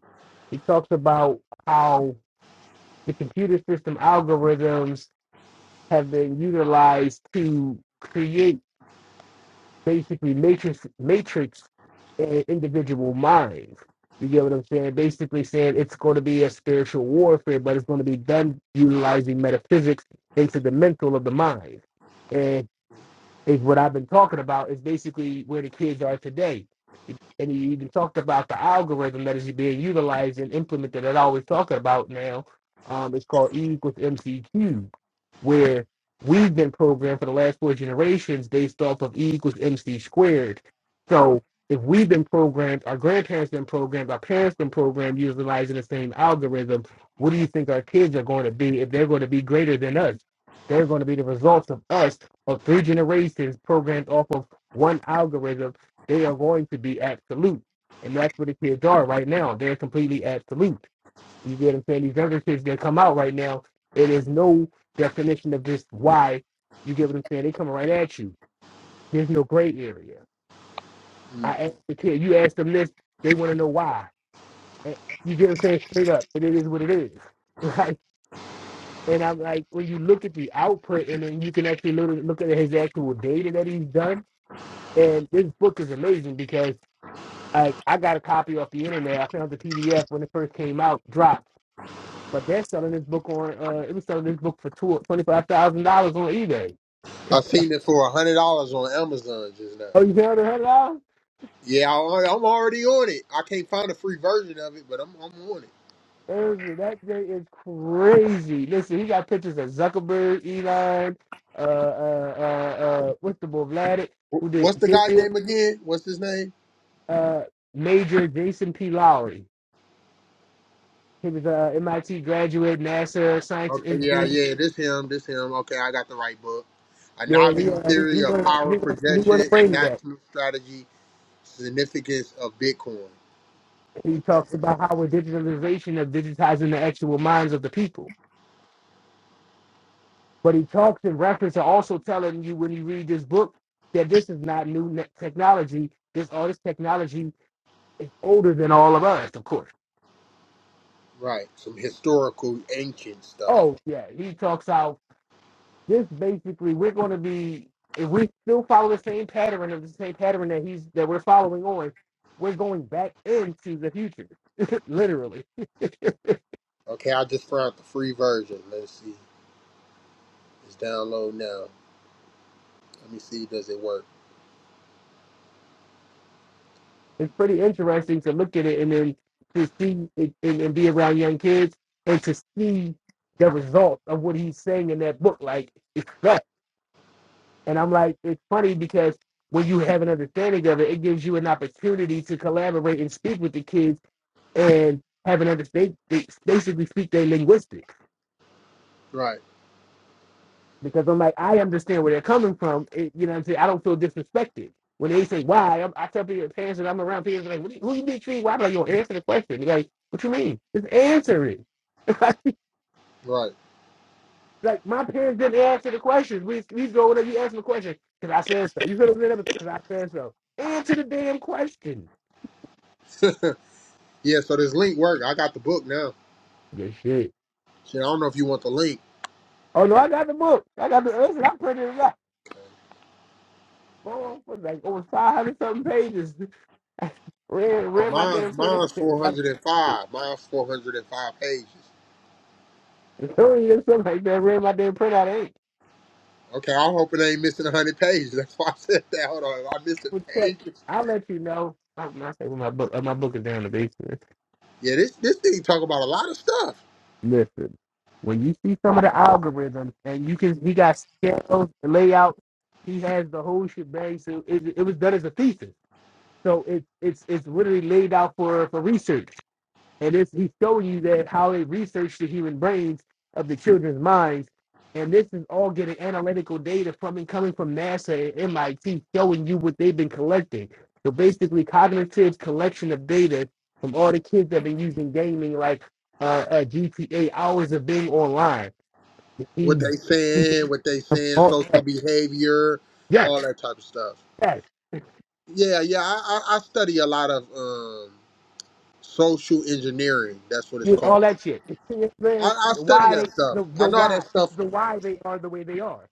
He talks about how the computer system algorithms have been utilized to create basically matrix matrix an individual mind. You get what I'm saying? Basically saying it's going to be a spiritual warfare, but it's going to be done utilizing metaphysics into the mental of the mind. and is what I've been talking about is basically where the kids are today. And you even talked about the algorithm that is being utilized and implemented that I always talking about now. Um, it's called E equals MC cubed, where we've been programmed for the last four generations based off of E equals MC squared. So if we've been programmed, our grandparents been programmed, our parents been programmed utilizing the same algorithm, what do you think our kids are going to be if they're going to be greater than us? They're going to be the results of us of three generations programmed off of one algorithm, they are going to be absolute. And that's what the kids are right now. They're completely absolute. You get what I'm saying? These younger kids that come out right now, it is no definition of this why. You get what I'm saying? They coming right at you. There's no gray area. mm. I ask the kid, you ask them this, they want to know why. Eh, You get what I'm saying? Straight up. But it is what it is. Right? And I'm like, when you look at the output and then you can actually look, look at his actual data that he's done, And this book is amazing because I, I got a copy off the internet. I found the PDF when it first came out, dropped. But they're selling this book on, uh, it was selling this book for two- $25,000 on eBay. I seen it for a hundred dollars on Amazon just now. Oh, you found it, $100? Yeah, I- I'm already on it. I can't find a free version of it, but I'm I'm on it. Irvin, That day is crazy. Listen, he got pictures of Zuckerberg, Elon, uh, uh, uh, uh, what's the boy, Vladik? who Wh- did What's the guy Ethereum, name again? What's his name? uh, Major Jason P. Lowry. He was a MIT graduate, NASA science Okay, yeah, engineer yeah, this him, this him. Okay, I got the right book. A Yeah, he novelty uh, he he theory of went power he went he went projection to and bring that. national strategy, significance of Bitcoin. He What the talks heck? about how we're digitalization of digitizing the actual minds of the people. But he talks in reference to also telling you when you read this book that this is not new ne- technology. This all this technology is older than all of us, of course. Right, some historical ancient stuff. Oh yeah, he talks out this basically we're going to be if we still follow the same pattern of the same pattern that he's that we're following on, we're going back into the future, literally. Okay, I just found the free version. Let's see. It's download now. Let me see, does it work? it's pretty interesting to look at it and then to see it and, and be around young kids and to see the results of what he's saying in that book. Like it's that. And I'm like, it's funny because when you have an understanding of it, it gives you an opportunity to collaborate and speak with the kids and have an understanding. they basically speak their linguistics Right, because I'm like, I understand where they're coming from. It, you know what I'm saying? I don't feel disrespected. When they say why, I'm, I tell people parents that I'm around people like, what do you- who you be treating? Why? I'm like, yo, answer the question. They're like, what you mean? Just answer it. right. like my parents didn't answer the questions. We we go whenever you ask them a question because I said so. You feel me? Because I said so. Answer the damn question. yeah, so this link worked. I got the book now. Good shit. Shit, I don't know if you want the link. Oh no, I got the book. I got the listen. I printed it out. Oh, it like over five hundred something pages. read Oh, read my mine's damn printer. mine's four hundred and five. Mine's four hundred and five pages. Hurry or something like that. Ran my damn printout ain't. Okay, I'm hoping I ain't missing hundred pages. That's why I said that. Hold on, am I missing Well, check. pages? I'll let you know. I, I say when my book, uh, my book is down in the basement. Yeah, this this thing talk about a lot of stuff. Listen, when you see some of the algorithms and you can, he got scales, the layout. He has the whole shit bang. So it, it was done as a thesis. So it's it's it's literally laid out for for research. And this he's showing you that how they research the human brains of the children's minds. And this is all getting analytical data from and coming from NASA and MIT showing you what they've been collecting. So basically cognitive's collection of data from all the kids that have been using gaming like uh, uh GTA hours of being online. What He they saying, what they saying, all social that. behavior, Yes, all that type of stuff. yes. Yeah, yeah, I, I, I study a lot of um, social engineering. That's what it's Yeah, all called. that shit. I, I The study why they that stuff. the, I the know how why. that It's stuff the why they are the way they are.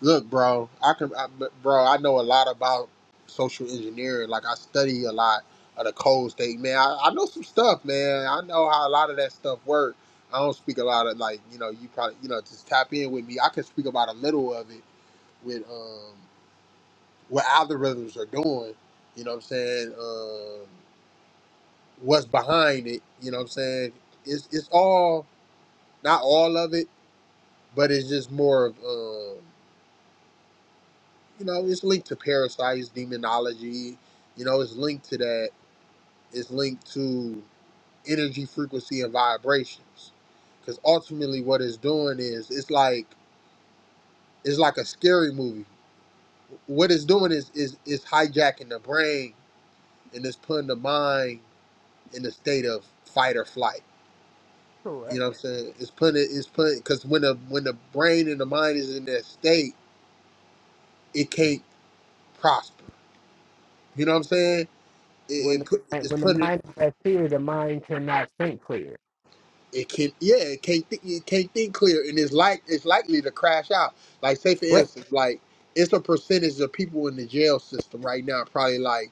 Look, bro, I can, I, bro. I know a lot about social engineering. Like I study a lot of the code state, man. I, I know some stuff, man. I know how a lot of that stuff work. I don't speak a lot of like, you know, you probably, you know, just tap in with me. I can speak about a little of it with um what algorithms are doing. You know what I'm saying? Um, what's behind it? You know what I'm saying? It's it's all not all of it, but it's just more of. Um, you know, it's linked to parasites, demonology. You know, it's linked to that. It's linked to energy, frequency, and vibrations. Because ultimately, what it's doing is it's like it's like a scary movie. What it's doing is is is hijacking the brain and it's putting the mind in a state of fight or flight. So uh, You know what I'm saying? It's putting it, it's putting because when the when the brain and the mind is in that state, it can't prosper. You know what I'm saying? when It, it the put mind- it's when the putting mind is clear, the mind cannot think clear. it can yeah it can't th- it can't think clear and it's like it's likely to crash out like say for Right. instance like it's a percentage of people in the jail system right now probably like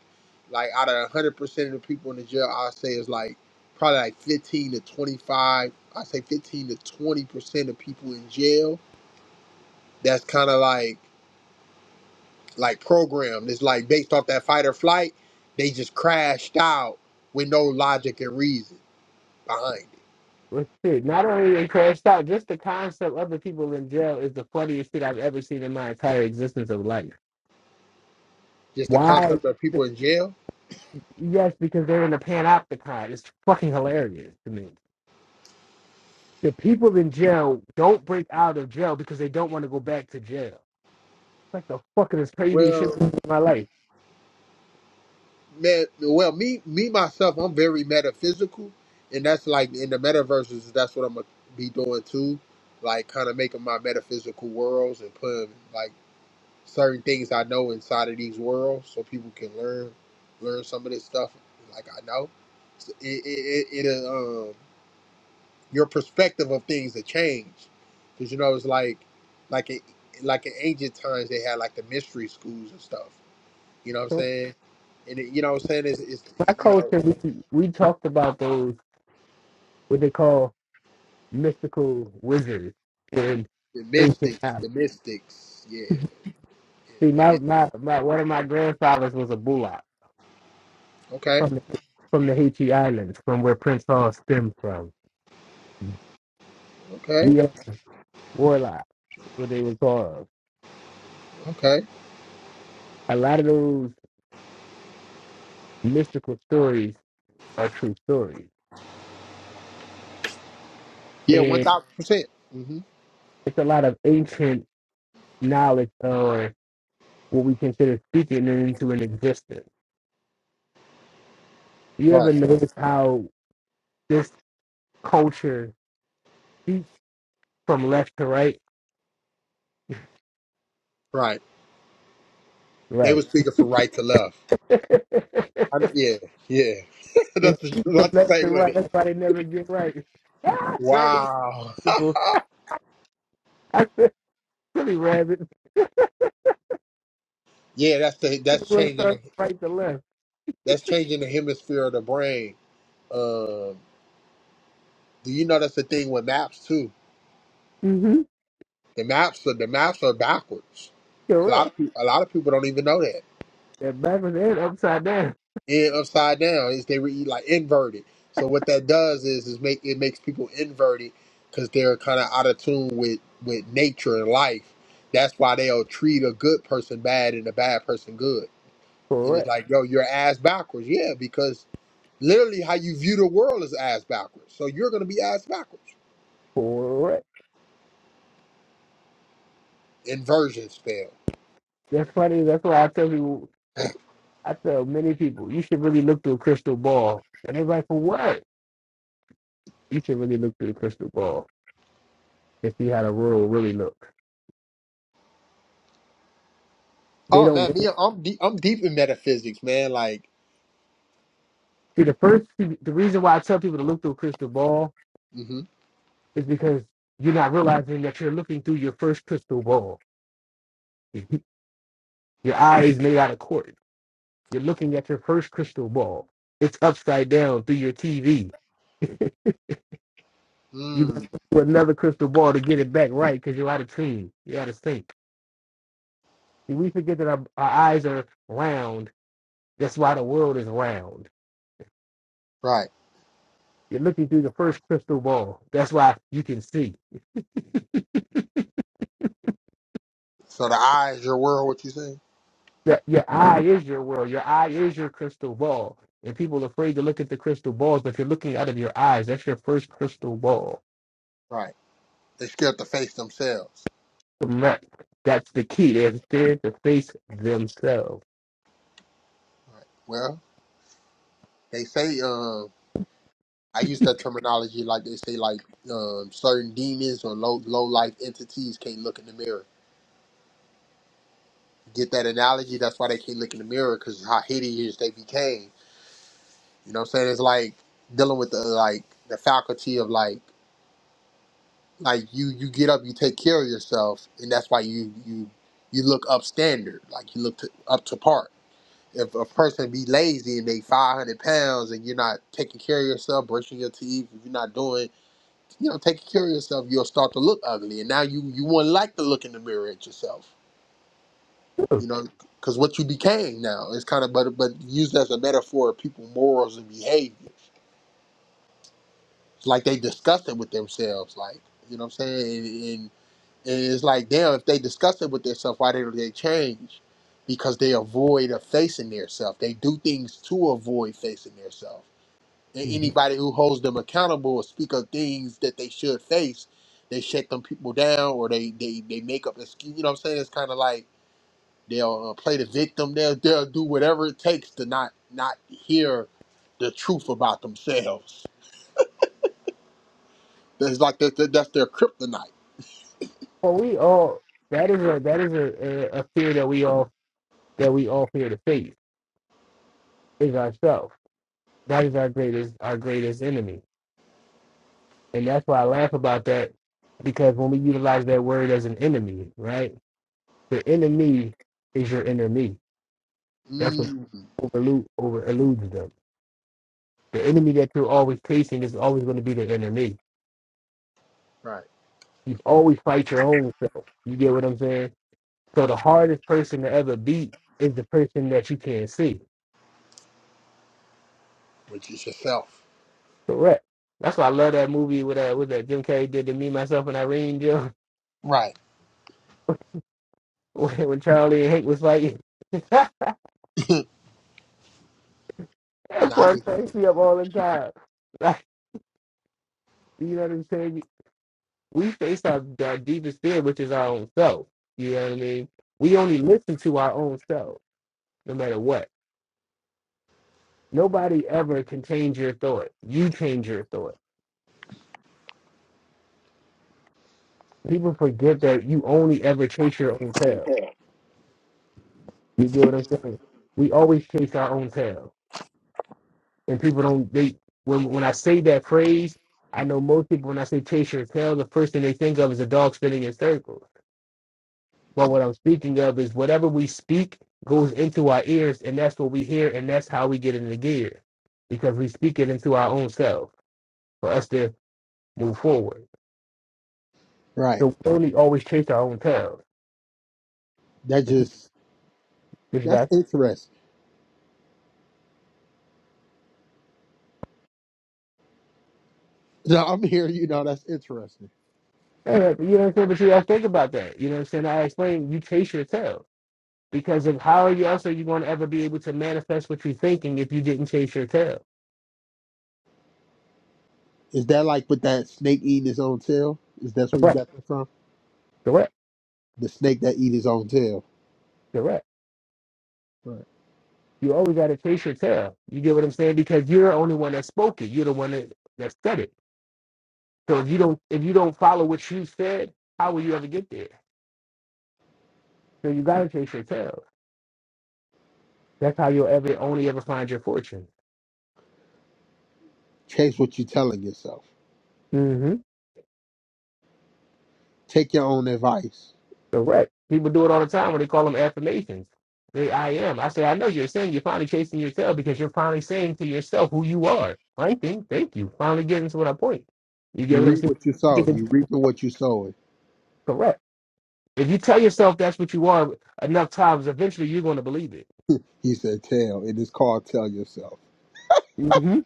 like out of 100% of the people in the jail i'd say is like probably like 15 to 25 i say 15 to 20% of people in jail that's kind of like like programmed it's like based off that fight or flight they just crashed out with no logic and reason behind it Let's see. Not only in Crash Out, just the concept of the people in jail is the funniest shit I've ever seen in my entire existence of life. just the Why? concept of people in jail Yes, because they're in a panopticon. It's fucking hilarious to me. The people in jail don't break out of jail because they don't want to go back to jail. It's like the fucking is craziest shit Well. I've ever seen in my life. man, well, me, me myself, I'm very metaphysical, and that's like in the metaverses. That's what I'm gonna be doing too, like kind of making my metaphysical worlds and putting like certain things I know inside of these worlds, so people can learn, learn some of this stuff. Like I know, it, it, it, it uh, um, your perspective of things that change, because you know it's like, like it, like in ancient times they had like the mystery schools and stuff. You know what I'm So saying? And it, you know what I'm saying is, it's it's, my you know. culture, we, we talked about those what they call mystical wizards in The ancient Mystics, times. the Mystics, yeah, yeah, See, the my, Mystics. my, my one of my grandfathers was a bullock Okay, from the, from the Haiti Islands, from where Prince Hall stemmed from. okay, We are warlocks, what they were called. okay. A lot of those mystical stories are true stories, Yeah, one and thousand percent. Mm-hmm. it's a lot of ancient knowledge or what we consider speaking into an existence. You ever Right, notice how this culture shoot from left to right. right. They were Right. speaking from right to left. I, yeah, yeah. They that's the, shoot from the left to same with right. it. That's why they never get right. Ah, Dragon Wow. people. I said, silly rabbit. yeah, that's the that's going to changing the start right to left. that's changing the hemisphere of the brain. Um, do you know that's the thing with maps too? Mm-hmm. The maps are the maps are backwards. A lot Correct. of people, a lot of people don't even know that. And backwards and upside down. and upside down is they were like inverted. So what that does is is make it makes people inverted because they're kind of out of tune with with nature and life. That's why they'll treat a good person bad and a bad person good. And it's Correct. like, yo, you're ass backwards. Yeah, because literally how you view the world is ass backwards. So you're gonna be ass backwards. Correct. Inversion spell. That's funny. That's why I tell people, I tell many people, you should really look through a crystal ball. And everybody, for what? You should really look through the crystal ball and see how the world really looks. They Oh don't man, me, I'm deep, I'm deep in metaphysics, man. Like, see the first. See, the reason why I tell people to look through a crystal ball mm-hmm, Is because you're not realizing that you're looking through your first crystal ball. your eyes made out of quartz. You're looking at your first crystal ball. It's upside down through your TV. You got to mm, look for another crystal ball to get it back right because you're out of tune. You're out of sync. See, we forget that our, our eyes are round. That's why the world is round. right. You're looking through the first crystal ball. That's why you can see. So the eye is your world. What you saying? your, your eye is your world. Your eye is your crystal ball. And people are afraid to look at the crystal balls, but if you're looking out of your eyes, that's your first crystal ball. Right. They're scared to face themselves. So that- That's the key. They're scared to face themselves. Well, they say um I use that terminology like they say like um certain demons or low low life entities can't look in the mirror. Get that analogy? That's why they can't look in the mirror because how hideous they became. You know what I'm saying? It's like dealing with the like the faculty of like like you you get up, you take care of yourself, and that's why you you you look upstander, like you look to, up to par if a person be lazy and they 500 pounds and you're not taking care of yourself brushing your teeth if you're not doing you know taking care of yourself you'll start to look ugly and now you you won't like to look in the mirror at yourself you know because what you became now is kind of but but used as a metaphor of people morals and behavior it's like they discuss it with themselves like you know what i'm saying and, and, and it's like damn if they discuss it with themselves why do not they change because they avoid of facing their self. They do things to avoid facing their self. And Mhm. anybody who holds them accountable or speak of things that they should face, they shut them people down or they they, they make up excuse. You know what I'm saying? It's kind of like they'll uh, play the victim. They'll they'll do whatever it takes to not not hear the truth about themselves. That's like that, that, that's their kryptonite. Well, we all that is a that is a, a a fear that we all that we all fear to face is ourselves. That is our greatest our greatest enemy, and that's why I laugh about that because when we utilize that word as an enemy, right? The enemy is your enemy That's what Mm, overlu- over eludes them. The enemy that you're always facing is always going to be the enemy. right, You always fight your own self. You get what I'm saying? So the hardest person to ever beat is the person that you can't see. which is yourself. Correct. That's why I love that movie with that with that Jim Carrey did to me, myself, and Irene Jim Right. when, when Charlie and Hank was fighting. that Not part cracks me up all the time. Like, you know what I'm saying? We face our, our deepest fear, which is our own self. You know what I mean? We only listen to our own self no matter what. Nobody ever can change your thought. You change your thought. People forget that you only ever chase your own tail. You get what I'm saying? We always chase our own tail. And people don't they when when I say that phrase, I know most people when I say chase your tail, the first thing they think of is a dog spinning in circles. But what I'm speaking of is whatever we speak goes into our ears and that's what we hear and that's how we get into gear. Because we speak it into our own self for us to move forward. right. So we only always chase our own tails. That Which just which is that's like, interesting. No, I'm here. You know, that's interesting. eh, you know what I'm saying? But you gotta think about that. You know what I'm saying? I explained you chase your tail. Because of how you else are you gonna ever be able to manifest what you're thinking if you didn't chase your tail? Is that like with that snake eating its own tail? Is that where you Correct, got that from? correct, The snake that eats its own tail. correct. Right. You always gotta chase your tail. You get what I'm saying? Because you're the only one that spoke it. You're the one that, that said it. So if you don't if you don't follow what you said, how will you ever get there? So you gotta chase your tail. That's how you'll ever only ever find your fortune. Chase what you're telling yourself. Mm-hmm. Take your own advice. Correct. People do it all the time when they call them affirmations. They, I am. I say, I know you're saying you're finally chasing your tail because you're finally saying to yourself who you are. Right thing. Thank you. Finally getting to what I point. You get You what I'm reap saying? what you sow. Getting You reaping what you sowing. Correct. If you tell yourself that's what you are enough times, eventually you're going to believe it. He said, "Tell." It is called "Tell Yourself." Mm-hmm.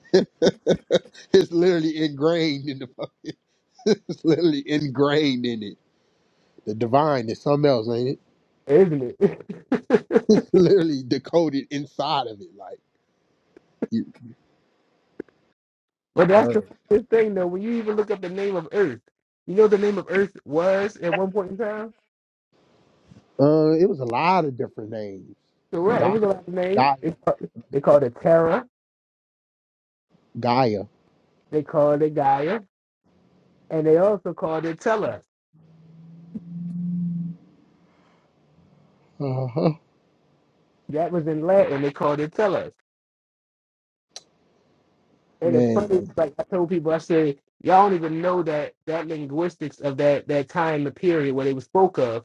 it's literally ingrained in the. It's literally ingrained in it. The divine is something else, ain't it? Isn't it? literally decoded inside of it. Like you. but that's the Word. thing, though. When you even look up the name of Earth, you know the name of Earth was at one point in time? Uh, it was a lot of different names. Correct. It Gaia, was a lot of names. Gaia, They, ca- they called it Terra. Gaia. They called it Gaia. and they also called it tellus. Uh huh. That was in Latin. They called it tellus. And it's funny, Man, like I told people, I say, y'all don't even know that that linguistics of that that time and period where they was spoke of.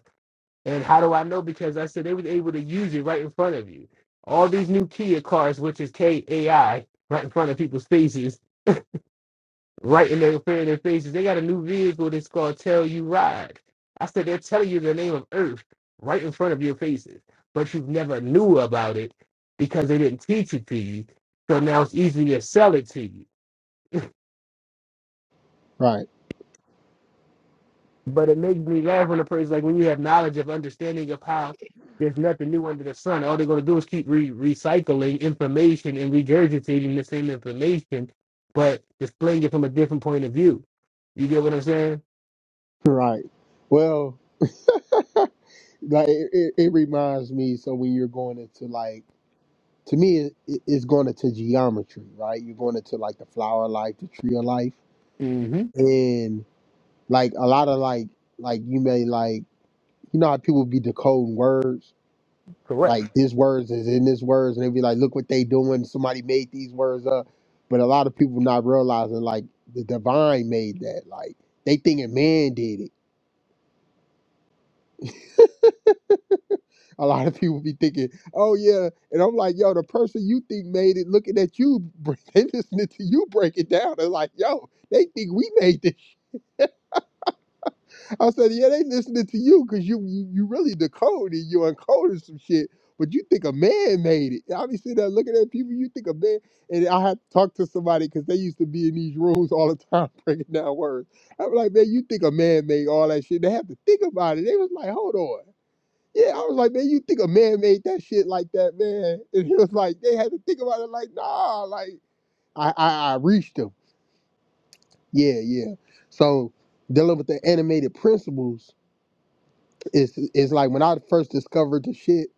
And how do I know? Because I said they was able to use it right in front of you. All these new Kia cars, which is K A I, right in front of people's faces right in their prayer in their faces. They got a new vehicle that's called Tell You Ride. I said they're telling you the name of Earth right in front of your faces, but you never knew about it because they didn't teach it to you. So now it's easy to sell it to you. Right. But it makes me laugh when a person's like, when you have knowledge of understanding of how there's nothing new under the sun, all they're going to do is keep re- recycling information and regurgitating the same information, but displaying it from a different point of view. You get what I'm saying? Right. Well, like it, it, it reminds me. So when you're going into like, to me, it, it- it's going into geometry, right? You're going into like the flower of life, the tree of life, hmm and like a lot of like, like you may like, you know how people be decoding words, Correct. like this words is in this words, and they be like, look what they doing. Somebody made these words up, but a lot of people not realizing like the divine made that. Like they thinking man did it A lot of people be thinking, "Oh yeah," and I'm like, "Yo, the person you think made it, looking at you, bre- they listening to you break it down. They're like, yo, they think we made this." I said, "Yeah, they listening to you because you, you you really decoded, you uncoded some shit, but you think a man made it. I be sitting there looking at people, you think a man." And I had to talk to somebody because they used to be in these rooms all the time breaking down words. I'm like, "Man, you think a man made all that shit? They have to think about it." They was like, "Hold on." Yeah, I was like, man, you think a man made that shit like that, man? And he was like, they had to think about it like, nah, like I I, I reached him. Yeah, yeah. So dealing with the animated principles is is like when I first discovered the shit,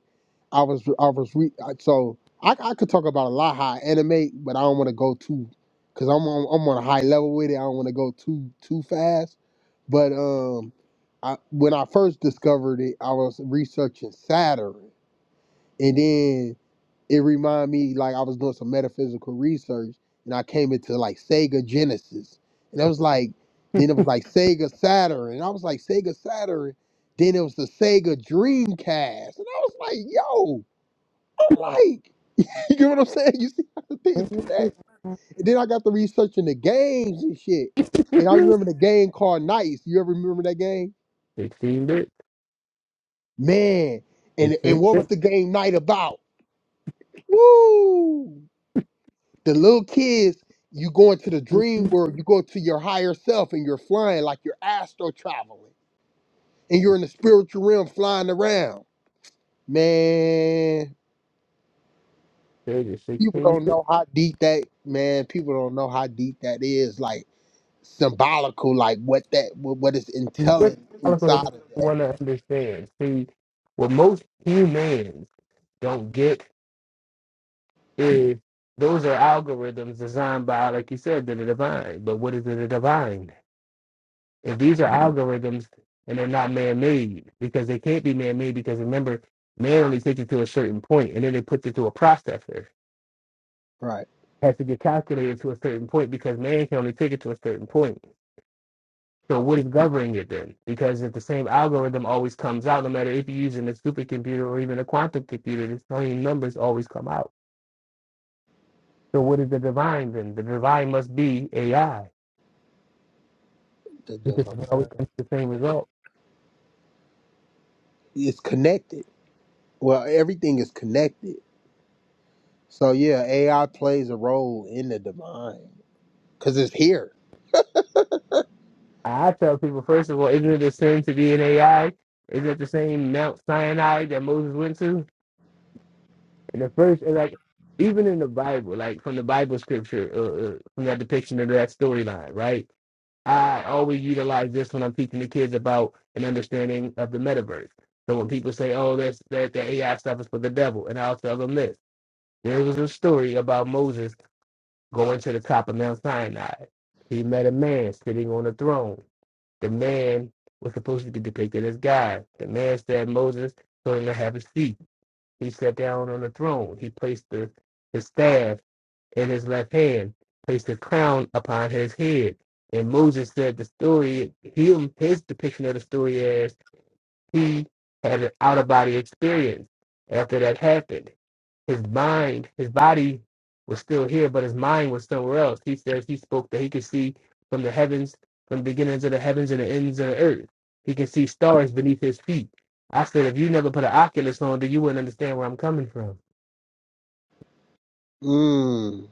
I was I was re- I- so I, I could talk about a lot how I animate, but I don't want to go too because I'm on I'm on a high level with it. I don't want to go too too fast. But um, I, when I first discovered it, I was researching Saturn, and then it reminded me like I was doing some metaphysical research and I came into like Sega Genesis. And I was like, then it was like Sega Saturn. And I was like, Sega Saturn. Then it was the Sega Dreamcast. And I was like, yo, I'm like, you get what I'm saying? You see how the things connect? And then I got to researching the games and shit. And I 16 remember the game called Nights. You ever remember that game? bits, Man. And 16 and what was the game Night about? Woo! The little kids, you go into the dream world, you go to your higher self and you're flying like you're astro traveling and you're in the spiritual realm flying around. Man, pages, people 16 don't bits. know how deep that man, people don't know how deep that is, like symbolical, like what that what, what is What intelligent Calico inside of that. want to understand? See, what most humans don't get is those are algorithms designed by, like you said, the divine. But what is the divine? If these are algorithms and they're not man made, because they can't be man made, because remember, man only takes it to a certain point and then it puts it to a processor. It Right. has to get calculated to a certain point because man can only take it to a certain point. So what is governing it then? Because if the same algorithm always comes out, no matter if you're using a supercomputer or even a quantum computer, the same numbers always come out. So what is the divine then? The divine must be AI The because it always divine comes to the same result. is connected. Well, everything is connected. So yeah, AI plays a role in the divine because it's here. I tell people, first of all, isn't it the same to be an AI? Isn't it the same Mount Sinai that Moses went to? And the first, and like, even in the Bible, like from the Bible scripture, uh, uh, from that depiction of that storyline, right? I always utilize this when I'm teaching the kids about an understanding of the metaverse. So when people say, "Oh, that's that the AI stuff is for the devil," and I'll tell them this: there was a story about Moses going to the top of Mount Sinai. He met a man sitting on a throne. The man was supposed to be depicted as God. The man said, "Moses, told him to have a seat." He sat down on the throne. He placed the, his staff in his left hand, placed a crown upon his head. And Moses said the story, him, his depiction of the story as he had an out of body experience after that happened. His mind, his body was still here, but his mind was somewhere else. He says he spoke that he could see from the heavens, from the beginnings of the heavens and the ends of the earth. He can see stars beneath his feet. I said, if you never put an Oculus on, then you wouldn't understand where I'm coming from. Mm.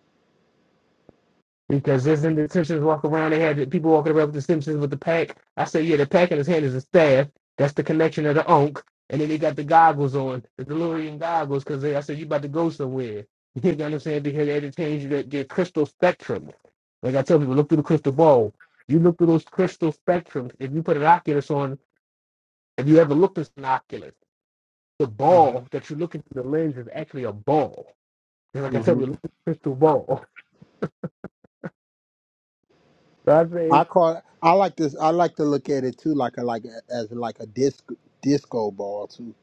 Because is in the Simpsons walk around? They had people walking around with the Simpsons with the pack. I say, yeah, the pack in his hand is a staff. That's the connection of the onk. And then they got the goggles on, the DeLorean goggles, because I said, you about to go somewhere. You know what I'm saying? Because they had to change their, their crystal spectrum. Like I tell people, look through the crystal ball. You look through those crystal spectrums. If you put an Oculus on, if you ever looked at an Oculus, the ball that you look into the lens is actually a ball. And like I tell Mm-hmm. you, look at the crystal ball. So I say, I it's, call I like this. I like to look at it too, like a like a, as like a disc disco ball too,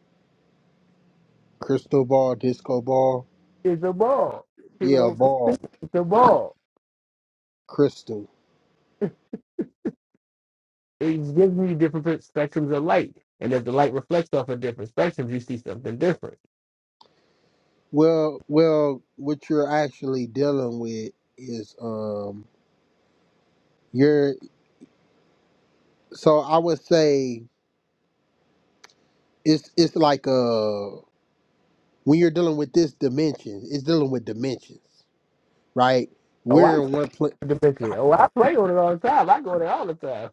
crystal ball, disco ball. it's a ball. People Yeah, a don't. ball, the ball. crystal. It gives you different spectrums of light. And if the light reflects off of different spectrums, you see something different. Well, well, what you're actually dealing with is um, you're. So I would say it's it's like uh when you're dealing with this dimension, it's dealing with dimensions, right? Oh, I We're know in one place. the picture. Oh, I play on it all the time. I go there all the time.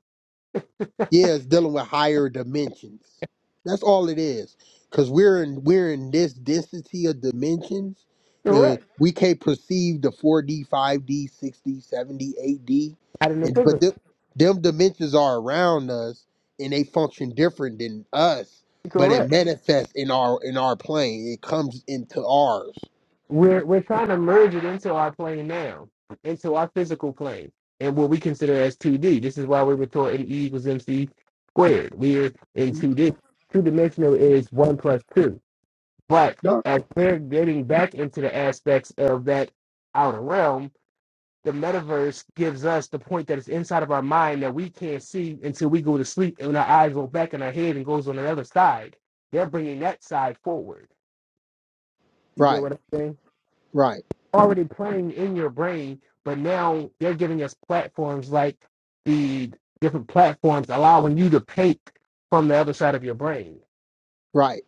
Yeah, it's dealing with higher dimensions. That's all it is. Cause we're in we're in this density of dimensions and Correct. we can't perceive the 4D, 5D, 6D, 7D, 8D. Out in the And but them, physical. them dimensions are around us and they function different than us, but it Correct. manifests in our in our plane. It comes into ours. We're we're trying to merge it into our plane now, into our physical plane, and what we consider as 2D. This is why we were taught E equals MC squared. We're in 2D. Two dimensional is one plus two. But No. as we're getting back into the aspects of that outer realm, the metaverse gives us the point that it's inside of our mind that we can't see until we go to sleep and our eyes go back in our head and goes on the other side. They're bringing that side forward. You get Right, what I'm saying? right, Already playing in your brain, but now they're giving us platforms like the different platforms allowing you to paint from the other side of your brain. right,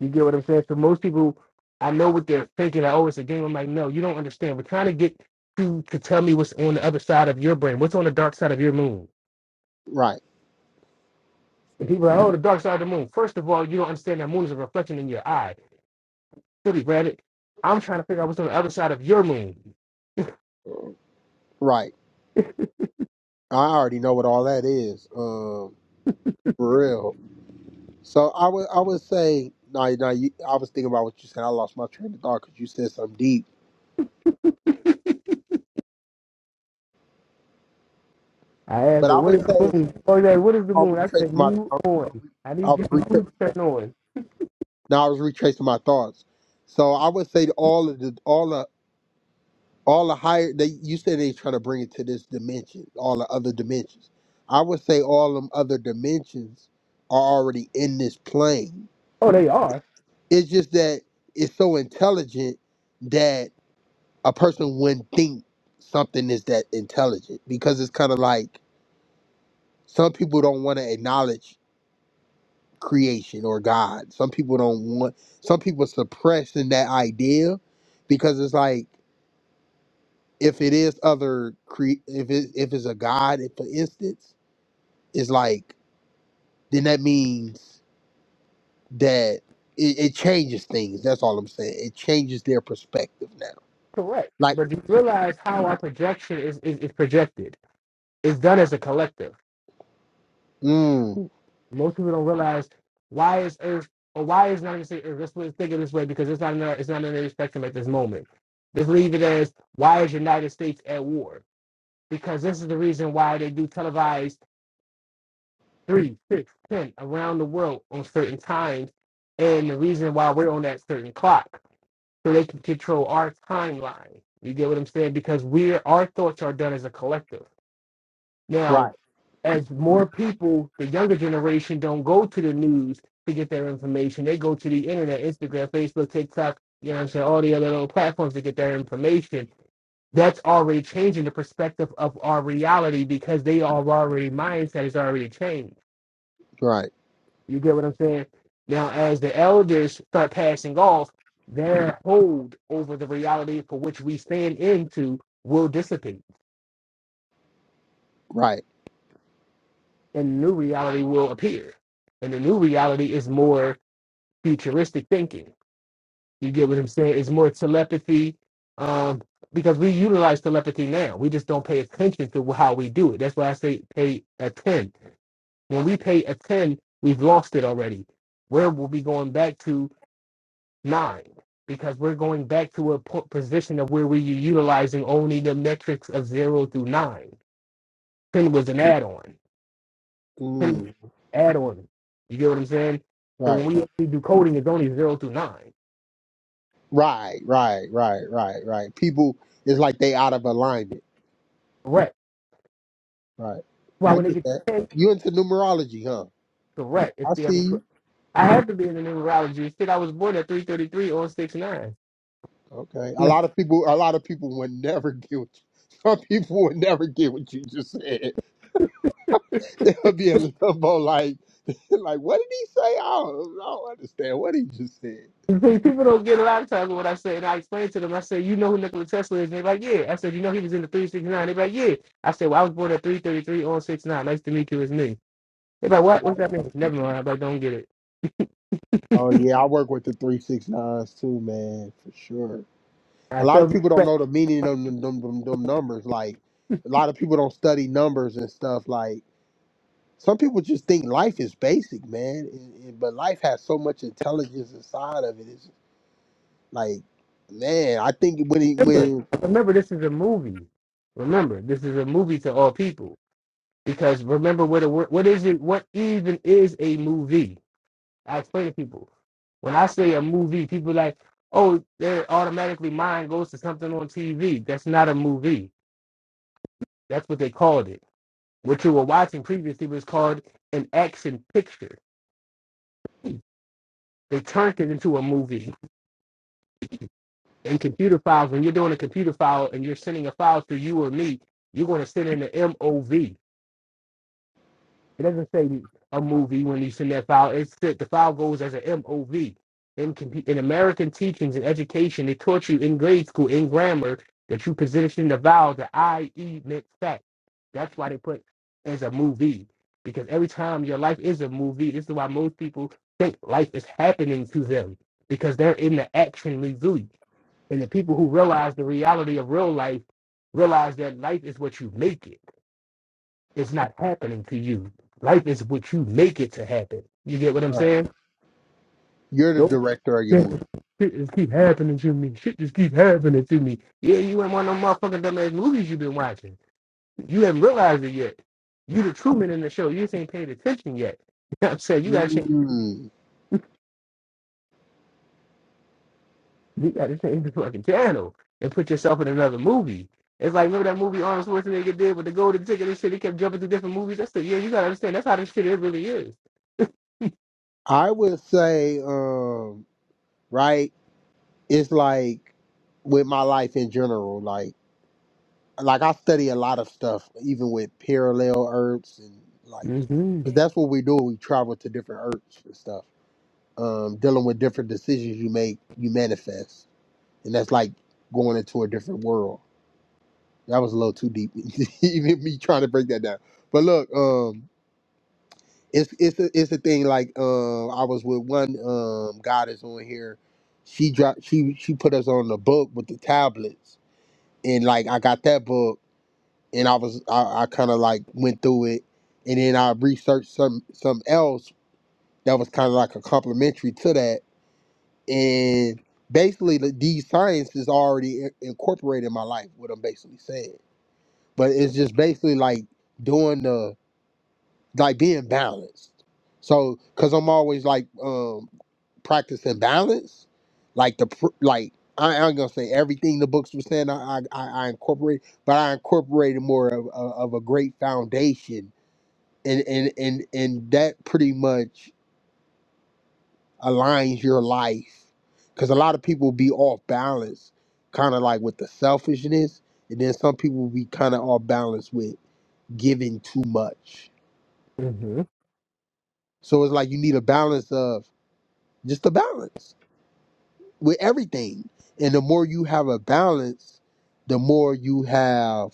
You get what I'm saying? So most people, I know what they're thinking. I oh, it's a game. I'm like, no, you don't understand. We're trying to get you to tell me what's on the other side of your brain. What's on the dark side of your moon? right, And people are like, oh, the dark side of the moon. First of all, you don't understand that moon is a reflection in your eye. Silly, rabbit. I'm trying to figure out what's on the other side of your moon. right. I already know what all that is. Um for real. So I would I would say no no you, I was thinking about what you said. I lost my train of thought because you said something deep. I asked But her, I what would is the say moon? Oh, yeah, what is the I moon? I retraced said, my move I on. I I need you was to retrace move on. now I was retracing my thoughts. So I would say that all of the all the all the higher they you said they trying to bring it to this dimension, all the other dimensions. I would say all them other dimensions are already in this plane. Oh, they are. It's just that it's so intelligent that a person wouldn't think something is that intelligent because it's kind of like some people don't want to acknowledge creation or God. Some people don't want, some people suppressing that idea because it's like if it is other cre, if it if it's a God, if, for instance, it's like then that means that it, it changes things. That's all I'm saying. It changes their perspective now. Correct. Like, But do you realize how our projection is, is, is projected? It's done as a collective. mm, Most people don't realize why is Earth, or why is not even say Earth, let's think of this way, because it's not in our, it's not in any spectrum at this moment. Just leave it as, why is United States at war? because this is the reason why they do televised three, six, ten around the world on certain times, and the reason why we're on that certain clock, so they can control our timeline. You get what I'm saying? Because we're our thoughts are done as a collective. right, Now, as more people, the younger generation, don't go to the news to get their information. They go to the internet, Instagram, Facebook, TikTok, you know what I'm saying, all the other little platforms to get their information that's already changing the perspective of our reality because they are already mindset is already changed. right, You get what I'm saying? Now, as the elders start passing off, their hold over the reality for which we stand into will dissipate, right, and new reality will appear. And the new reality is more futuristic thinking. You get what I'm saying? It's more telepathy, um, because we utilize telepathy now. We just don't pay attention to how we do it. That's why I say pay attention When we pay a 10, we've lost it already. Where we will be going back to nine? Because we're going back to a po- position of where we're utilizing only the metrics of zero through nine. 10 was an add on. 10 mm, add on. You get what I'm saying? So right. when we actually do coding, it's only zero through nine. Right, right, right, right, right. People it's like they out of alignment. Correct. Right. Why I when they get get that. to 10, You into numerology, huh? correct. It's I the see other. you. I have to be in the numerology. Shit, I was born at 333 on 6 9. Okay. A lot of people a lot of people would never get what you some people would never get what you just said. They'll be in limbo like like what did he say? I don't, I don't understand what he just said. People don't get a lot of time with what I say, and I explain to them. I say, "You know who Nikola Tesla is?" And they're like, "Yeah." I said, "You know he was in the nine." They're like, "Yeah." I said, "Well, I was born at 333 on 69. Nice to meet you, it's me." They're like, "What? What's that mean?" Never mind. I'm like, "Don't get it." Oh yeah, I work with the three six nines too, man, for sure. A I lot tell of them, people don't but know the meaning of them, them, them, them numbers. Like a lot of people don't study numbers and stuff like Some people just think life is basic, man. and- and- but life has so much intelligence inside of it. It's like, man, I think when it, remember, when remember, this is a movie. Remember, this is a movie to all people because remember what a, what is it? What even is a movie? I explain to people when I say a movie, people like, "Oh, their automatically mind goes to something on TV." That's not a movie. That's what they called it. What you were watching previously was called an action picture. They turned it into a movie. In computer files, when you're doing a computer file and you're sending a file to you or me, you're going to send in the MOV. It doesn't say a movie when you send that file. It's that the file goes as an MOV. In, com- in American teachings and education, they taught you in grade school, in grammar, that you position the vowel, the IE meant fact. That's why they put as a movie. Because every time your life is a movie, this is why most people think life is happening to them because they're in the action movie. And the people who realize the reality of real life realize that life is what you make it it's not happening to you. Life is what you make it to happen. You get what I'm All right. saying? you're the Nope. director of your Shit movie, just keep happening to me. Shit just keep happening to me. Yeah, you ain't one of them motherfucking dumbass movies you've been watching. You haven't realized it yet. You the Truman in the show. You just ain't paid attention yet. You know what I'm saying? You gotta change Mm. you gotta change the fucking channel and put yourself in another movie. It's like remember that movie Arnold Schwarzenegger did with the golden ticket and shit. He kept jumping to different movies. That's the yeah. You gotta understand. That's how this shit it really is. I would say, um, right? It's like with my life in general, like like I study a lot of stuff, even with parallel earths and like, Mm-hmm. 'cause that's what we do. We travel to different earths and stuff, um, dealing with different decisions you make, you manifest and that's like going into a different world. That was a little too deep, even me trying to break that down. But look, um, it's it's a, it's a thing. Like um, I was with one um goddess on here. She dropped she she put us on the book with the tablets, and like I got that book, and I was I, I kind of like went through it, and then I researched some some else that was kind of like a complementary to that, and basically the, these sciences already in- incorporated in my life. What I'm basically saying but it's just basically like doing the like being balanced. So, cause I'm always like um practicing balance, like the pr- like I, I'm gonna say everything the books were saying I I, I incorporate, but I incorporated more of, of of a great foundation, and and and and that pretty much aligns your life, cause a lot of people be off balance, kind of like with the selfishness, and then some people be kind of off balance with giving too much Mm-hmm. So it's like you need a balance of just a balance with everything. And the more you have a balance, the more you have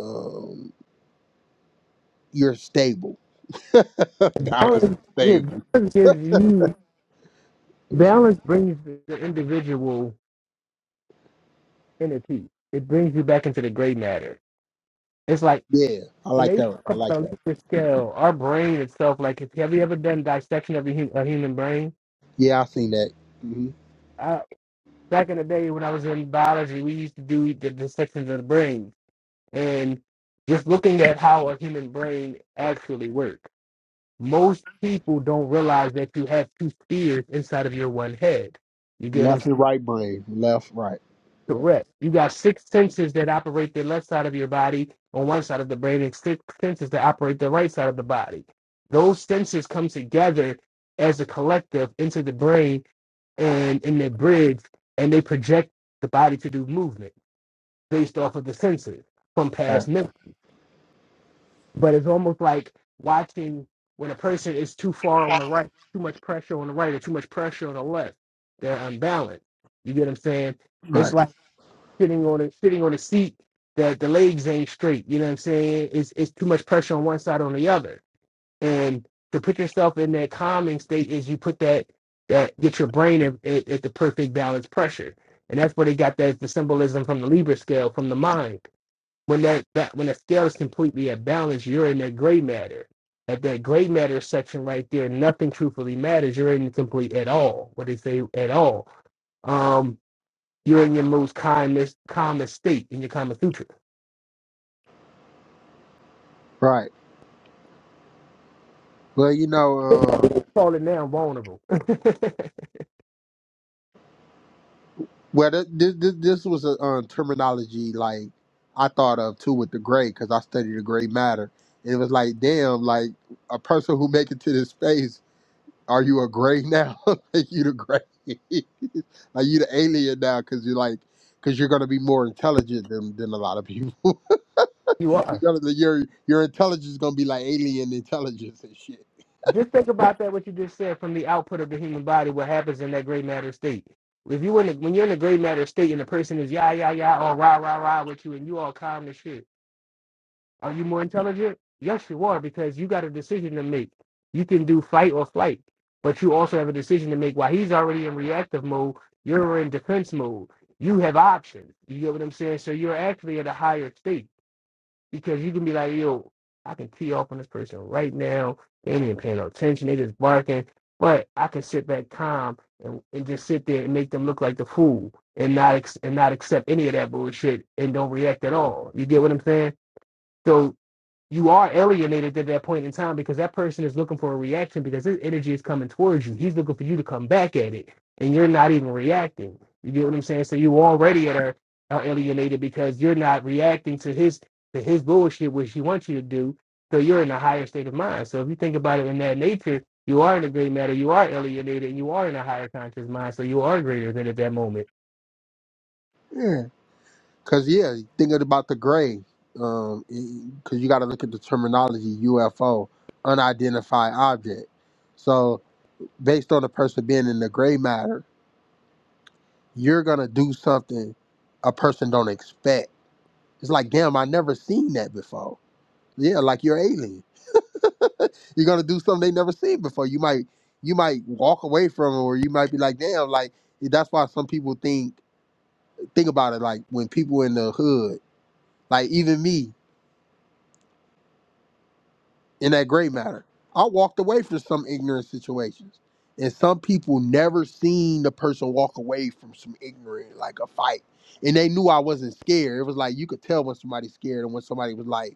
um you're stable. balance balance, and yeah, stable. balance gives you So, balance brings the, the individual into peace. It brings you back into the gray matter. It's like yeah, I when like they that. one. I talk like about that. a Likert scale, our brain itself. Like, if, have you ever done dissection of a, hu- a human brain? Yeah, I seen that. hmm I, back in the day when I was in biology, we used to do the dissections of the brain and just looking at how a human brain actually works. Most people don't realize that you have two spheres inside of your one head. You get what I'm Left and right brain. Left, right. Correct. You got six senses that operate the left side of your body on one side of the brain, and six senses that operate the right side of the body. Those senses come together as a collective into the brain and in their bridge, and they project the body to do movement based off of the senses from Right. past memory. But it's almost like watching when a person is too far on the right, too much pressure on the right, or too much pressure on the left. They're unbalanced. You get what I'm saying? It's Right. like sitting on a sitting on a seat that the legs ain't straight. You know what I'm saying? It's it's too much pressure on one side or on the other. And to put yourself in that calming state is you put that that get your brain at, at, at the perfect balance pressure. And that's where they got that the symbolism from the Libra scale from the mind. When that, that when the scale is completely at balance, you're in that gray matter. At that gray matter section right there, nothing truthfully matters. You're incomplete at all. What they say at all. Um, you're in your most kindness, calmest state in your Kama Sutra. Right. Well, you know, um, Falling down vulnerable. Well, th- this this, this was a um, terminology like I thought of too with the gray because I studied the gray matter. And it was like, damn, like a person who make it to this space, are you a gray now? like you the gray? Are you the alien now? Because you're like, because you're gonna be more intelligent than, than a lot of people. you you're are. gonna, your your intelligence is gonna be like alien intelligence and shit. Just think about that, what you just said from the output of the human body, what happens in that gray matter state. If you in the, when you're in the gray matter state and the person is yah, yah, yah, or rah, rah, rah with you and you all calm as shit, Are you more intelligent? Yes, you are, because you got a decision to make. You can do fight or flight, but you also have a decision to make. While he's already in reactive mode, you're in defense mode. You have options. You get what I'm saying? So you're actually at a higher state because you can be like, yo, I can tee off on this person right now. They ain't even paying no attention. They just barking. But I can sit back calm and, and just sit there and make them look like the fool and not ex- and not accept any of that bullshit and don't react at all. You get what I'm saying? So you are alienated at that point in time because that person is looking for a reaction because his energy is coming towards you. He's looking for you to come back at it, and you're not even reacting. You get what I'm saying? So you already are are alienated because you're not reacting to his to his bullshit, which he wants you to do. So you're in a higher state of mind. So if you think about it in that nature, you are in a great matter. You are alienated, and you are in a higher conscious mind. So you are greater than at that moment. Cause yeah, thinking about the gray, um, cause you got to look at the terminology UFO, unidentified object. So based on the person being in the gray matter, you're gonna do something a person don't expect. It's like, damn, I never seen that before. Yeah, like you're alien. You're gonna do something they never seen before. You might, you might walk away from it, or you might be like, damn, like that's why some people think think about it. Like when people in the hood, like even me. in that gray matter. I walked away from some ignorant situations. And some people never seen the person walk away from some ignorant, like a fight. And they knew I wasn't scared. It was like you could tell when somebody's scared and when somebody was like,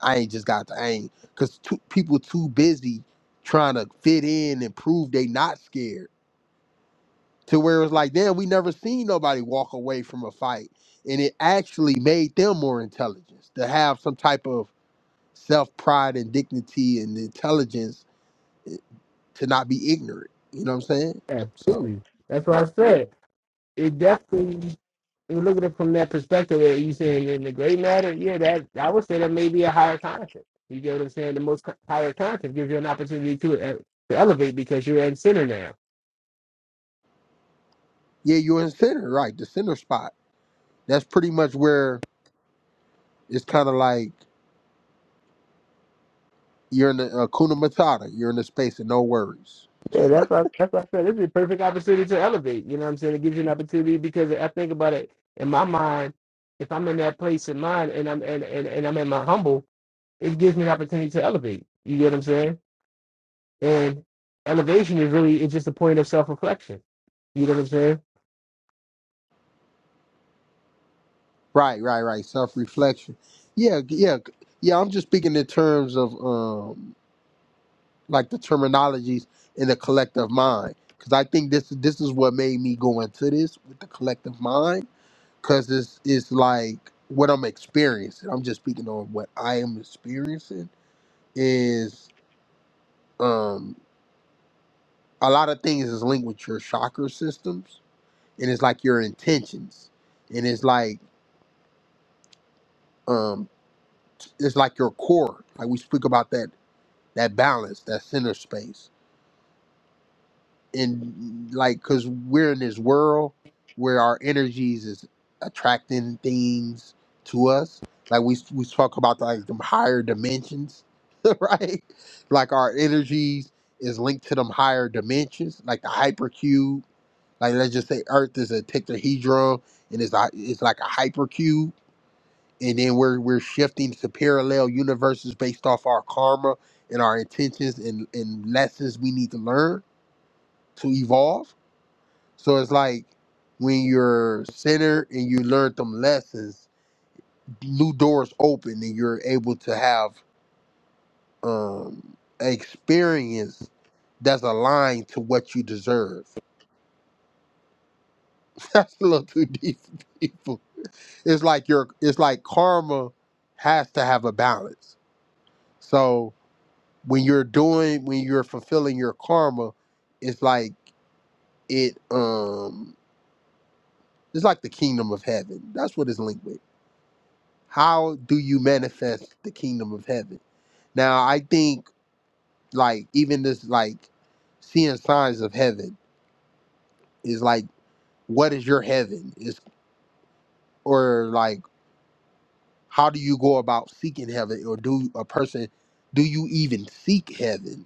I ain't just got the aim. Cause too, people too busy trying to fit in and prove they not scared. To where it was like, damn, we never seen nobody walk away from a fight. And it actually made them more intelligent to have some type of self pride and dignity and intelligence to not be ignorant. You know what I'm saying? So Absolutely. That's what I said. It definitely you look at it from that perspective, are you saying in the great matter? Yeah, that I would say that may be a higher concept. You get what I'm saying? The most co- higher concept gives you an opportunity to uh, to elevate because you're in center now. yeah, you're in center, right? The center spot. That's pretty much where it's kind of like you're in the uh, kuna matata. You're in the space of no worries. Yeah, that's what, that's what I said. This is a perfect opportunity to elevate. You know what I'm saying? It gives you an opportunity because I think about it in my mind. If I'm in that place in mind and I'm and, and, and I'm in my humble, it gives me an opportunity to elevate. You get what I'm saying? And elevation is really it's just a point of self reflection. You know what I'm saying? Right, right, right. Self reflection. Yeah, yeah, yeah. I'm just speaking in terms of um like the terminologies in the collective mind because I think this this is what made me go into this with the collective mind because it's it's like what I'm experiencing. I'm just speaking on what I am experiencing is um a lot of things is linked with your chakra systems and it's like your intentions and it's like um it's like your core like we speak about that that balance that center space and like because we're in this world where our energies is attracting things to us like we we talk about like them higher dimensions right like our energies is linked to them higher dimensions like the hypercube Like let's just say Earth is a tetrahedron and it's a, it's like a hypercube, and then we're we're shifting to parallel universes based off our karma and our intentions and, and lessons we need to learn to evolve. So it's like when you're centered and you learn them lessons, new doors open and you're able to have um an experience that's aligned to what you deserve. That's a little too deep for people it's like your it's like karma has to have a balance. So when you're doing when you're fulfilling your karma, it's like it um it's like the kingdom of heaven. That's what it's linked with. How do you manifest the kingdom of heaven? Now I think like even this like seeing signs of heaven is like what is your heaven? Is or like how do you go about seeking heaven or do a person do you even seek heaven?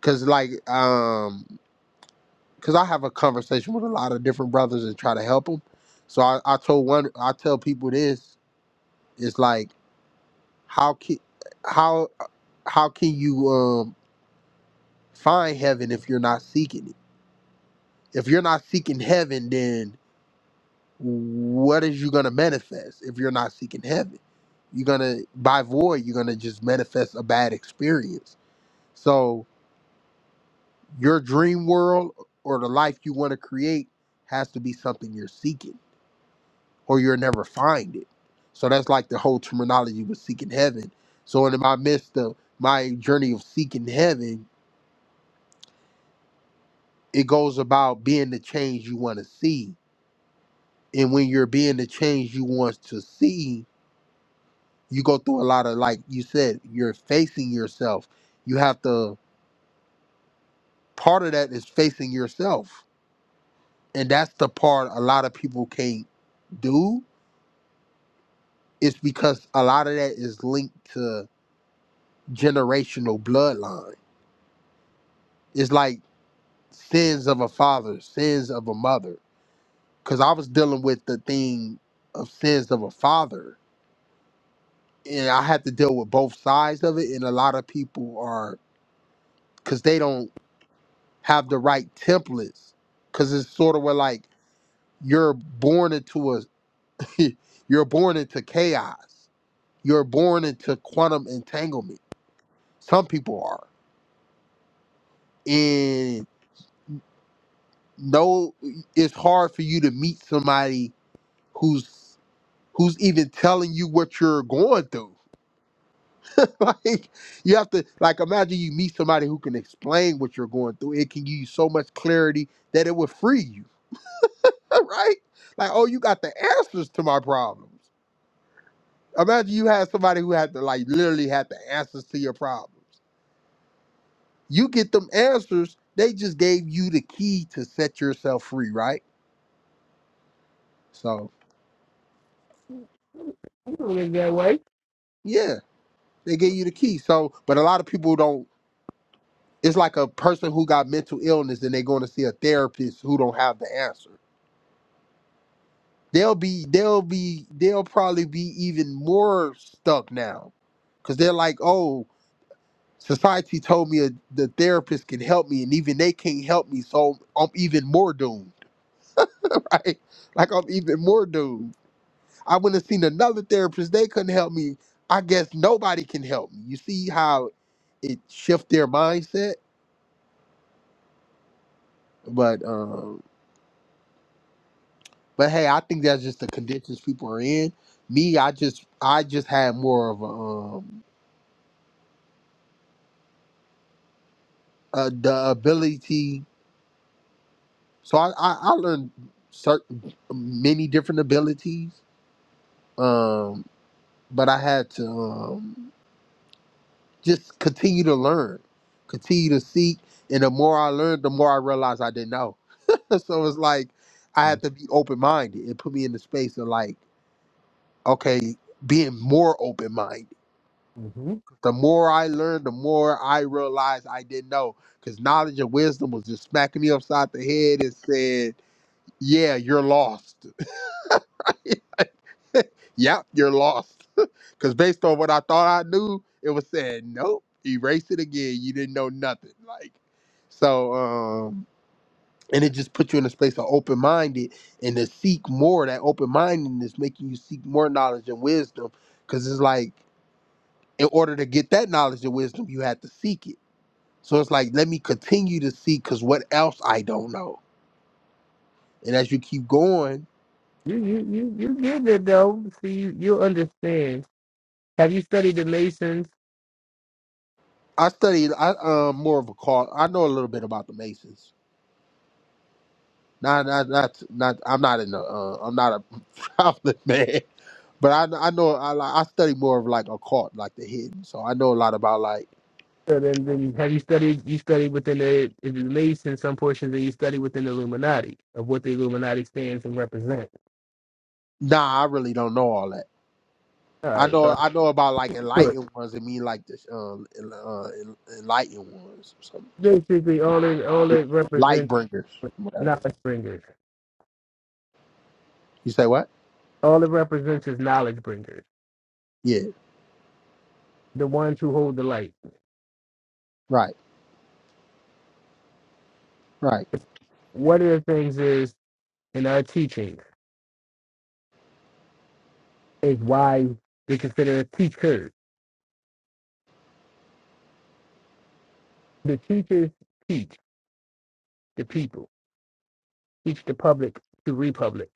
Cause like, um, cause I have a conversation with a lot of different brothers and try to help them. So I, I told one, I tell people this: it's like, how can, how, how can you um find heaven if you're not seeking it? If you're not seeking heaven, then what is you gonna manifest? If you're not seeking heaven, you're gonna by void, you're gonna just manifest a bad experience. So your dream world or the life you want to create has to be something you're seeking or you'll never find it. So that's like the whole terminology with seeking heaven. So in my midst of my journey of seeking heaven, it goes about being the change you want to see. And when you're being the change you want to see, you go through a lot of like you said, you're facing yourself. You have to part of that is facing yourself. And that's the part a lot of people can't do. It's because a lot of that is linked to generational bloodline. It's like sins of a father, sins of a mother. Because I was dealing with the thing of sins of a father, and I had to deal with both sides of it. And a lot of people are because they don't have the right templates. Because it's sort of where like you're born into a, you're born into chaos. You're born into quantum entanglement. Some people are, and no, it's hard for you to meet somebody who's who's even telling you what you're going through. like you have to like imagine you meet somebody who can explain what you're going through. It can give you so much clarity that it would free you, right? Like, oh, you got the answers to my problems. Imagine you had somebody who had to like literally had the answers to your problems. You get them answers, they just gave you the key to set yourself free, right? So You don't think that way. yeah, they gave you the key. So, but a lot of people don't It's like a person who got mental illness and they're going to see a therapist who don't have the answer. They'll be they'll be they'll probably be even more stuck now because they're like, oh, society told me a, the therapist can help me, and even they can't help me, so I'm even more doomed, right? Like I'm even more doomed. I went and seen another therapist; they couldn't help me. I guess nobody can help me. You see how it shift their mindset, but. Um, But hey, I think that's just the conditions people are in. Me, I just I just had more of a, um, uh the ability. So I I, I learned certain many different abilities, um, but I had to um, just continue to learn, continue to seek, and the more I learned, the more I realized I didn't know. so it's like I had to be open minded. It put me in the space of like okay, being more open minded hmm The more I learned, the more I realized I didn't know. Because knowledge and wisdom was just smacking me upside the head and saying, Yeah, you're lost. Yep, you're lost. Because based on what I thought I knew, it was saying, Nope, erase it again. You didn't know nothing. Like, so, um, and it just puts you in a space of open minded and to seek more. That open mindedness making you seek more knowledge and wisdom. Because it's like, in order to get that knowledge and wisdom, you had to seek it So it's like, let me continue to see because what else I don't know. And as you keep going, You you you you get it though. See, you you understand. Have you studied the Lasons? I studied I um more of a call. I know a little bit about the Masons. Not not not not. I'm not in the. Uh, I'm not a prominent man, but I I know I like I study more of like occult, like the hidden. So I know a lot about like. So then, then have you studied? You studied within the, the Lason some portions, and you study within the Illuminati of what the Illuminati stands and represents. Nah, I really don't know all that. All I right, know so I know about like look, enlightened ones. and mean like the um en- uh, en- enlightened ones, or something. basically, all it all it light represents bringers, is whatever. knowledge bringers. You say what? All it represents is knowledge bringers, Yeah, the ones who hold the light. right, right. One of the things is in our teaching is why they consider a teacher. The teachers teach the people teach the public to republic.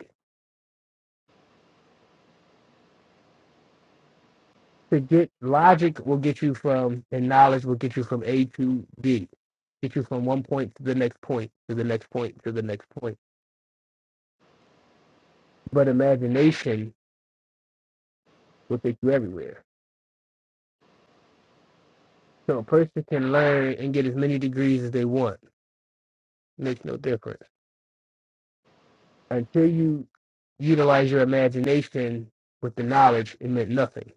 To get logic will get you from, and knowledge will get you from A to B, get you from one point to the next point, to the next point, to the next point. But imagination will take you everywhere. So a person can learn and get as many degrees as they want. It Makes no difference. Until you utilize your imagination with the knowledge, it meant nothing.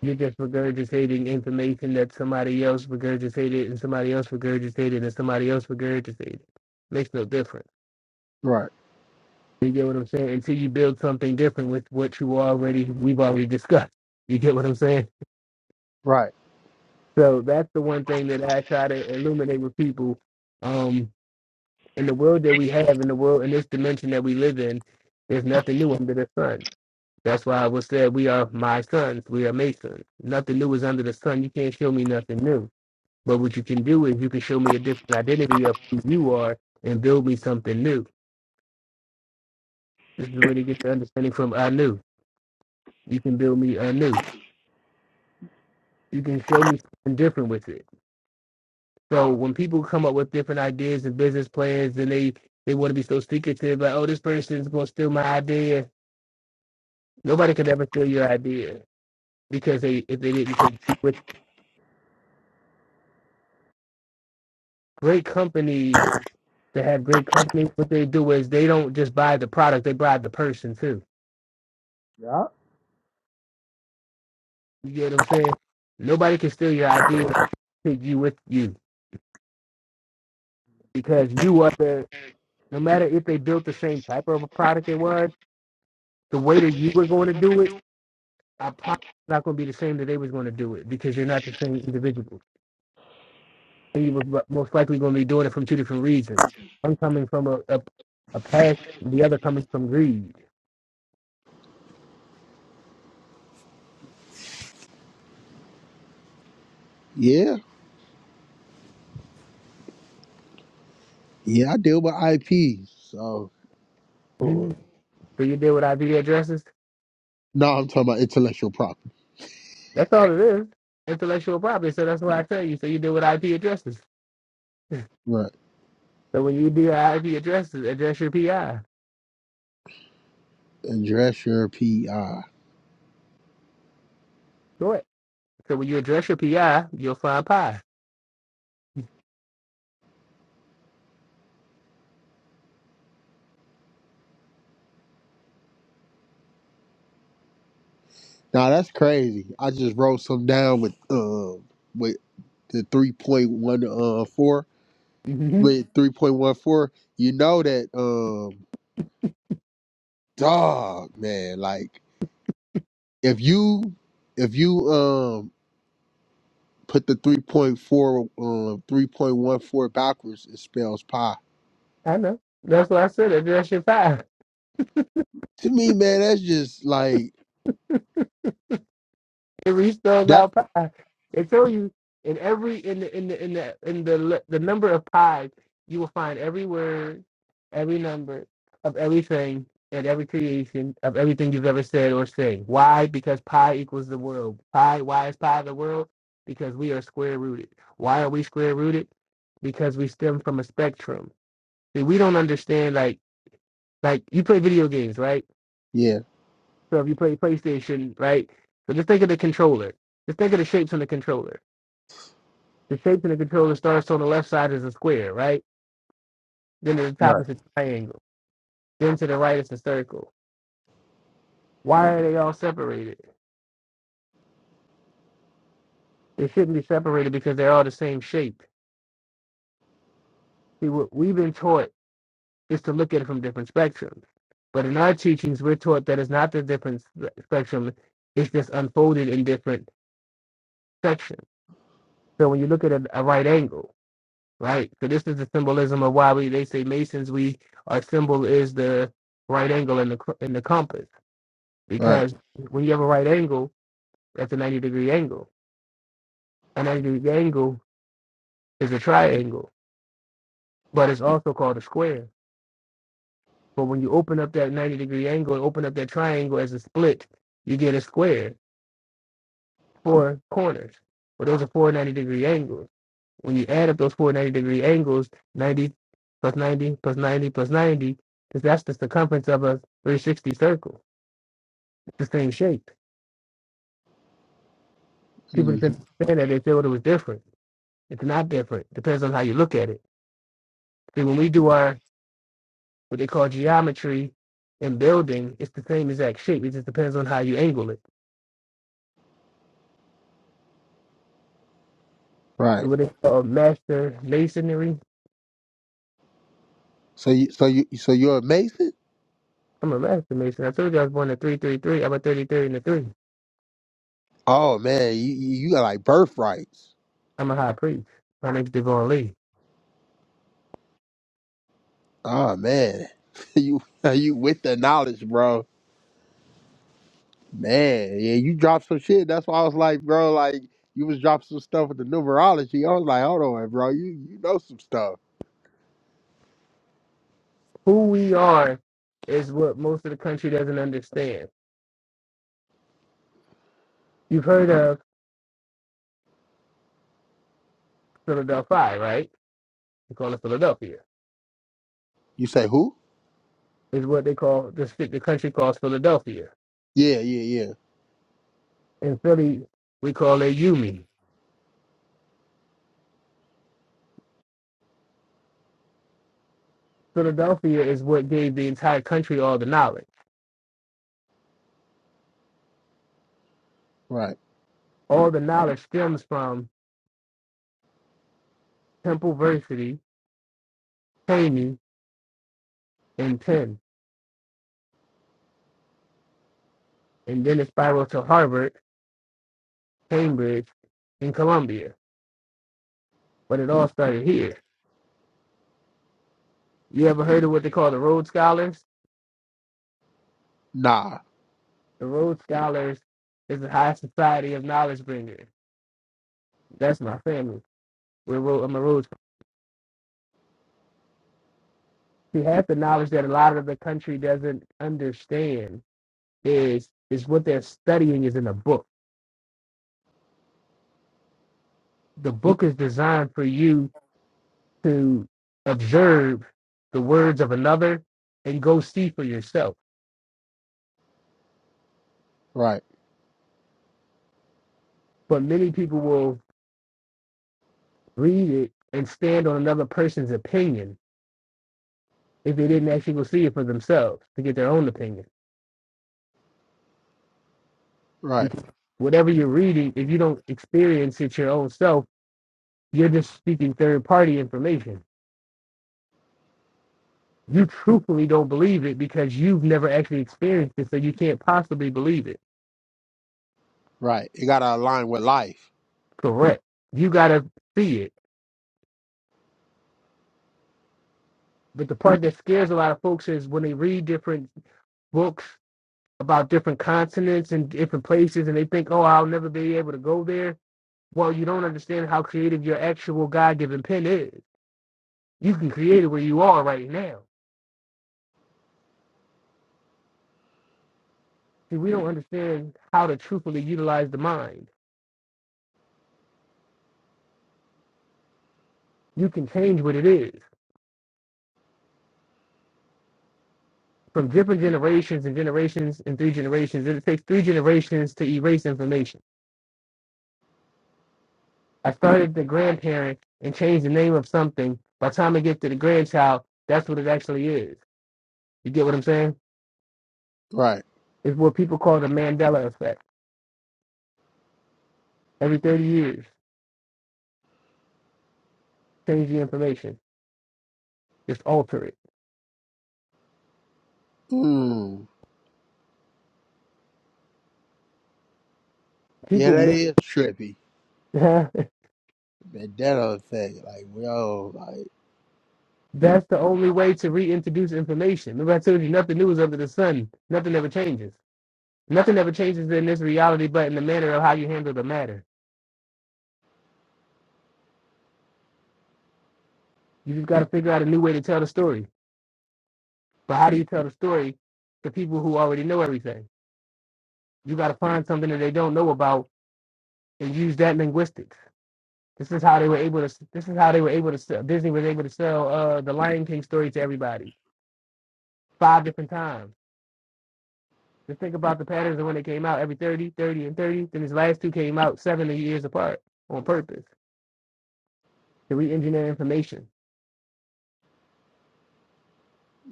You're just regurgitating information that somebody else regurgitated and somebody else regurgitated and somebody else regurgitated. Makes no difference. Right. You get what I'm saying? Until you build something different with what you already we've already discussed. You get what I'm saying? Right. So that's the one thing that I try to illuminate with people. Um, in the world that we have, in the world in this dimension that we live in, there's nothing new under the sun. That's why I was said we are my sons. We are my sons. Nothing new is under the sun. You can't show me nothing new But what you can do is you can show me a different identity of who you are and build me something new. This is where they get the understanding from I knew. You can build me anew. You can show me something different with it. So when people come up with different ideas and business plans and they, they want to be so secretive, like, oh, this person's going to steal my idea. Nobody could ever steal your idea because they if they didn't take with great companies that have great companies, what they do is they don't just buy the product, they buy the person too. Yeah. You get what I'm saying? Nobody can steal your idea take you with you because you are the no matter if they built the same type of a product it was the way that you were going to do it i probably not going to be the same that they was going to do it because you're not the same individual and you were most likely going to be doing it from two different reasons one coming from a, a, a past the other coming from greed Yeah. Yeah. I deal with IP. So no, Mhm. so you deal with ip addresses I'm talking about intellectual property. that's all it is intellectual property so that's what i tell you so you deal with ip addresses Right. so when you deal with ip addresses address your pi Address your PI. So when you address your PI, you'll find pi. Now that's crazy. I just wrote some down with um with the three point one uh four hmm with three point one four. You know that um dog man like if you if you um put the three point four um three point one four backwards it spells pi. I know. That's why I said. Address your pi. To me man that's just like It restores That's out pi. They tell you in every in the in the in the in the le- the number of pi's, you will find every word, every number of everything and every creation of everything you've ever said or saying. Why? Because pi equals the world. Pi. Why is pi the world? Because we are square rooted. Why are we square rooted? Because we stem from a spectrum. See, we don't understand like Like you play video games, right? yeah. So if you play PlayStation, right? So just think of the controller. Just think of the shapes on the controller. The shapes on the controller starts on the left side is a square, right? Then to the top Right. is a triangle. Then to the right is a circle. Why are they all separated? They shouldn't be separated because they're all the same shape. See, what we've been taught is to look at it from different spectrums. But in our teachings, we're taught that it's not the different spe- spectrum, it's just unfolded in different sections. So when you look at a, a right angle, Right. So this is the symbolism of why we they say Masons. We our symbol is the right angle in the cr- in the compass Right. because when you have a right angle, that's a ninety degree angle. A ninety degree angle is a triangle, but it's also called a square. But when you open up that ninety degree angle and open up that triangle as a split, you get a square, four corners. Well, those are four 90 degree angles. When you add up those four degree angles, 90 plus 90 plus 90 plus 90, because that's the circumference of a 360 circle. It's the same shape. People hmm didn't understand that they thought it was different. It's not different. Depends on how you look at it. See, when we do our what they call geometry in building, it's the same exact shape. It just depends on how you angle it. Right. And what they call master masonry. So you so you so you're a Mason? I'm a master mason. I told you I was born at 333. I'm a 33 and a 3. Oh man, you you you got like birthrights. I'm a high priest. My name's Devon Lee. Oh man, you you with the knowledge, bro. Man, yeah, you dropped some shit. That's why I was like, bro, like you was dropping some stuff with the numerology. I was like, hold on, bro, you you know some stuff. who we are is what most of the country doesn't understand. You've heard of Philadelphia, right? They call it Philadelphia. You say who? Is what they call the the country calls Philadelphia. Yeah, yeah, yeah. In Philly, we call it Yumi. Philadelphia is what gave the entire country all the knowledge. Right. All the knowledge stems from Temple University, Cheney, and Penn, and then it spiraled to Harvard, Cambridge, and Columbia. But it all started here. You ever heard of what they call the Rhodes Scholars? Nah. The Rhodes Scholars is the high society of knowledge bringers. That's my family. We're Rhodes, I'm a Rhodes. See, half the knowledge that a lot of the country doesn't understand is is what they're studying is in a book. The book is designed for you to observe the words of another and go see for yourself. Right. But many people will read it and stand on another person's opinion if they didn't actually go see it for themselves to get their own opinion. Right. because whatever you're reading, if you don't experience it your own self, you're just speaking third party information. You truthfully don't believe it because you've never actually experienced it, so you can't possibly believe it. Right. It gotta align with life. Correct. You gotta see it. But the part that scares a lot of folks is when they read different books about different continents and different places and they think, oh, I'll never be able to go there. Well, you don't understand how creative your actual God given pen is. You can create it where you are right now See, we don't understand how to truthfully utilize the mind. You can change what it is from different generations and generations and three generations. It takes three generations to erase information. I started the grandparent and changed the name of something. By the time I get to the grandchild, that's what it actually is. You get what I'm saying? Right. It's what people call the Mandela effect. Every 30 years, change the information, just alter it. Mm. Yeah, People, that mi- is trippy. that's That that other thing, like yo, like the only way to reintroduce information. Remember, I told you nothing new is under the sun, nothing ever changes. Nothing ever changes in this reality but in the manner of how you handle the matter. You just got to figure out a new way to tell the story. But how do you tell the story to people who already know everything? You got to find something that they don't know about and use that linguistics. This is how they were able to. This is how they were able to. Sell, Disney was able to sell uh, the Lion King story to everybody five different times. Just think about the patterns of when they came out every 30, 30, and 30. Then his last two came out seven years apart on purpose to re-engineer information.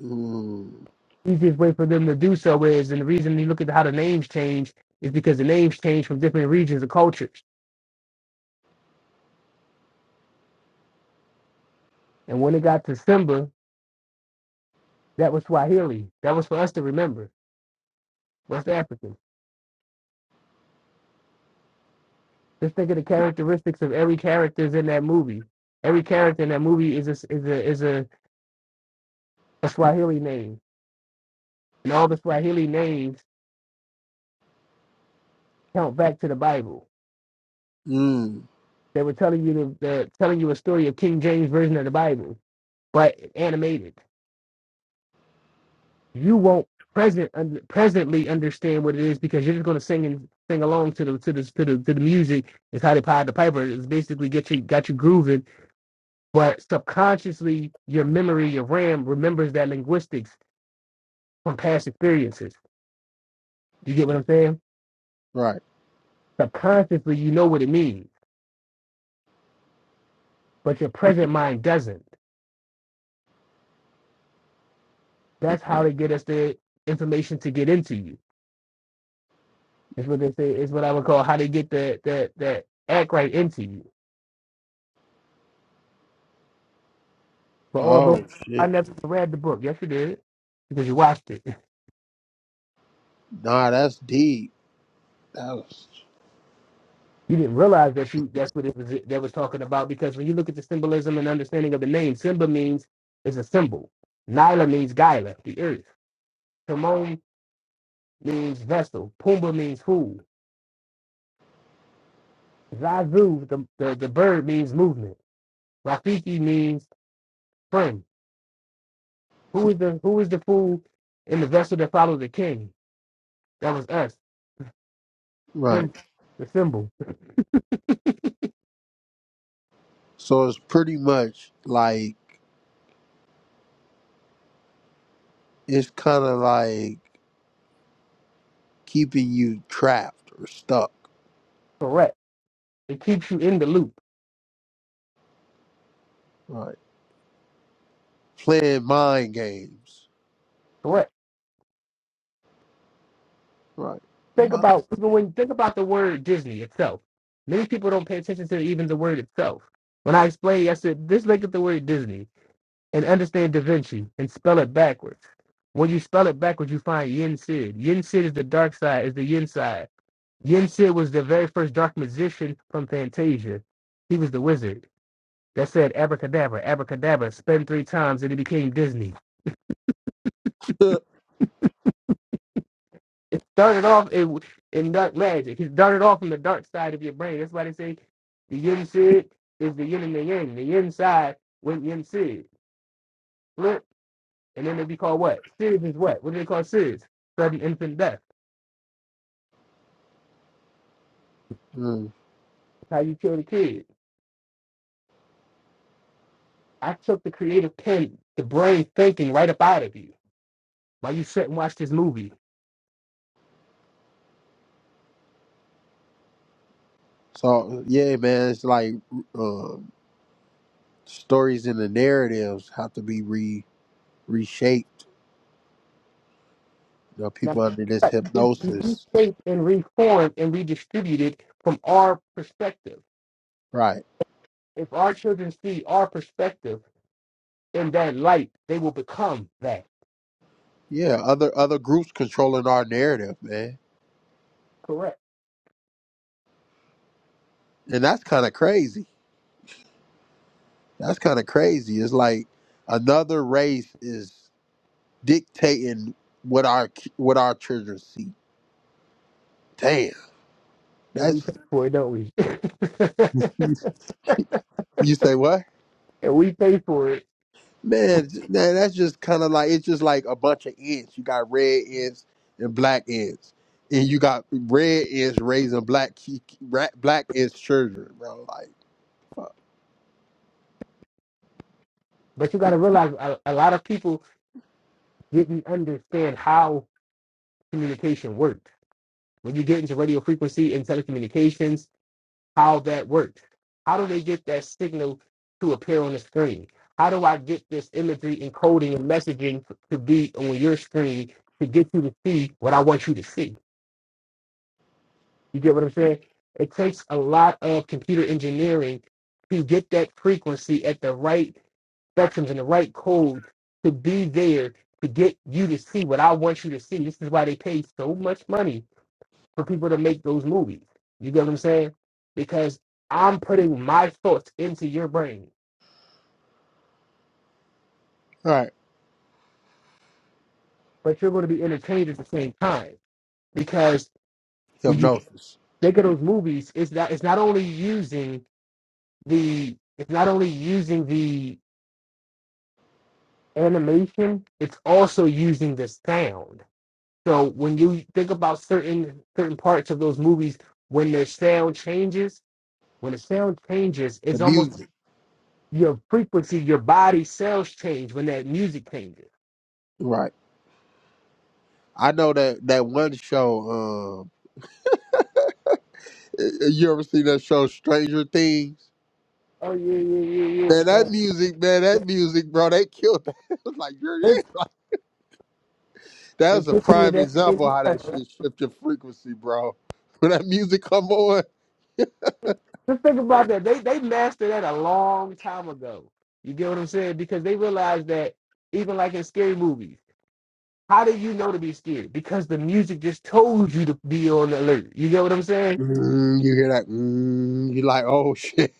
mm, easiest way for them to do so is, and the reason you look at how the names change is because the names change from different regions of cultures. And when it got to Simba, that was Swahili. That was for us to remember, West African. Just think of the characteristics of every characters in that movie. Every character in that movie is a, is a, is a, a Swahili name, and all the Swahili names count back to the Bible. mm, They were telling you the, the telling you a story of King James version of the Bible, but animated. you won't present un, presently understand what it is because you're just going to sing and sing along to the to the to the, to the music. It's how they pied the piper. It's basically get you got you grooving, but subconsciously your memory, your RAM remembers that linguistics from past experiences. You get what I'm saying? right. Subconsciously, you know what it means, but your present mind doesn't. That's how they get us the information to get into you. It's what they say. It's what I would call how they get that that that act right into you. But although Oh I shit, never read the book, yes, you did, because you watched it. nah, that's deep. That was You didn't realize that you that's what it was that was talking about. Because when you look at the symbolism and understanding of the name, Simba means is a symbol. Nyla means Gyla, the earth. Timon means vessel. Pumbaa means fool. Zazu, the, the, the bird, means movement. Rafiki means friend. Who is the who is the fool in the vessel that follows the king? That was us. right. Sim, the symbol. So it's pretty much like it's kind of like keeping you trapped or stuck, Correct. It keeps you in the loop. right? Playing mind games, Correct. right? think My- about even when you think about the word Disney itself. Many people don't pay attention to even the word itself. When I explained yesterday, just look at the word Disney and understand Da Vinci and spell it backwards. When you spell it backwards, you find Yin Sid. Yin Sid is the dark side, is the Yin side. Yin Sid was the very first dark magician from Fantasia. He was the wizard that said abracadabra, abracadabra, spin three times, and it became Disney. It started off in, in dark magic. It started off from the dark side of your brain. That's why they say the yin sid is the yin and the yang. The yin side went yin sid. Flip, and then they be called what? Sid is what? What do they call sids? Sudden infant death. Mm. That's how you kill the kid. I took the creative pen, the brain thinking right up out of you while you sit and watch this movie. So yeah, man, it's like um, stories and the narratives have to be re reshaped. You know, Now, people under this it's hypnosis, rethink and reformed and redistributed from our perspective. right? If our children see our perspective, in that light, they will become that. Yeah, other other groups controlling our narrative, man. Correct. And that's kind of crazy. That's kind of crazy. It's like another race is dictating what our ki- what our children see. Damn. And we That's pay for it, don't we? you you say what? and we pay for it. Man, j- man that's just kind of like it's just like a bunch of ants. You got red ants and black ants. And you got red ants raising black ki- ki- ra- black ants children, bro. Like fuck. But you got to realize a, a lot of people didn't understand how communication worked. When you get into radio frequency and telecommunications, how that worked. How do they get that signal to appear on the screen? How do I get this imagery encoding and messaging to be on your screen to get you to see what I want you to see? You get what I'm saying? It takes a lot of computer engineering to get that frequency at the right spectrums and the right code to be there to get you to see what I want you to see. This is why they pay so much money for people to make those movies. You get what I'm saying? Because I'm putting my thoughts into your brain, All right. but you're going to be entertained at the same time. Because when you Hypnosis. think of those movies, it's not it's not only using the it's not only using the animation, it's also using the sound. So when you think about certain certain parts of those movies, when their sound changes, when the sound changes, The it's almost music. your frequency, your body cells change when that music changes. right. I know that that one show. Um, you ever seen that show Stranger Things? Oh yeah, yeah, yeah, yeah. Man, that Uh, music, man, that music, bro, they killed that. It was like, you're like that they was a put you in prime that example same how that right? shit shifted frequency, bro. When that music come on, Just think about that. They they mastered that a long time ago. You get what I'm saying? Because they realized that even like in scary movies. How do you know to be scared? Because the music just told you to be on alert. You get what I'm saying? mm, you hear that, mm, you like, oh shit.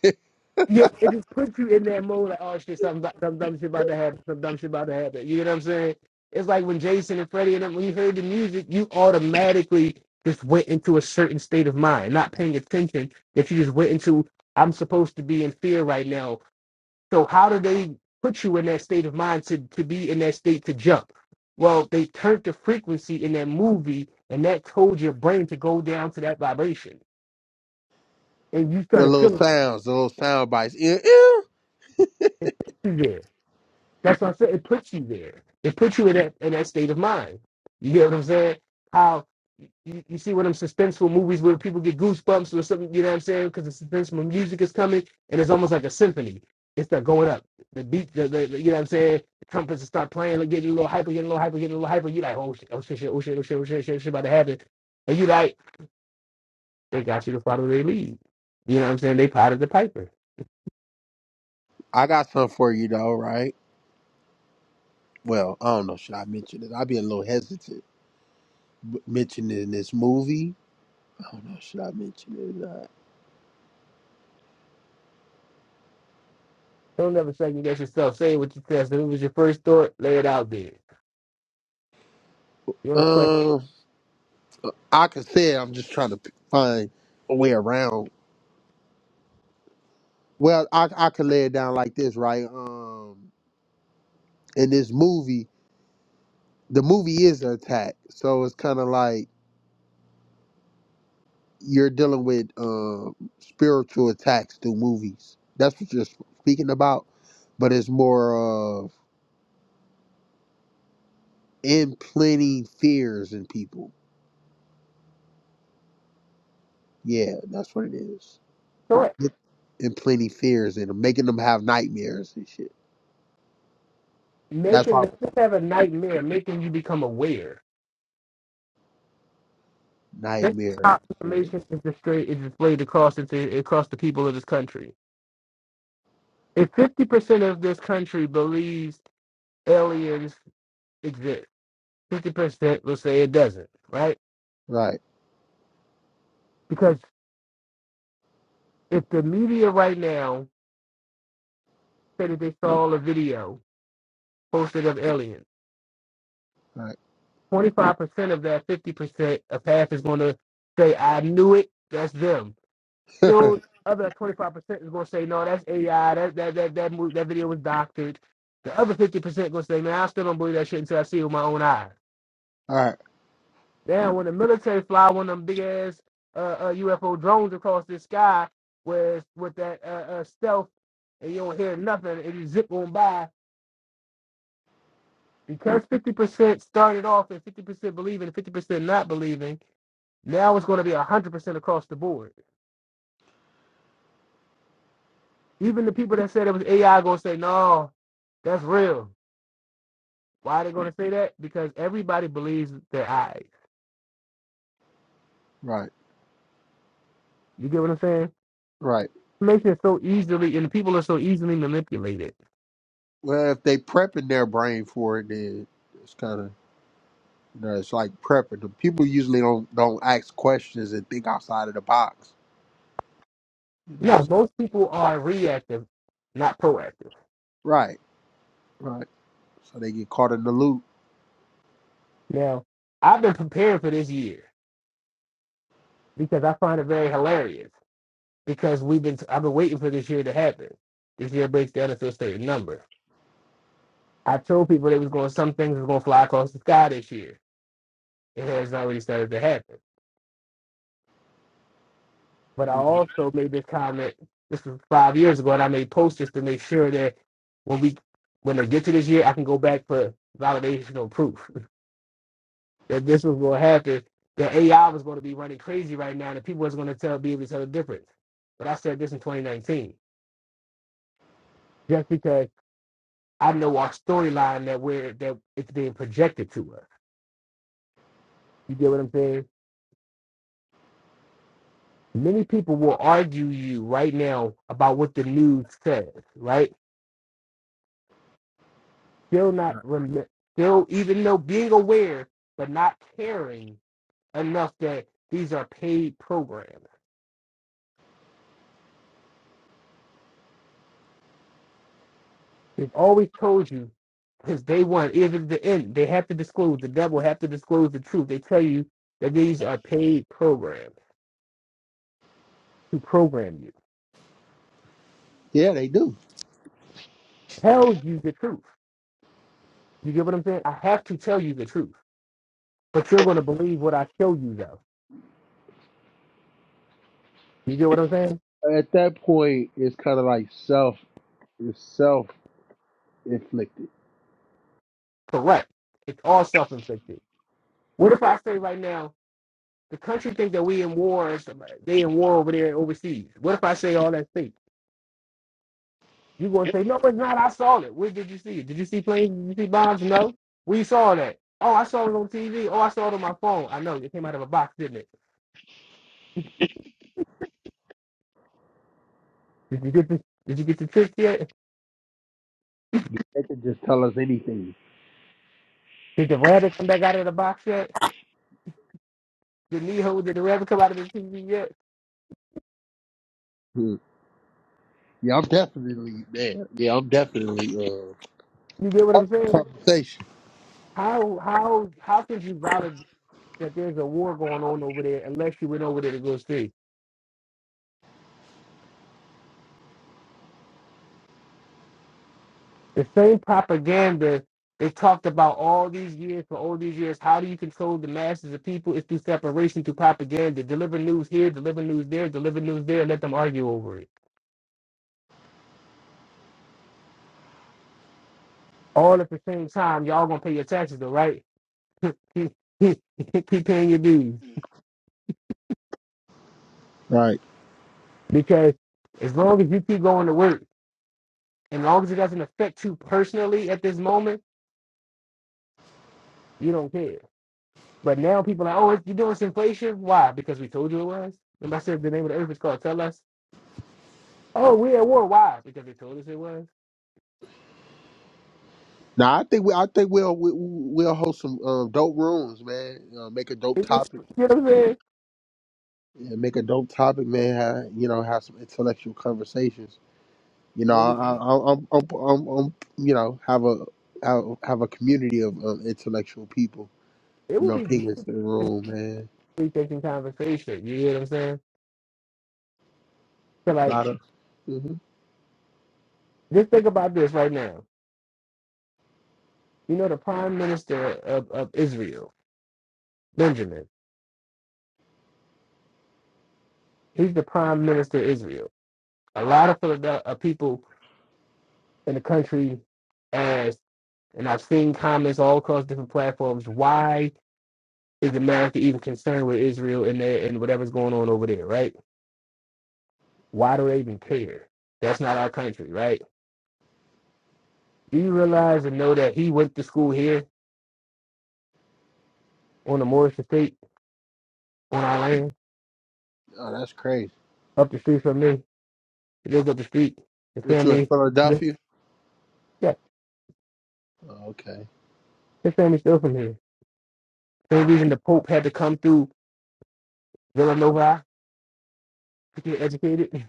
Yeah, it just puts you in that mode like, oh shit, something, some dumb shit about to happen, some dumb shit about to happen. You get what I'm saying? It's like when Jason and Freddie and them, when you heard the music, you automatically just went into a certain state of mind, not paying attention. That you just went into, I'm supposed to be in fear right now. So how do they put you in that state of mind to, to be in that state to jump? Well, they turned the frequency in that movie and that told your brain to go down to that vibration. And you The started little feeling sounds, the little sound bites. Eh, eh. it That's what I said. It puts you there. It puts you in that in that state of mind. You get what I'm saying? How you, you see one of them suspenseful movies where people get goosebumps or something, you know what I'm saying? Because the suspenseful music is coming and it's almost like a symphony. It's not going up. The beat, the, the, the- you know what I'm saying? The trumpets start playing, like, getting a little hyper, getting a little hyper, getting a little hyper. You're like, oh shit, oh shit, shit, oh shit, oh shit, oh shit, shit, shit about to happen. And you like, they got you to follow their lead. You know what I'm saying? They potted the piper. I got something for you though, right? Well, I don't know. Should I mention it? I'd be a little hesitant b- mentioning this movie. I don't know. Should I mention it? Don't ever second guess yourself. Say what you test. If it was your first thought, lay it out there. You want Uh, I could say it, I'm just trying to find a way around. Well, I I could lay it down like this, right? Um, in this movie, the movie is an attack, so it's kind of like you're dealing with um spiritual attacks through movies. That's what you're speaking about, but it's more of implanting fears in people. Yeah, that's what it is. thought Implanting fears in them, making them have nightmares and shit. That's making why let's just have a nightmare making you become aware. That's nightmare. how Weird. information is displayed, is displayed across into, across the people of this country. If fifty percent of this country believes aliens exist, fifty percent will say it doesn't, right? Right. Because if the media right now said that they saw a video posted of aliens, Right. twenty five percent of that fifty percent a half is gonna say, I knew it, that's them. All Still, other twenty five percent is gonna say no. That's AI. That that that that move, that video was doctored. The other fifty percent gonna say, man, I still don't believe that shit until I see it with my own eyes. right. Then when the military fly one of them big ass uh, uh, UFO drones across the sky with with that uh, uh, stealth, and you don't hear nothing, and you zip on by because fifty percent started off and fifty percent believing, and fifty percent not believing. Now it's going to be 100% across the board. Even the people that said it was AI going to say, no, that's real. Why are they going to say that? Because everybody believes their eyes. Right. You get what I'm saying? Right. Information is so easily, and people are so easily manipulated. Well, if they prepping their brain for it, then it's kind of you know, it's like prepping. The people usually don't don't ask questions and think outside of the box. You know. Yeah, so- most people are reactive, not proactive. Right. Right. So they get caught in the loop. Now, I've been preparing for this year because I find it very hilarious because we've been, I've been waiting for this year to happen. This year breaks down into a certain number. I told people they was going, some things was going to fly across the sky this year. It has already started to happen. But I Mhm. also made this comment. This was five years ago, and I made posts just to make sure that when we when they get to this year, I can go back for validation or proof that this was going to happen. That AI was going to be running crazy right now, and people was going to tell be able to tell the difference. But I said this in 2019, just because I know our storyline that we're that it's being projected to us. You get what I'm saying? Many people will argue you right now about what the news says, right? still not Right. rem- still even though being aware but not caring enough that these are paid programs. They've always told you since day one, even the end they have to disclose the devil have to disclose the truth. They tell you that these are paid programs to program you. Yeah, they do. Tell you the truth. You get what I'm saying? I have to tell you the truth. But you're gonna believe what I show you though. You get what I'm saying? At that point, it's kind of like self. It's self inflicted. Correct. It's all self inflicted. What if I say right now, The country think that we in war. and stuff like- They in war over there overseas. What if I say all that fake? You gonna say no, it's not. I saw it. Where did you see it? Did you see planes? Did you see bombs? No. Where you saw that? Oh, I saw it on TV. Oh, I saw it on my phone. I know it came out of a box, didn't it? Did you get the Did you get the trick yet? They can just tell us anything. Did the rabbit come back out of the box yet? Did Neho? Did the rabbit come out of the TV yet? Hmm. Yeah, I'm definitely there. Yeah, I'm definitely uh, You get what part I'm of saying? conversation. How how how can you validate that there's a war going on over there unless you went over there to go see? The same propaganda they talked about all these years for all these years. How do you control the masses of people? It's through separation, through propaganda. Deliver news here, deliver news there, deliver news there, and let them argue over it. All at the same time, y'all gonna pay your taxes though, right? keep paying your dues. Right. Because as long as you keep going to work, and as long as it doesn't affect you personally at this moment, you don't care. But now people are like, oh, you're doing this inflation. Why? Because we told you it was. Remember I said the name of the earth is called Tell Us? Oh, we at war. Why? Because they told us it was. Now I think we I think we'll we, we'll host some um, dope rooms, man. Uh, make a dope It's just, topic, you know what I'm saying? yeah, make a dope topic, man. Have, you know, have some intellectual conversations. You know, Well, I, it I, I- I'm, I'm, I'm, I'm, you know, have a have, have a community of um, intellectual people. it You would know, be ping great into the room, man. retaking conversation. You know what I'm saying? So, A like, lot of, hmm just think about this right now. You know, the prime minister of, of Israel, Benjamin, he's the prime minister of Israel. A lot of Philadelphia, uh, people in the country ask, and I've seen comments all across different platforms, why is America even concerned with Israel and, their, and whatever's going on over there, right? Why do they even care? That's not our country, right? Do you realize and know that he went to school here on the Morris Estate on our land, oh, that's crazy. up the street from me? He lives up the street. His What you in family, the, Philadelphia? yeah, Oh, okay, his family's still from here. Same reason the Pope had to come through Villanova to get educated.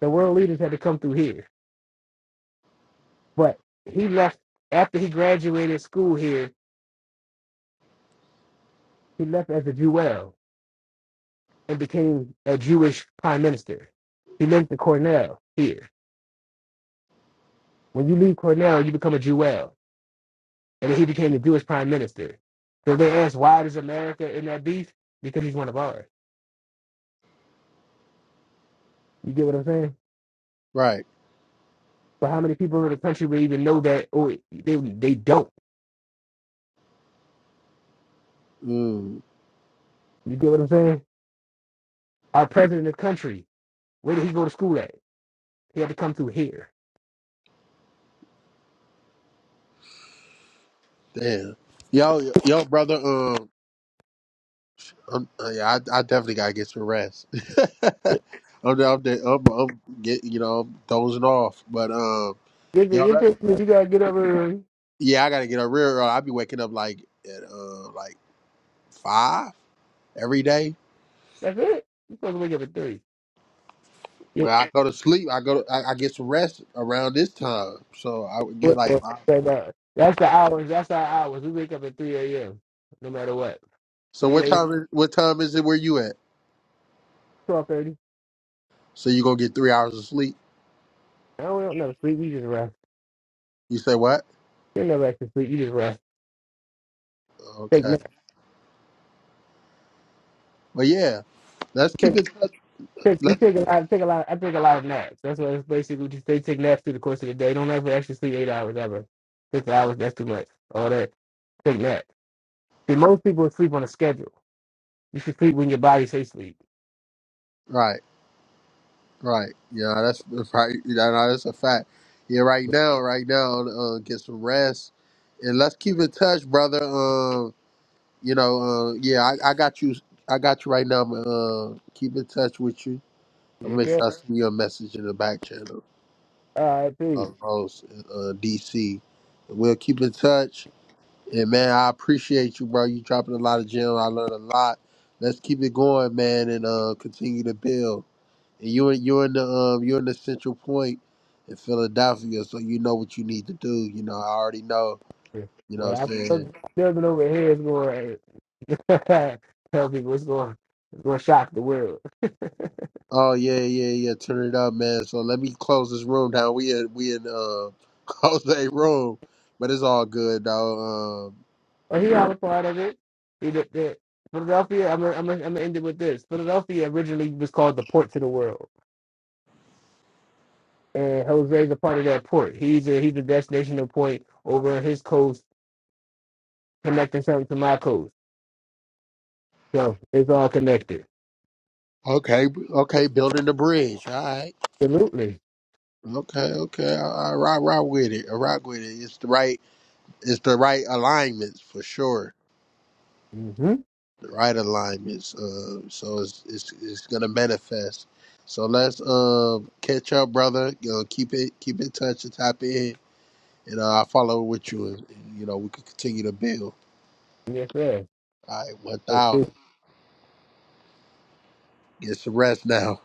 The world leaders had to come through here. But he left after he graduated school here. He left as a Jewel and became a Jewish prime minister. He went to Cornell here. When you leave Cornell, you become a Jewel. and then he became the Jewish prime minister. So they asked, why does America in that beef? Because he's one of ours. You get what I'm saying? right. But how many people in the country would even know that? Or they they don't. Mm, You get what I'm saying? Our president of the country, where did he go to school at? He had to come through here. damn. Yo, yo, brother. um, I'm, uh, yeah, I, I definitely gotta get some rest. I'm, I'm, I'm, I'm get, you know, I'm dozing off. But um, It's, yeah, it's that, just that you gotta get up early. yeah, I gotta get up real. early. I be waking up like at uh, like five every day. That's it. You supposed to wake up at three. Where Yep. I go to sleep, I go, to, I, I get some rest around this time. So I would get What- like what- five. that- uh, That's the hours. That's our hours. We wake up at three a.m. No matter what. So Three what a.m. time is what time is it where you at? Twelve thirty. So you gonna get three hours of sleep? I don't, we don't never sleep. We just rest. You say what? You never actually sleep. You just Okay, rest but yeah, let's keep Take, in touch. take, we Let's take a lot, take a lot, I take a lot of naps. That's what it's basically. Just, they take naps through the course of the day. Don't ever actually sleep eight hours ever. Six hours, that's too much. All that, take naps. See, most people sleep on a schedule. You should sleep when your body says sleep. right. Right. Yeah, that's that's right. You know, no, that's a fact. Yeah, right now, right now, uh, get some rest, and let's keep in touch, brother. Um, you know, uh, yeah, I, I got you. I got you right now. I'm, Uh, keep in touch with you. I'll You make sure feel? I send you a message in the back channel All right, please. of Rose, uh, DC. we'll keep in touch. And man, I appreciate you, bro. You dropping a lot of gems. I learned a lot. Let's keep it going, man, and uh, continue to build. And you're you're in the um you're in the Central Point in Philadelphia, so you know what you need to do. You know, I already know. You know Well, what I'm I'm saying? still living over here is going to tell people it's going it's going to shock the world. Oh yeah, yeah, yeah. Turn it up, man. So let me close this room down. We in we in uh Jose room. But it's all good though. Um But he had a part of it. He did that. Philadelphia. I'm going I'm to I'm gonna end it with this. Philadelphia originally was called the port to the world. and Jose's a part of that port. He's a he's a destinational point over on his coast, connecting something to my coast. So it's all connected. okay, okay, building the bridge. All right. Absolutely. Okay, okay. I, I rock rock with it. I rock with it. It's the right it's the right alignments for sure. Mm-hmm. right alignments. Uh, so it's, it's it's gonna manifest. So let's uh, catch up, brother. You know, keep it keep in touch and tap in, and uh, I'll follow with you, and, and you know we can continue to build. Yes, sir. All right, one Let's see. thousand. Get some rest now.